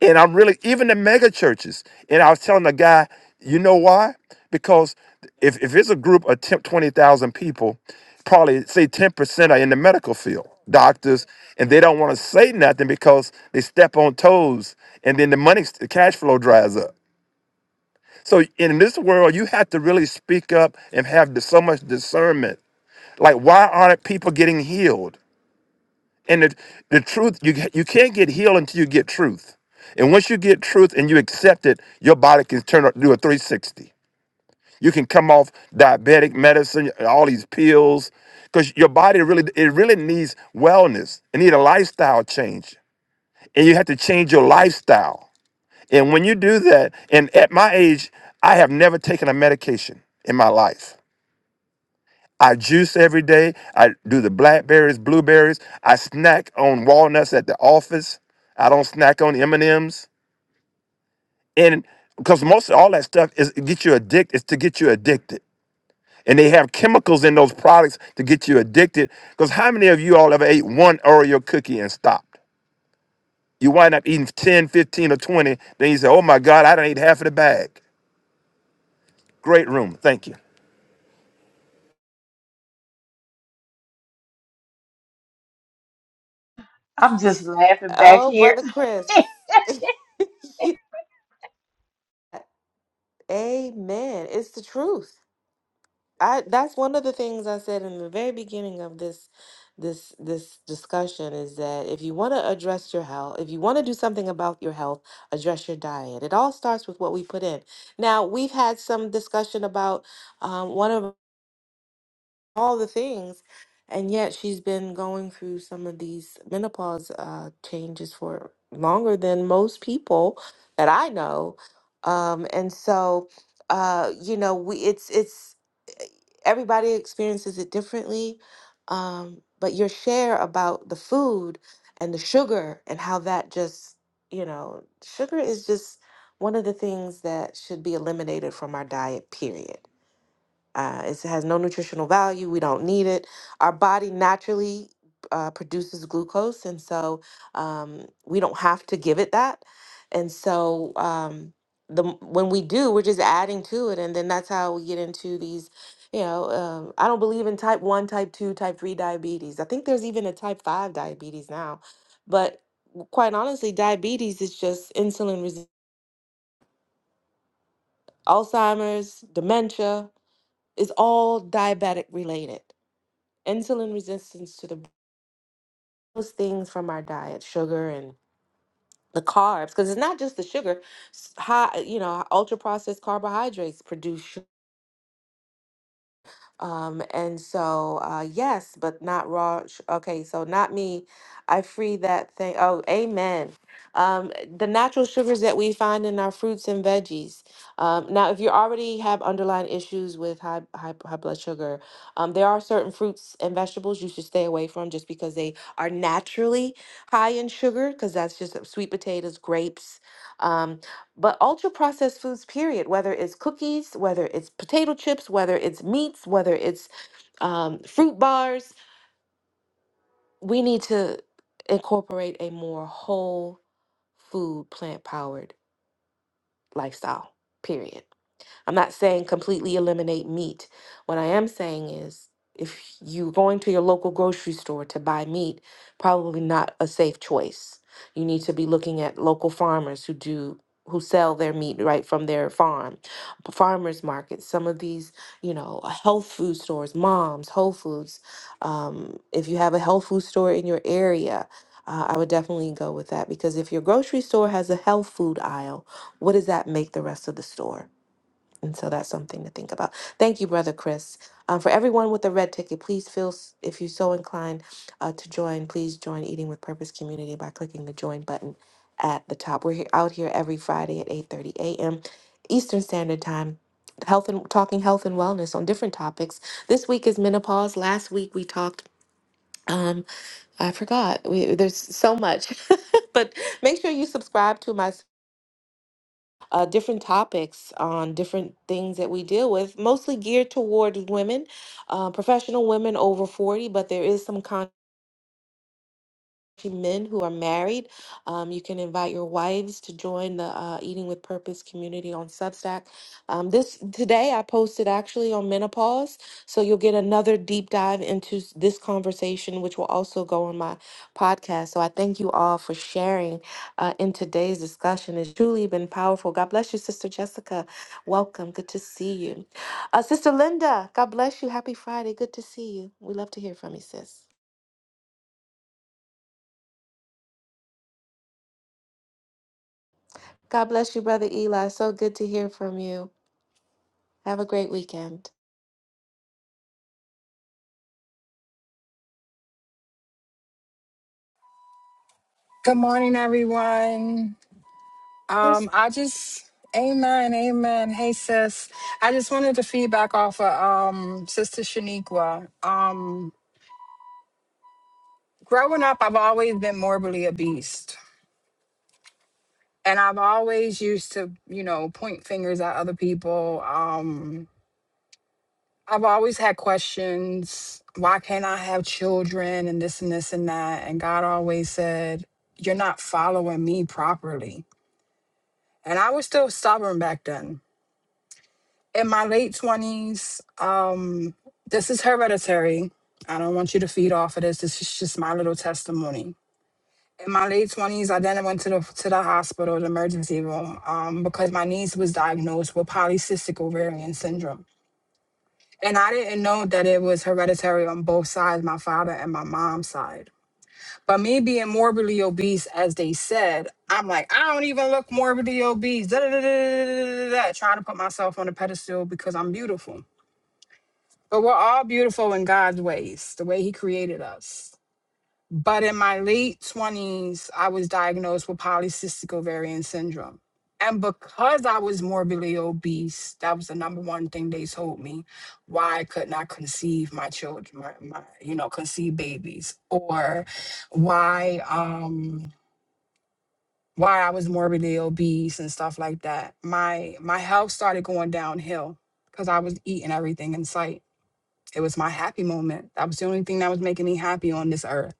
And I'm really even the mega churches. And I was telling the guy, you know why? Because if, if it's a group of 10, 20,000 people, probably say 10% are in the medical field, doctors, and they don't want to say nothing because they step on toes and then the money, the cash flow dries up. So in this world, you have to really speak up and have so much discernment. Like, why aren't people getting healed? And the, the truth, you, you can't get healed until you get truth. And once you get truth and you accept it, your body can turn up, do a 360. You can come off diabetic medicine, all these pills, because your body really, it really needs wellness. It needs a lifestyle change. And you have to change your lifestyle. And when you do that, and at my age, I have never taken a medication in my life. I juice every day. I do the blackberries, blueberries. I snack on walnuts at the office. I don't snack on M and M's, and because most of all that stuff is to get you addicted. Is to get you addicted, and they have chemicals in those products to get you addicted. Because how many of you all ever ate one Oreo cookie and stopped? You wind up eating 10, 15, or 20. Then you say, oh my God, I didn't eat half of the bag. Great room. Thank you.
I'm just laughing back
Oh,
here.
Brother Chris. Yeah. Amen. It's the truth. I that's one of the things I said in the very beginning of this this this discussion is that if you want to address your health, if you want to do something about your health, address your diet. It all starts with what we put in. Now, we've had some discussion about um, one of all the things. And yet she's been going through some of these menopause uh, changes for longer than most people that I know. Um, and so, uh, you know, we it's it's everybody experiences it differently. Um, but your share about the food and the sugar and how that just, you know, sugar is just one of the things that should be eliminated from our diet, period uh, it's- it has no nutritional value. We don't need it. Our body naturally uh, produces glucose, and so um, we don't have to give it that. And so um, the m- when we do, we're just adding to it, and then that's how we get into these. You know, um, I don't believe in type one, type two, type three diabetes. I think there's even a type five diabetes now, but w- quite honestly, diabetes is just insulin resistance. Alzheimer's, dementia is all diabetic related. insulin resistance to the those things from our diet, sugar and the carbs, because it's not just the sugar. s- High, you know, ultra processed carbohydrates produce Um, and so, uh, yes, but not Rosh. Okay, so not me. I free that thing. Oh, amen. Um, the natural sugars that we find in our fruits and veggies. Um, now, if you already have underlying issues with high, high, high blood sugar, um, there are certain fruits and vegetables you should stay away from just because they are naturally high in sugar, because that's just uh, sweet potatoes, grapes. Um, but ultra processed foods, period, whether it's cookies, whether it's potato chips, whether it's meats, whether it's um, fruit bars, we need to incorporate a more whole food, plant powered lifestyle, period. I'm not saying completely eliminate meat. What I am saying is if you're going to your local grocery store to buy meat, probably not a safe choice. You need to be looking at local farmers who do who sell their meat right from their farm. Farmers markets, some of these, you know, health food stores, moms, Whole Foods. Um, if you have a health food store in your area, uh, I would definitely go with that because if your grocery store has a health food aisle, what does that make the rest of the store? And so that's something to think about. Thank you, Brother Chris. Um, for everyone with a red ticket, please feel, s- if you're so inclined uh, to join, please join Eating with Purpose Community by clicking the join button at the top. We're here, out here every Friday at 8.30 a.m. Eastern Standard Time, health and talking health and wellness on different topics. This week is menopause. Last week we talked, um, I forgot, we, there's so much. but make sure you subscribe to my uh, different topics on different things that we deal with, mostly geared toward women, uh, professional women over 40, but there is some content men who are married. Um, you can invite your wives to join the uh, Eating with Purpose community on Substack. Um, this today I posted actually on menopause, so you'll get another deep dive into s- this conversation, which will also go on my podcast. So I thank you all for sharing uh, in today's discussion. It's truly been powerful. God bless you, Sister Jessica. Welcome. Good to see you, uh, Sister Linda. God bless you. Happy Friday. Good to see you. We love to hear from you, sis. God bless you, Brother Eli. So good to hear from you. Have a great weekend.
morning, everyone.
Yes.
Um, I just, amen, amen. Hey, sis. I just wanted to feedback off of um, Sister Shaniqua. Um, growing up, I've always been morbidly a beast. And I've always used to, you know, point fingers at other people. Um, I've always had questions. Why can't I have children and this and this and that? And God always said, You're not following me properly and I was still stubborn back then. In my late twenties, um, this is hereditary. I don't want you to feed off of this. This is just my little testimony. In my late twenties, I then went to the to the hospital, the emergency room, um, because my niece was diagnosed with polycystic ovarian syndrome, and I didn't know that it was hereditary on both sides, my father and my mom's side. But me being morbidly obese, as they said, I'm like, I don't even look morbidly obese. Da, da, da, da, da, da, da, da, da. trying to put myself on a pedestal because I'm beautiful. But we're all beautiful in God's ways, the way He created us. But in my late 20s, I was diagnosed with polycystic ovarian syndrome. And because I was morbidly obese, that was the number one thing they told me why I could not conceive my children, my, my, you know, conceive babies, or why um why I was morbidly obese and stuff like that. My my health started going downhill because I was eating everything in sight. It was my happy moment. That was the only thing that was making me happy on this earth.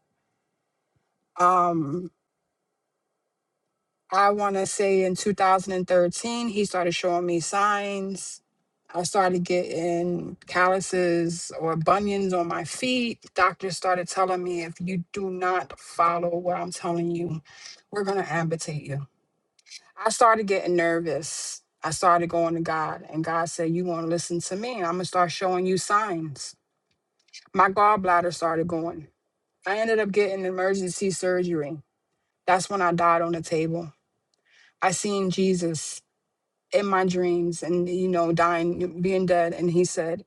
Um I want to say in 2013, he started showing me signs. I started getting calluses or bunions on my feet. Doctors started telling me if you do not follow what I'm telling you, we're going to amputate you. I started getting nervous. I started going to God, and God said, You want to listen to me, and I'm going to start showing you signs. My gallbladder started going. I ended up getting emergency surgery. That's when I died on the table. I seen Jesus. in my dreams and you know dying being dead and he said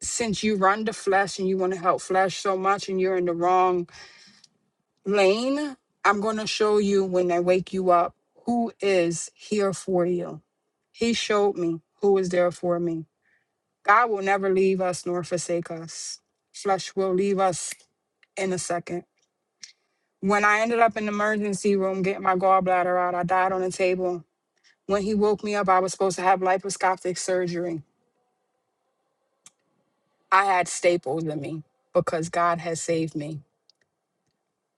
since you run the flesh and you want to help flesh so much and you're in the wrong lane i'm going to show you when i wake you up who is here for you he showed me who is there for me god will never leave us nor forsake us flesh will leave us in a second when i ended up in the emergency room getting my gallbladder out i died on a table when he woke me up i was supposed to have laparoscopic surgery I had staples in me because God has saved me.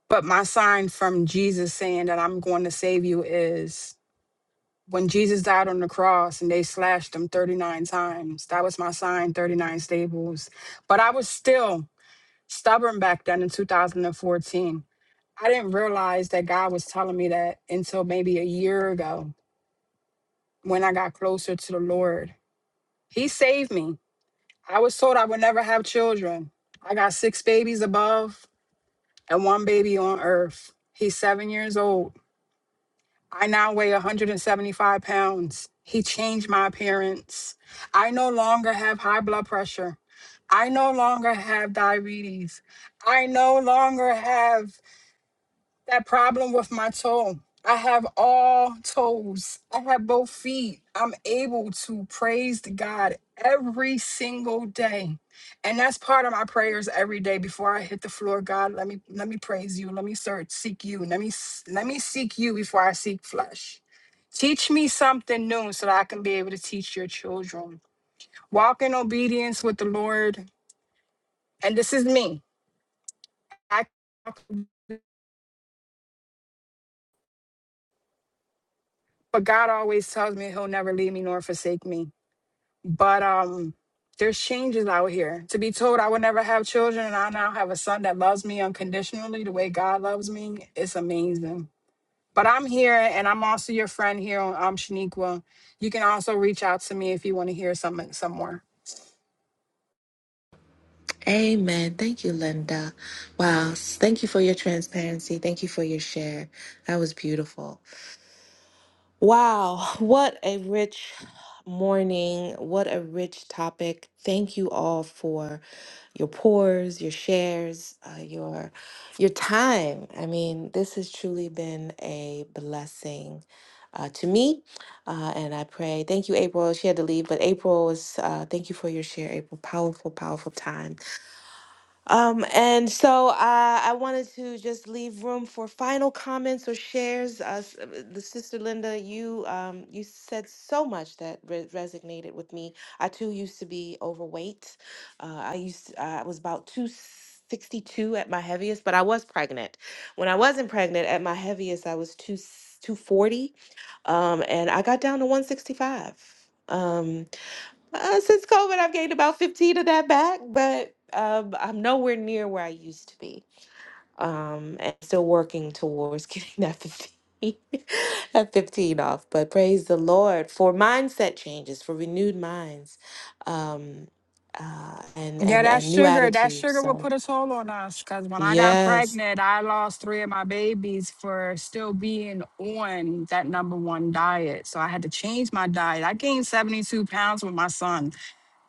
But my sign from Jesus saying that I'm going to save you is when Jesus died on the cross and they slashed him 39 times. That was my sign, 39 staples. But I was still stubborn back then in 2014. I didn't realize that God was telling me that until maybe a year ago when I got closer to the Lord. He saved me. I was told I would never have children. I got six babies above. and one baby on earth. He's seven years old. I now weigh 175 pounds. He changed my appearance. I no longer have high blood pressure. I no longer have diabetes. I no longer have that problem with my toe. I have all toes. I have both feet. I'm able to praise to God every single day. And that's part of my prayers every day before I hit the floor. God, let me let me praise you. Let me search, seek you. Let me s- let me seek you before I seek flesh. Teach me something new so that I can be able to teach your children. Walk in obedience with the Lord. And this is me. I but God always tells me he'll never leave me nor forsake me. But um, there's changes out here. To be told I would never have children, and I now have a son that loves me unconditionally the way God loves me, it's amazing. But I'm here, and I'm also your friend here on um, Shaniqua. You can also reach out to me if you want to hear something some more.
Amen. Thank you, Linda. Wow. Thank you for your transparency. Thank you for your share. That was beautiful. Wow, what a rich morning. What a rich topic. Thank you all for your pours, your shares, uh, your your time. I mean, this has truly been a blessing uh, to me, uh, and I pray. Thank you, April. She had to leave, but April was. Uh, thank you for your share, April. Powerful, powerful time um, and so uh, I wanted to just leave room for final comments or shares. Uh, s- uh, the sister Linda, you um, you said so much that re- resonated with me. I too used to be overweight. Uh, I used to, I was about two sixty-two at my heaviest, but I was pregnant. When I wasn't pregnant, at my heaviest, I was two two forty, um, and I got down to one sixty-five. Um, uh, since COVID, I've gained about 15 of that back, but um, I'm nowhere near where I used to be. Um, and still working towards getting that 15, that 15 off. But praise the Lord for mindset changes, for renewed minds, um, uh, and,
Yeah,
and
that
and new
sugar, that
attitudes.
sugar will
So
put a toll on us. Cause when I got
yes,
pregnant, I lost three of my babies for still being on that number one diet. So I had to change my diet. I gained 72 pounds with my son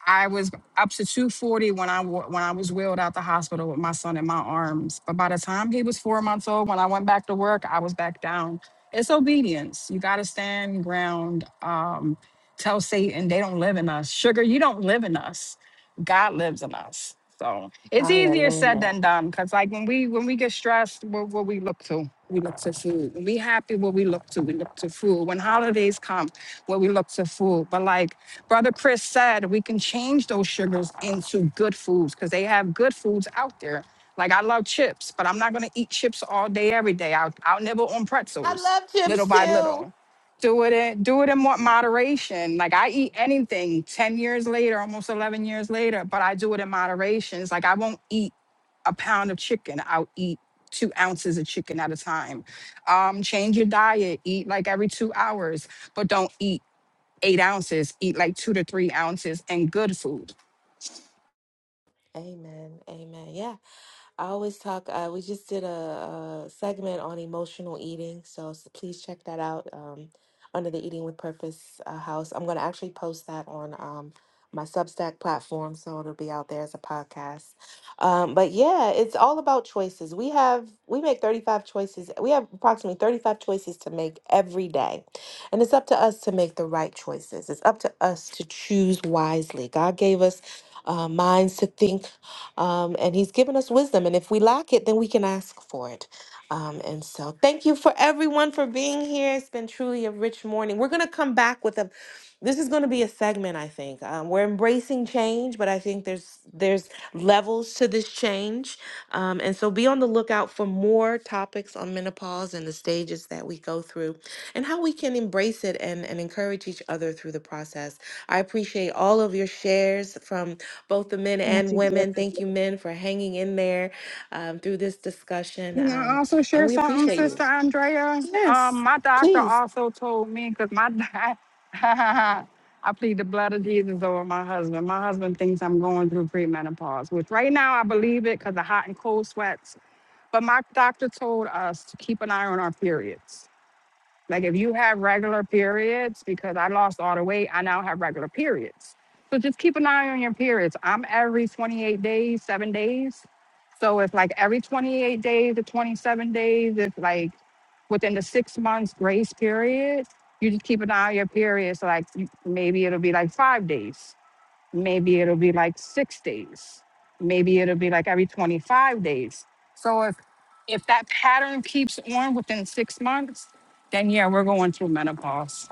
I was up to 240 when I wa- when I was wheeled out the hospital with my son in my arms. But by the time he was four months old, when I went back to work, I was back down. It's obedience. You got to stand ground. Um, tell Satan they don't live in us. Sugar, you don't live in us. God lives in us. So it's easier said
hallelujah.
than done. Cause like when we when we get stressed, what, what we look to? We look to food. When we happy, what we look to? We look to food. When holidays come, what we look to food. But like Brother Chris said we can change those sugars into good foods because they have good foods out there. Like I love chips, but I'm not gonna eat chips all day, every day. I'll, I'll nibble on
I
pretzels
love chips
little by
too.
little. Do it in do it in more moderation. Like I eat anything 10 years later, almost 11 years later, but I do it in moderation. It's like I won't eat a pound of chicken. I'll eat two ounces of chicken at a time. Um, change your diet. Eat like every two hours, but don't eat eight ounces, eat like two to three ounces and good food.
Amen. Amen. Yeah. I always talk. Uh, we just did a, a segment on emotional eating, so s- please check that out um, under the Eating with Purpose uh, house. I'm going to actually post that on um, my Substack platform, so it'll be out there as a podcast. Um, but yeah, it's all about choices. We have we make 35 choices. We have approximately 35 choices to make every day, and it's up to us to make the right choices. It's up to us to choose wisely. God gave us uh, minds to think um, and He's given us wisdom. And if we lack it, then we can ask for it. Um, and so, thank you for everyone for being here. It's been truly a rich morning. We're going to come back with a. This is going to be a segment, I think. Um, we're embracing change, but I think there's there's levels to this change, um, and so be on the lookout for more topics on menopause and the stages that we go through, and how we can embrace it and and encourage each other through the process. I appreciate all of your shares from both the men
Thank
and
you,
women. Thank you, men, for hanging in there um, through this discussion.
You know, I
Um,
also
and
share
we
something,
appreciate you.
Sister Andrea. Um,
Yes,
my doctor
please.
also told me because my doc- I plead the blood of Jesus over my husband. My husband thinks I'm going through premenopause, which right now I believe it because the hot and cold sweats. But my doctor told us to keep an eye on our periods Like if you have regular periods, because I lost all the weight, I now have regular periods. So just keep an eye on your periods. I'm every 28 days, seven days. So if like every 28 days to 27 days, if like within the six months grace period, you just keep an eye on your periods. Like you- maybe it'll be like five days maybe it'll be like six days maybe it'll be like every 25 days so if if that pattern keeps on within six months then yeah we're going through menopause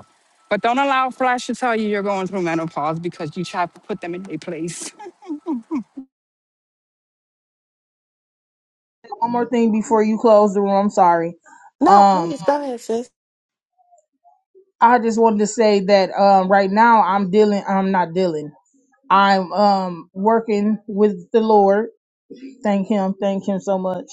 but don't allow flash to tell you you're going through menopause because you try to put them in their place
One more thing before you close the room. I'm sorry.
No,
Um,
please go ahead, sis.
I just wanted to say that um right now I'm dealing. I'm not dealing. I'm um working with the Lord. Thank Him. Thank Him so much.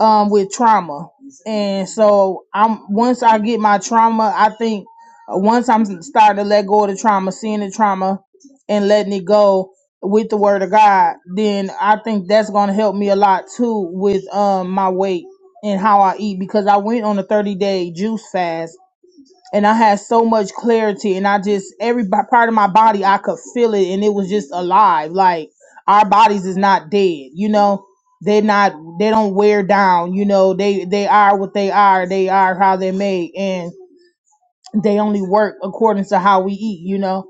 um with trauma and so i'm once i get my trauma i think uh, once i'm starting to let go of the trauma seeing the trauma and letting it go with the word of god then i think that's going to help me a lot too with um my weight and how i eat because i went on a 30 day juice fast and I had so much clarity, and I just every b- part of my body I could feel it, and it was just alive. Like our bodies is not dead, you know. They're not. They don't wear down, you know. They they are what they are. They are how they're made, and they only work according to how we eat, you know,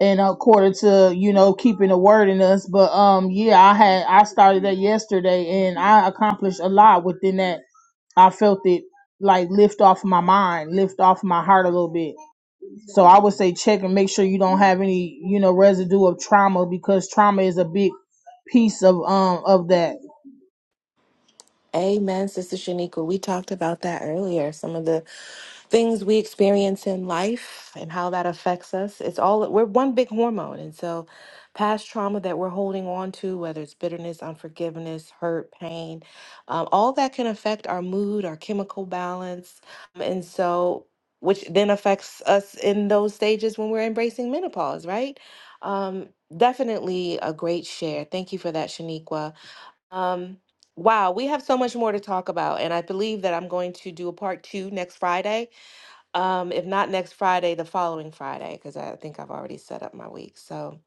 and according to you know keeping the word in us. But um, yeah, I had I started that yesterday, and I accomplished a lot within that. I felt it like lift off my mind, lift off my heart a little bit so I would say check and make sure you don't have any, you know, residue of trauma because trauma is a big piece of um of that.
Amen, Sister Shaniqua. We talked about that earlier. Some of the things we experience in life and how that affects us. It's all we're one big hormone. And so past trauma that we're holding on to, whether it's bitterness, unforgiveness, hurt, pain, um, all that can affect our mood, our chemical balance. um, And so which then affects us in those stages when we're embracing menopause, right? Um, definitely a great share. Thank you for that, Shaniqua. Um, wow, we have so much more to talk about, and I believe that I'm going to do a part two next Friday. Um, if not next Friday, the following Friday, because I think I've already set up my week. So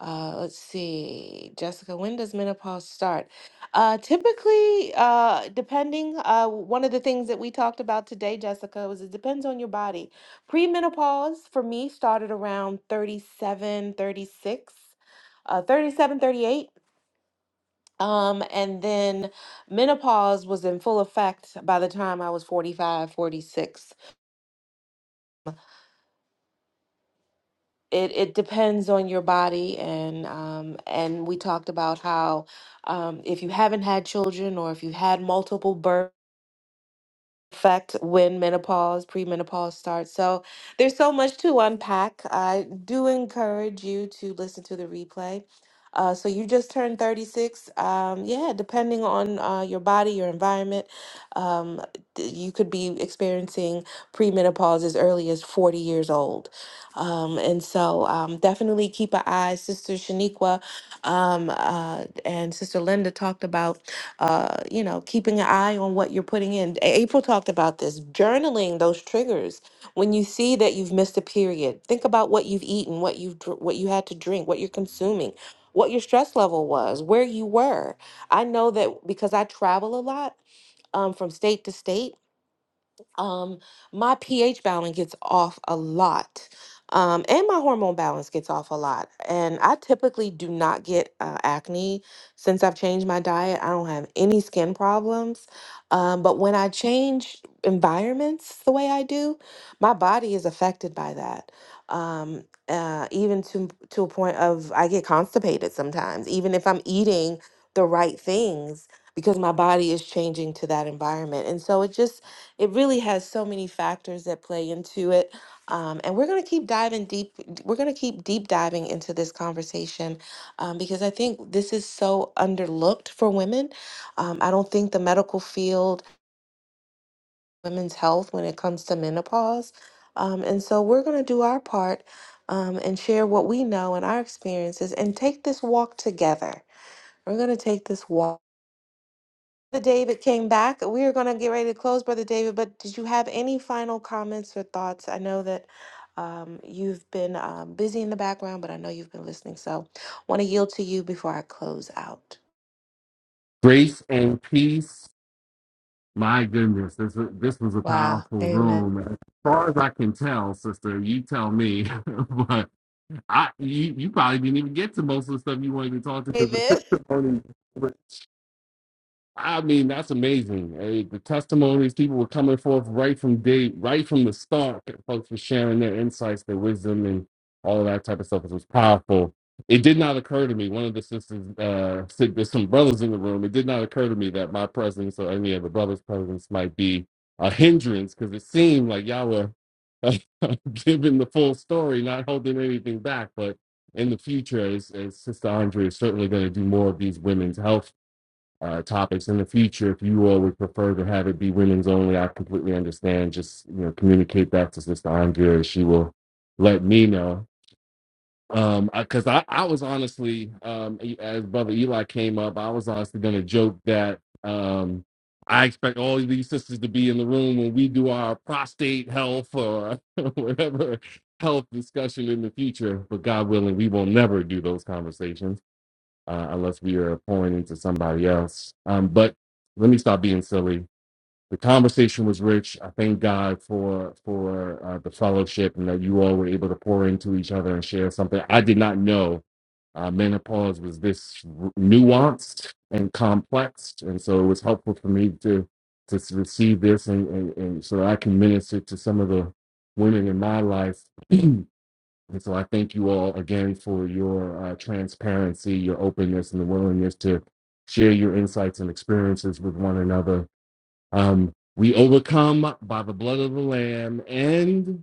uh, let's see, Jessica, when does menopause start? Uh, typically, uh, depending, uh, one of the things that we talked about today, Jessica, was it depends on your body. Premenopause for me started around 37, 36, uh, thirty seven, thirty eight. Um, and then menopause was in full effect by the time I was 45, 46. It it depends on your body and um and we talked about how um if you haven't had children or if you had multiple births affect when menopause, premenopause starts. So there's so much to unpack. I do encourage you to listen to the replay. Uh, so you just turned 36. Um, yeah, depending on uh, your body, your environment, um, th- you could be experiencing premenopause as early as 40 years old. Um, and so um, definitely keep an eye. Sister Shaniqua um, uh, and Sister Linda talked about uh, you know, keeping an eye on what you're putting in. A- April talked about this, journaling those triggers. When you see that you've missed a period, think about what you've eaten, what you've dr- what you had to drink, what you're consuming, what your stress level was, where you were. I know that because I travel a lot um, from state to state um my pH balance gets off a lot. Um, and my hormone balance gets off a lot. And I typically do not get uh, acne since I've changed my diet. I don't have any skin problems. Um, but when I change environments the way I do, my body is affected by that. Um, uh, even to to a point of I get constipated sometimes, even if I'm eating the right things because my body is changing to that environment. And so it just it really has so many factors that play into it um, and we're going to keep diving deep we're going to keep deep diving into this conversation um, because i think this is so underlooked for women um, i don't think the medical field women's health when it comes to menopause um, and so we're going to do our part um, and share what we know and our experiences and take this walk together we're going to take this walk Brother David came back. We are going to get ready to close, Brother David, but did you have any final comments or thoughts? I know that um, you've been um, busy in the background, but I know you've been listening. So want to yield to you before I close out.
Grace and peace. My goodness, this was, this was a
Wow.
powerful
Amen.
room. As far as I can tell, sister, you tell me. but I, you, you probably didn't even get to most of the stuff you wanted to talk to because the
David.
testimony. I mean, that's amazing. eh, the testimonies people were coming forth right from day, right from the start. Folks were sharing their insights, their wisdom, and all of that type of stuff. It was powerful. It did not occur to me. One of the sisters uh, said there's some brothers in the room. It did not occur to me that my presence or any of the brothers' presence might be a hindrance because it seemed like y'all were uh, giving the full story, not holding anything back. But in the future, as, as Sister Andre is certainly going to do more of these women's health uh, topics in the future. If you all would prefer to have it be women's only, I completely understand. Just you know, communicate back to Sister Andrea. She will let me know. Um, because I, 'cause I, I was honestly, um, e- as Brother Eli came up, I was honestly gonna joke that um, I expect all of these sisters to be in the room when we do our prostate health or whatever health discussion in the future. But God willing, we will never do those conversations uh, unless we are pouring into somebody else. Um, but let me stop being silly. The conversation was rich. I thank God for for uh, the fellowship and that you all were able to pour into each other and share something. I did not know uh, menopause was this r- nuanced and complex, and so it was helpful for me to to s- receive this and, and, and so that I can minister to some of the women in my life And so I thank you all again for your uh, transparency, your openness, and the willingness to share your insights and experiences with one another. Um, we overcome by the blood of the Lamb and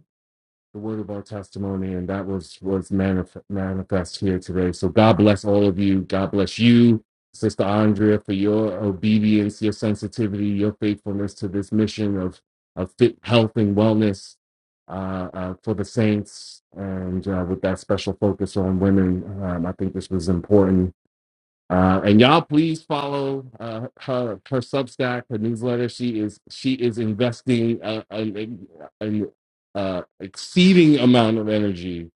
the word of our testimony, and that was was manif- manifest here today. So God bless all of you. God bless you, Sister Andrea, for your obedience, your sensitivity, your faithfulness to this mission of of fit health and wellness uh, uh, for the saints, and uh, with that special focus on women. Um, I think this was important uh, and y'all please follow uh, her her Substack, her newsletter. She is she is investing uh, an, an uh, exceeding amount of energy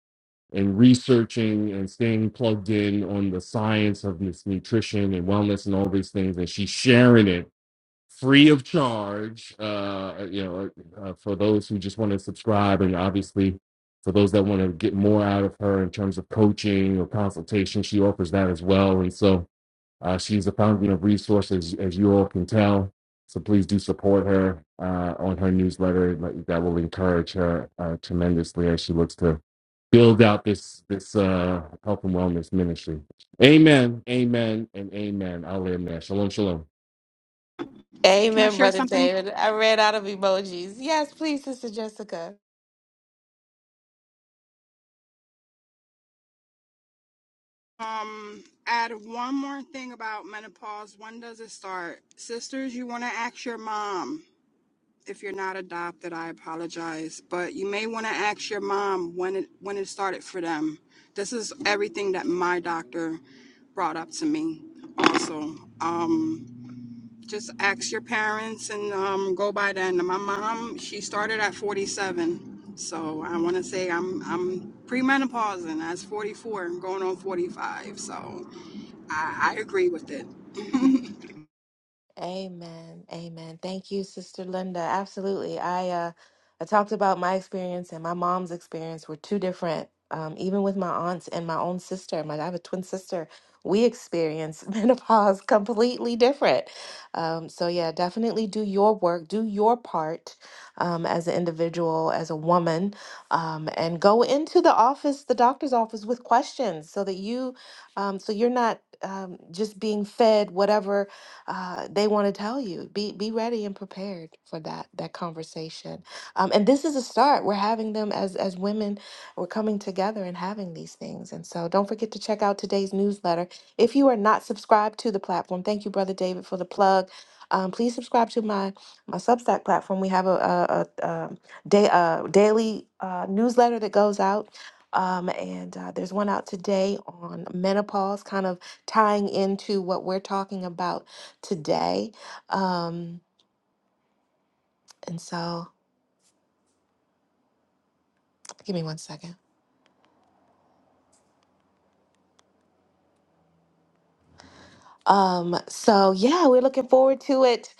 in researching and staying plugged in on the science of this nutrition and wellness and all these things. And she's sharing it free of charge. Uh, you know, uh, for those who just want to subscribe, and obviously for those that want to get more out of her in terms of coaching or consultation, she offers that as well. And so uh, she's a fountain of resources, as as you all can tell. So please do support her uh, on her newsletter. Like, That will encourage her uh, tremendously as she looks to build out this this uh, health and wellness ministry. Amen, amen, and amen. I'll end there. Shalom, shalom.
can i
Amen,
share
Brother
something
David. I ran out of emojis. Yes, please, Sister Jessica.
um add one more thing about menopause when does it start sisters you want to ask your mom if you're not adopted, I apologize, but you may want to ask your mom when it when it started for them. This is everything that my doctor brought up to me. Also, um, just ask your parents and um, go by then. My mom, she started at 47, so I want to say I'm I'm premenopausing. I was 44, and going on 45, so I, I agree with it.
Amen. Amen. Thank you, Sister Linda. Absolutely. I uh I talked about my experience and my mom's experience were two different. Um, even with my aunts and my own sister, my I have a twin sister, we experience menopause completely different. Um, so yeah, definitely do your work, do your part um, as an individual, as a woman, um, and go into the office, the doctor's office, with questions so that you, um, so you're not um, just being fed whatever uh, they want to tell you. Be be ready and prepared for that that conversation. Um, and this is a start. We're having them as as women. We're coming together and having these things. And so don't forget to check out today's newsletter. If you are not subscribed to the platform, thank you, brother David, for the plug. Um, please subscribe to my my Substack platform. We have a a, a, um day a daily uh, newsletter that goes out. Um, and uh, there's one out today on menopause, kind of tying into what we're talking about today. Um, and so give me one second. Um, so yeah, we're looking forward to it.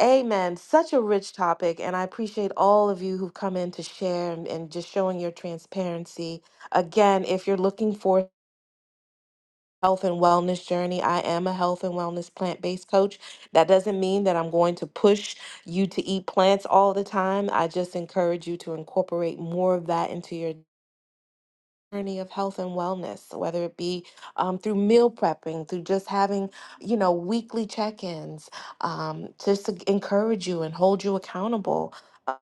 Amen. Such a rich topic, and I appreciate all of you who've come in to share and, and just showing your transparency. Again, if you're looking for health and wellness journey, I am a health and wellness plant-based coach. That doesn't mean that I'm going to push you to eat plants all the time. I just encourage you to incorporate more of that into your journey of health and wellness, whether it be um, through meal prepping, through just having, you know, weekly check ins, um, just to encourage you and hold you accountable. uh,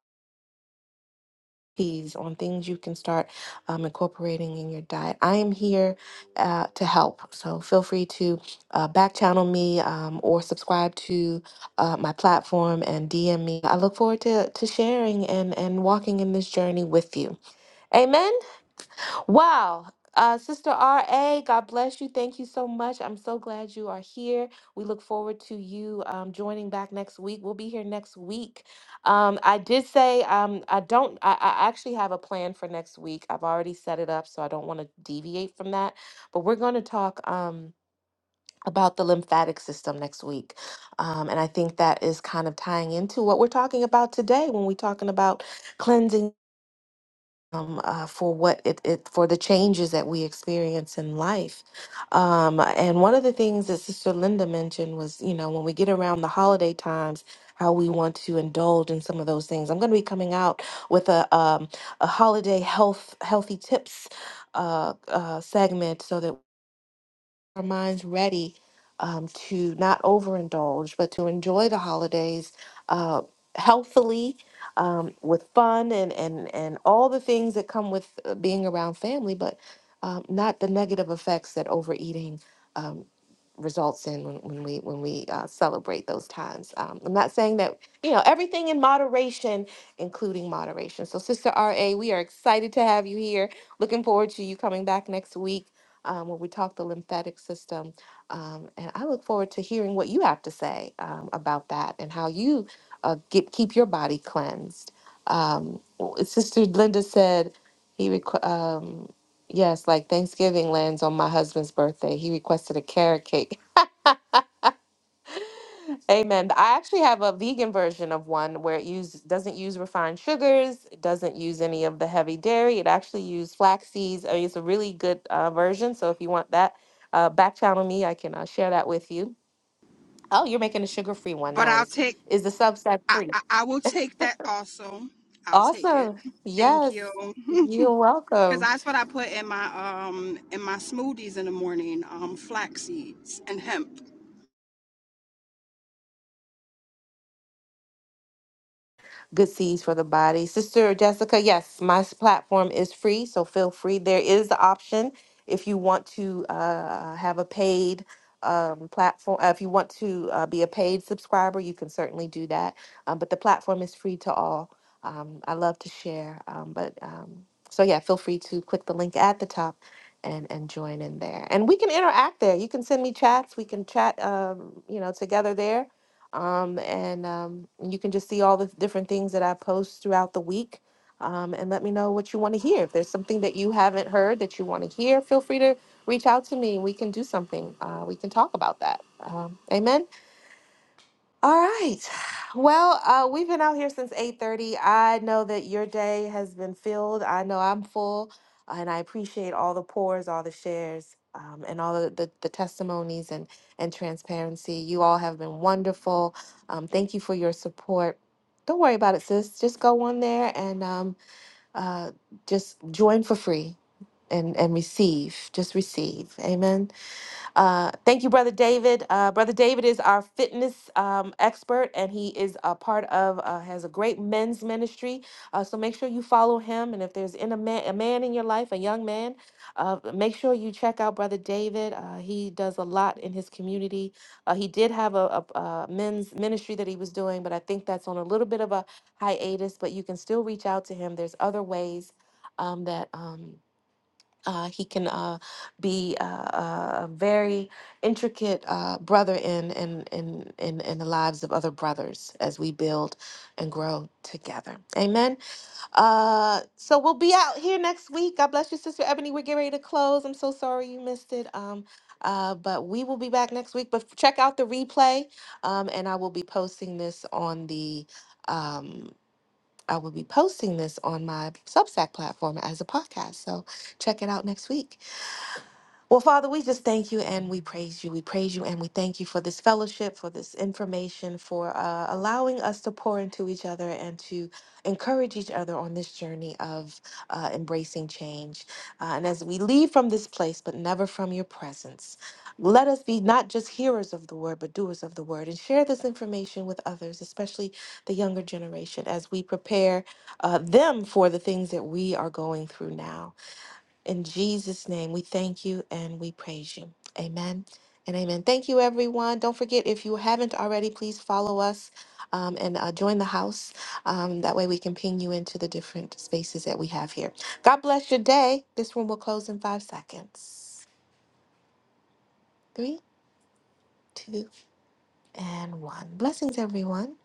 keys On things you can start um, incorporating in your diet. I am here uh, to help. So feel free to uh, back channel me um, or subscribe to uh, my platform and DM me. I look forward to, to sharing and, and walking in this journey with you. Amen. Wow. Uh, Sister R.A., God bless you. Thank you so much. I'm so glad you are here. We look forward to you um, joining back next week. We'll be here next week. Um, I did say um, I don't, I, I actually have a plan for next week. I've already set it up, so I don't want to deviate from that. But we're going to talk. Um, about the lymphatic system next week. Um, and I think that is kind of tying into what we're talking about today when we're talking about cleansing um, uh, for what it, it for the changes that we experience in life. Um, and one of the things that Sister Linda mentioned was, you know, when we get around the holiday times, how we want to indulge in some of those things. I'm going to be coming out with a um, a holiday health healthy tips. Uh, uh, segment so that our minds ready um, to not overindulge, but to enjoy the holidays uh, healthily, um, with fun and, and, and all the things that come with uh, being around family, but um, not the negative effects that overeating um, results in when, when we when we uh, celebrate those times. Um, I'm not saying that you know everything in moderation, including moderation. So, Sister Ra, we are excited to have you here. Looking forward to you coming back next week um, when we talk the lymphatic system. Um, and I look forward to hearing what you have to say um, about that and how you uh, get, keep your body cleansed. Um, Sister Linda said, he requ- um, yes, like Thanksgiving lands on my husband's birthday. He requested a carrot cake. Amen. I actually have a vegan version of one where it use, doesn't use refined sugars, it doesn't use any of the heavy dairy. It actually uses flax seeds. I mean, it's a really good uh, version. So if you want that, uh, back channel me. I can uh, share that with you. Oh, you're making a sugar free one.
But I'll
Nice.
take
Is the Substack
I,
free?
I I will take that also. I'll take it.
Awesome.
Thank
Yes.
you.
You're
Cause
welcome.
that's what I put in my um in my smoothies in the morning, um, flax seeds and hemp.
good seeds for the body. Sister Jessica, yes, my s- platform is free, so feel free. There is the option if you want to uh, have a paid um, platform, uh, if you want to uh, be a paid subscriber, you can certainly do that. Um, but the platform is free to all. Um, I love to share, um, but um, so yeah, feel free to click the link at the top and and join in there and we can interact there you can send me chats we can chat um, you know together there um, and um, you can just see all the different things that I post throughout the week. Um, and let me know what you want to hear. If there's something that you haven't heard that you want to hear, feel free to reach out to me. We can do something. Uh, we can talk about that. Um, amen. All right. Well, uh, we've been out here since 8:30. I know that your day has been filled. I know I'm full, and I appreciate all the pours, all the shares, um, and all the, the, the testimonies and, and transparency. You all have been wonderful. Um, thank you for your support. Don't worry about it, sis. Just go on there and um, uh, just join for free and, and receive. Just receive. Amen. Uh, thank you, Brother David. Uh, Brother David is our fitness um, expert, and he is a part of uh, has a great men's ministry. Uh, so make sure you follow him, and if there's in a man a man in your life, a young man, uh, make sure you check out Brother David. Uh, he does a lot in his community. Uh, he did have a, a, a men's ministry that he was doing, but I think that's on a little bit of a hiatus. But you can still reach out to him. There's other ways um, that. Um, uh, he can uh, be uh, uh, a very intricate uh, brother in, in in in in the lives of other brothers as we build and grow together. Amen. Uh, so we'll be out here next week. God bless you, Sister Ebony. We're getting ready to close. I'm so sorry you missed it. Um, uh, but we will be back next week. But check out the replay, um, and I will be posting this on the. Um, I will be posting this on my Substack platform as a podcast. So check it out next week. Well, Father, we just thank you and we praise you. We praise you and we thank you for this fellowship, for this information, for uh, allowing us to pour into each other and to encourage each other on this journey of uh, embracing change. Uh, and as we leave from this place, but never from your presence, let us be not just hearers of the word, but doers of the word and share this information with others, especially the younger generation, as we prepare uh, them for the things that we are going through now. In Jesus' name, we thank you and we praise you. Amen and amen. Thank you, everyone. Don't forget, if you haven't already, please follow us um, and uh, join the house. Um, that way we can ping you into the different spaces that we have here. God bless your day. This room will close in five seconds. Three, two, and one. Blessings, everyone.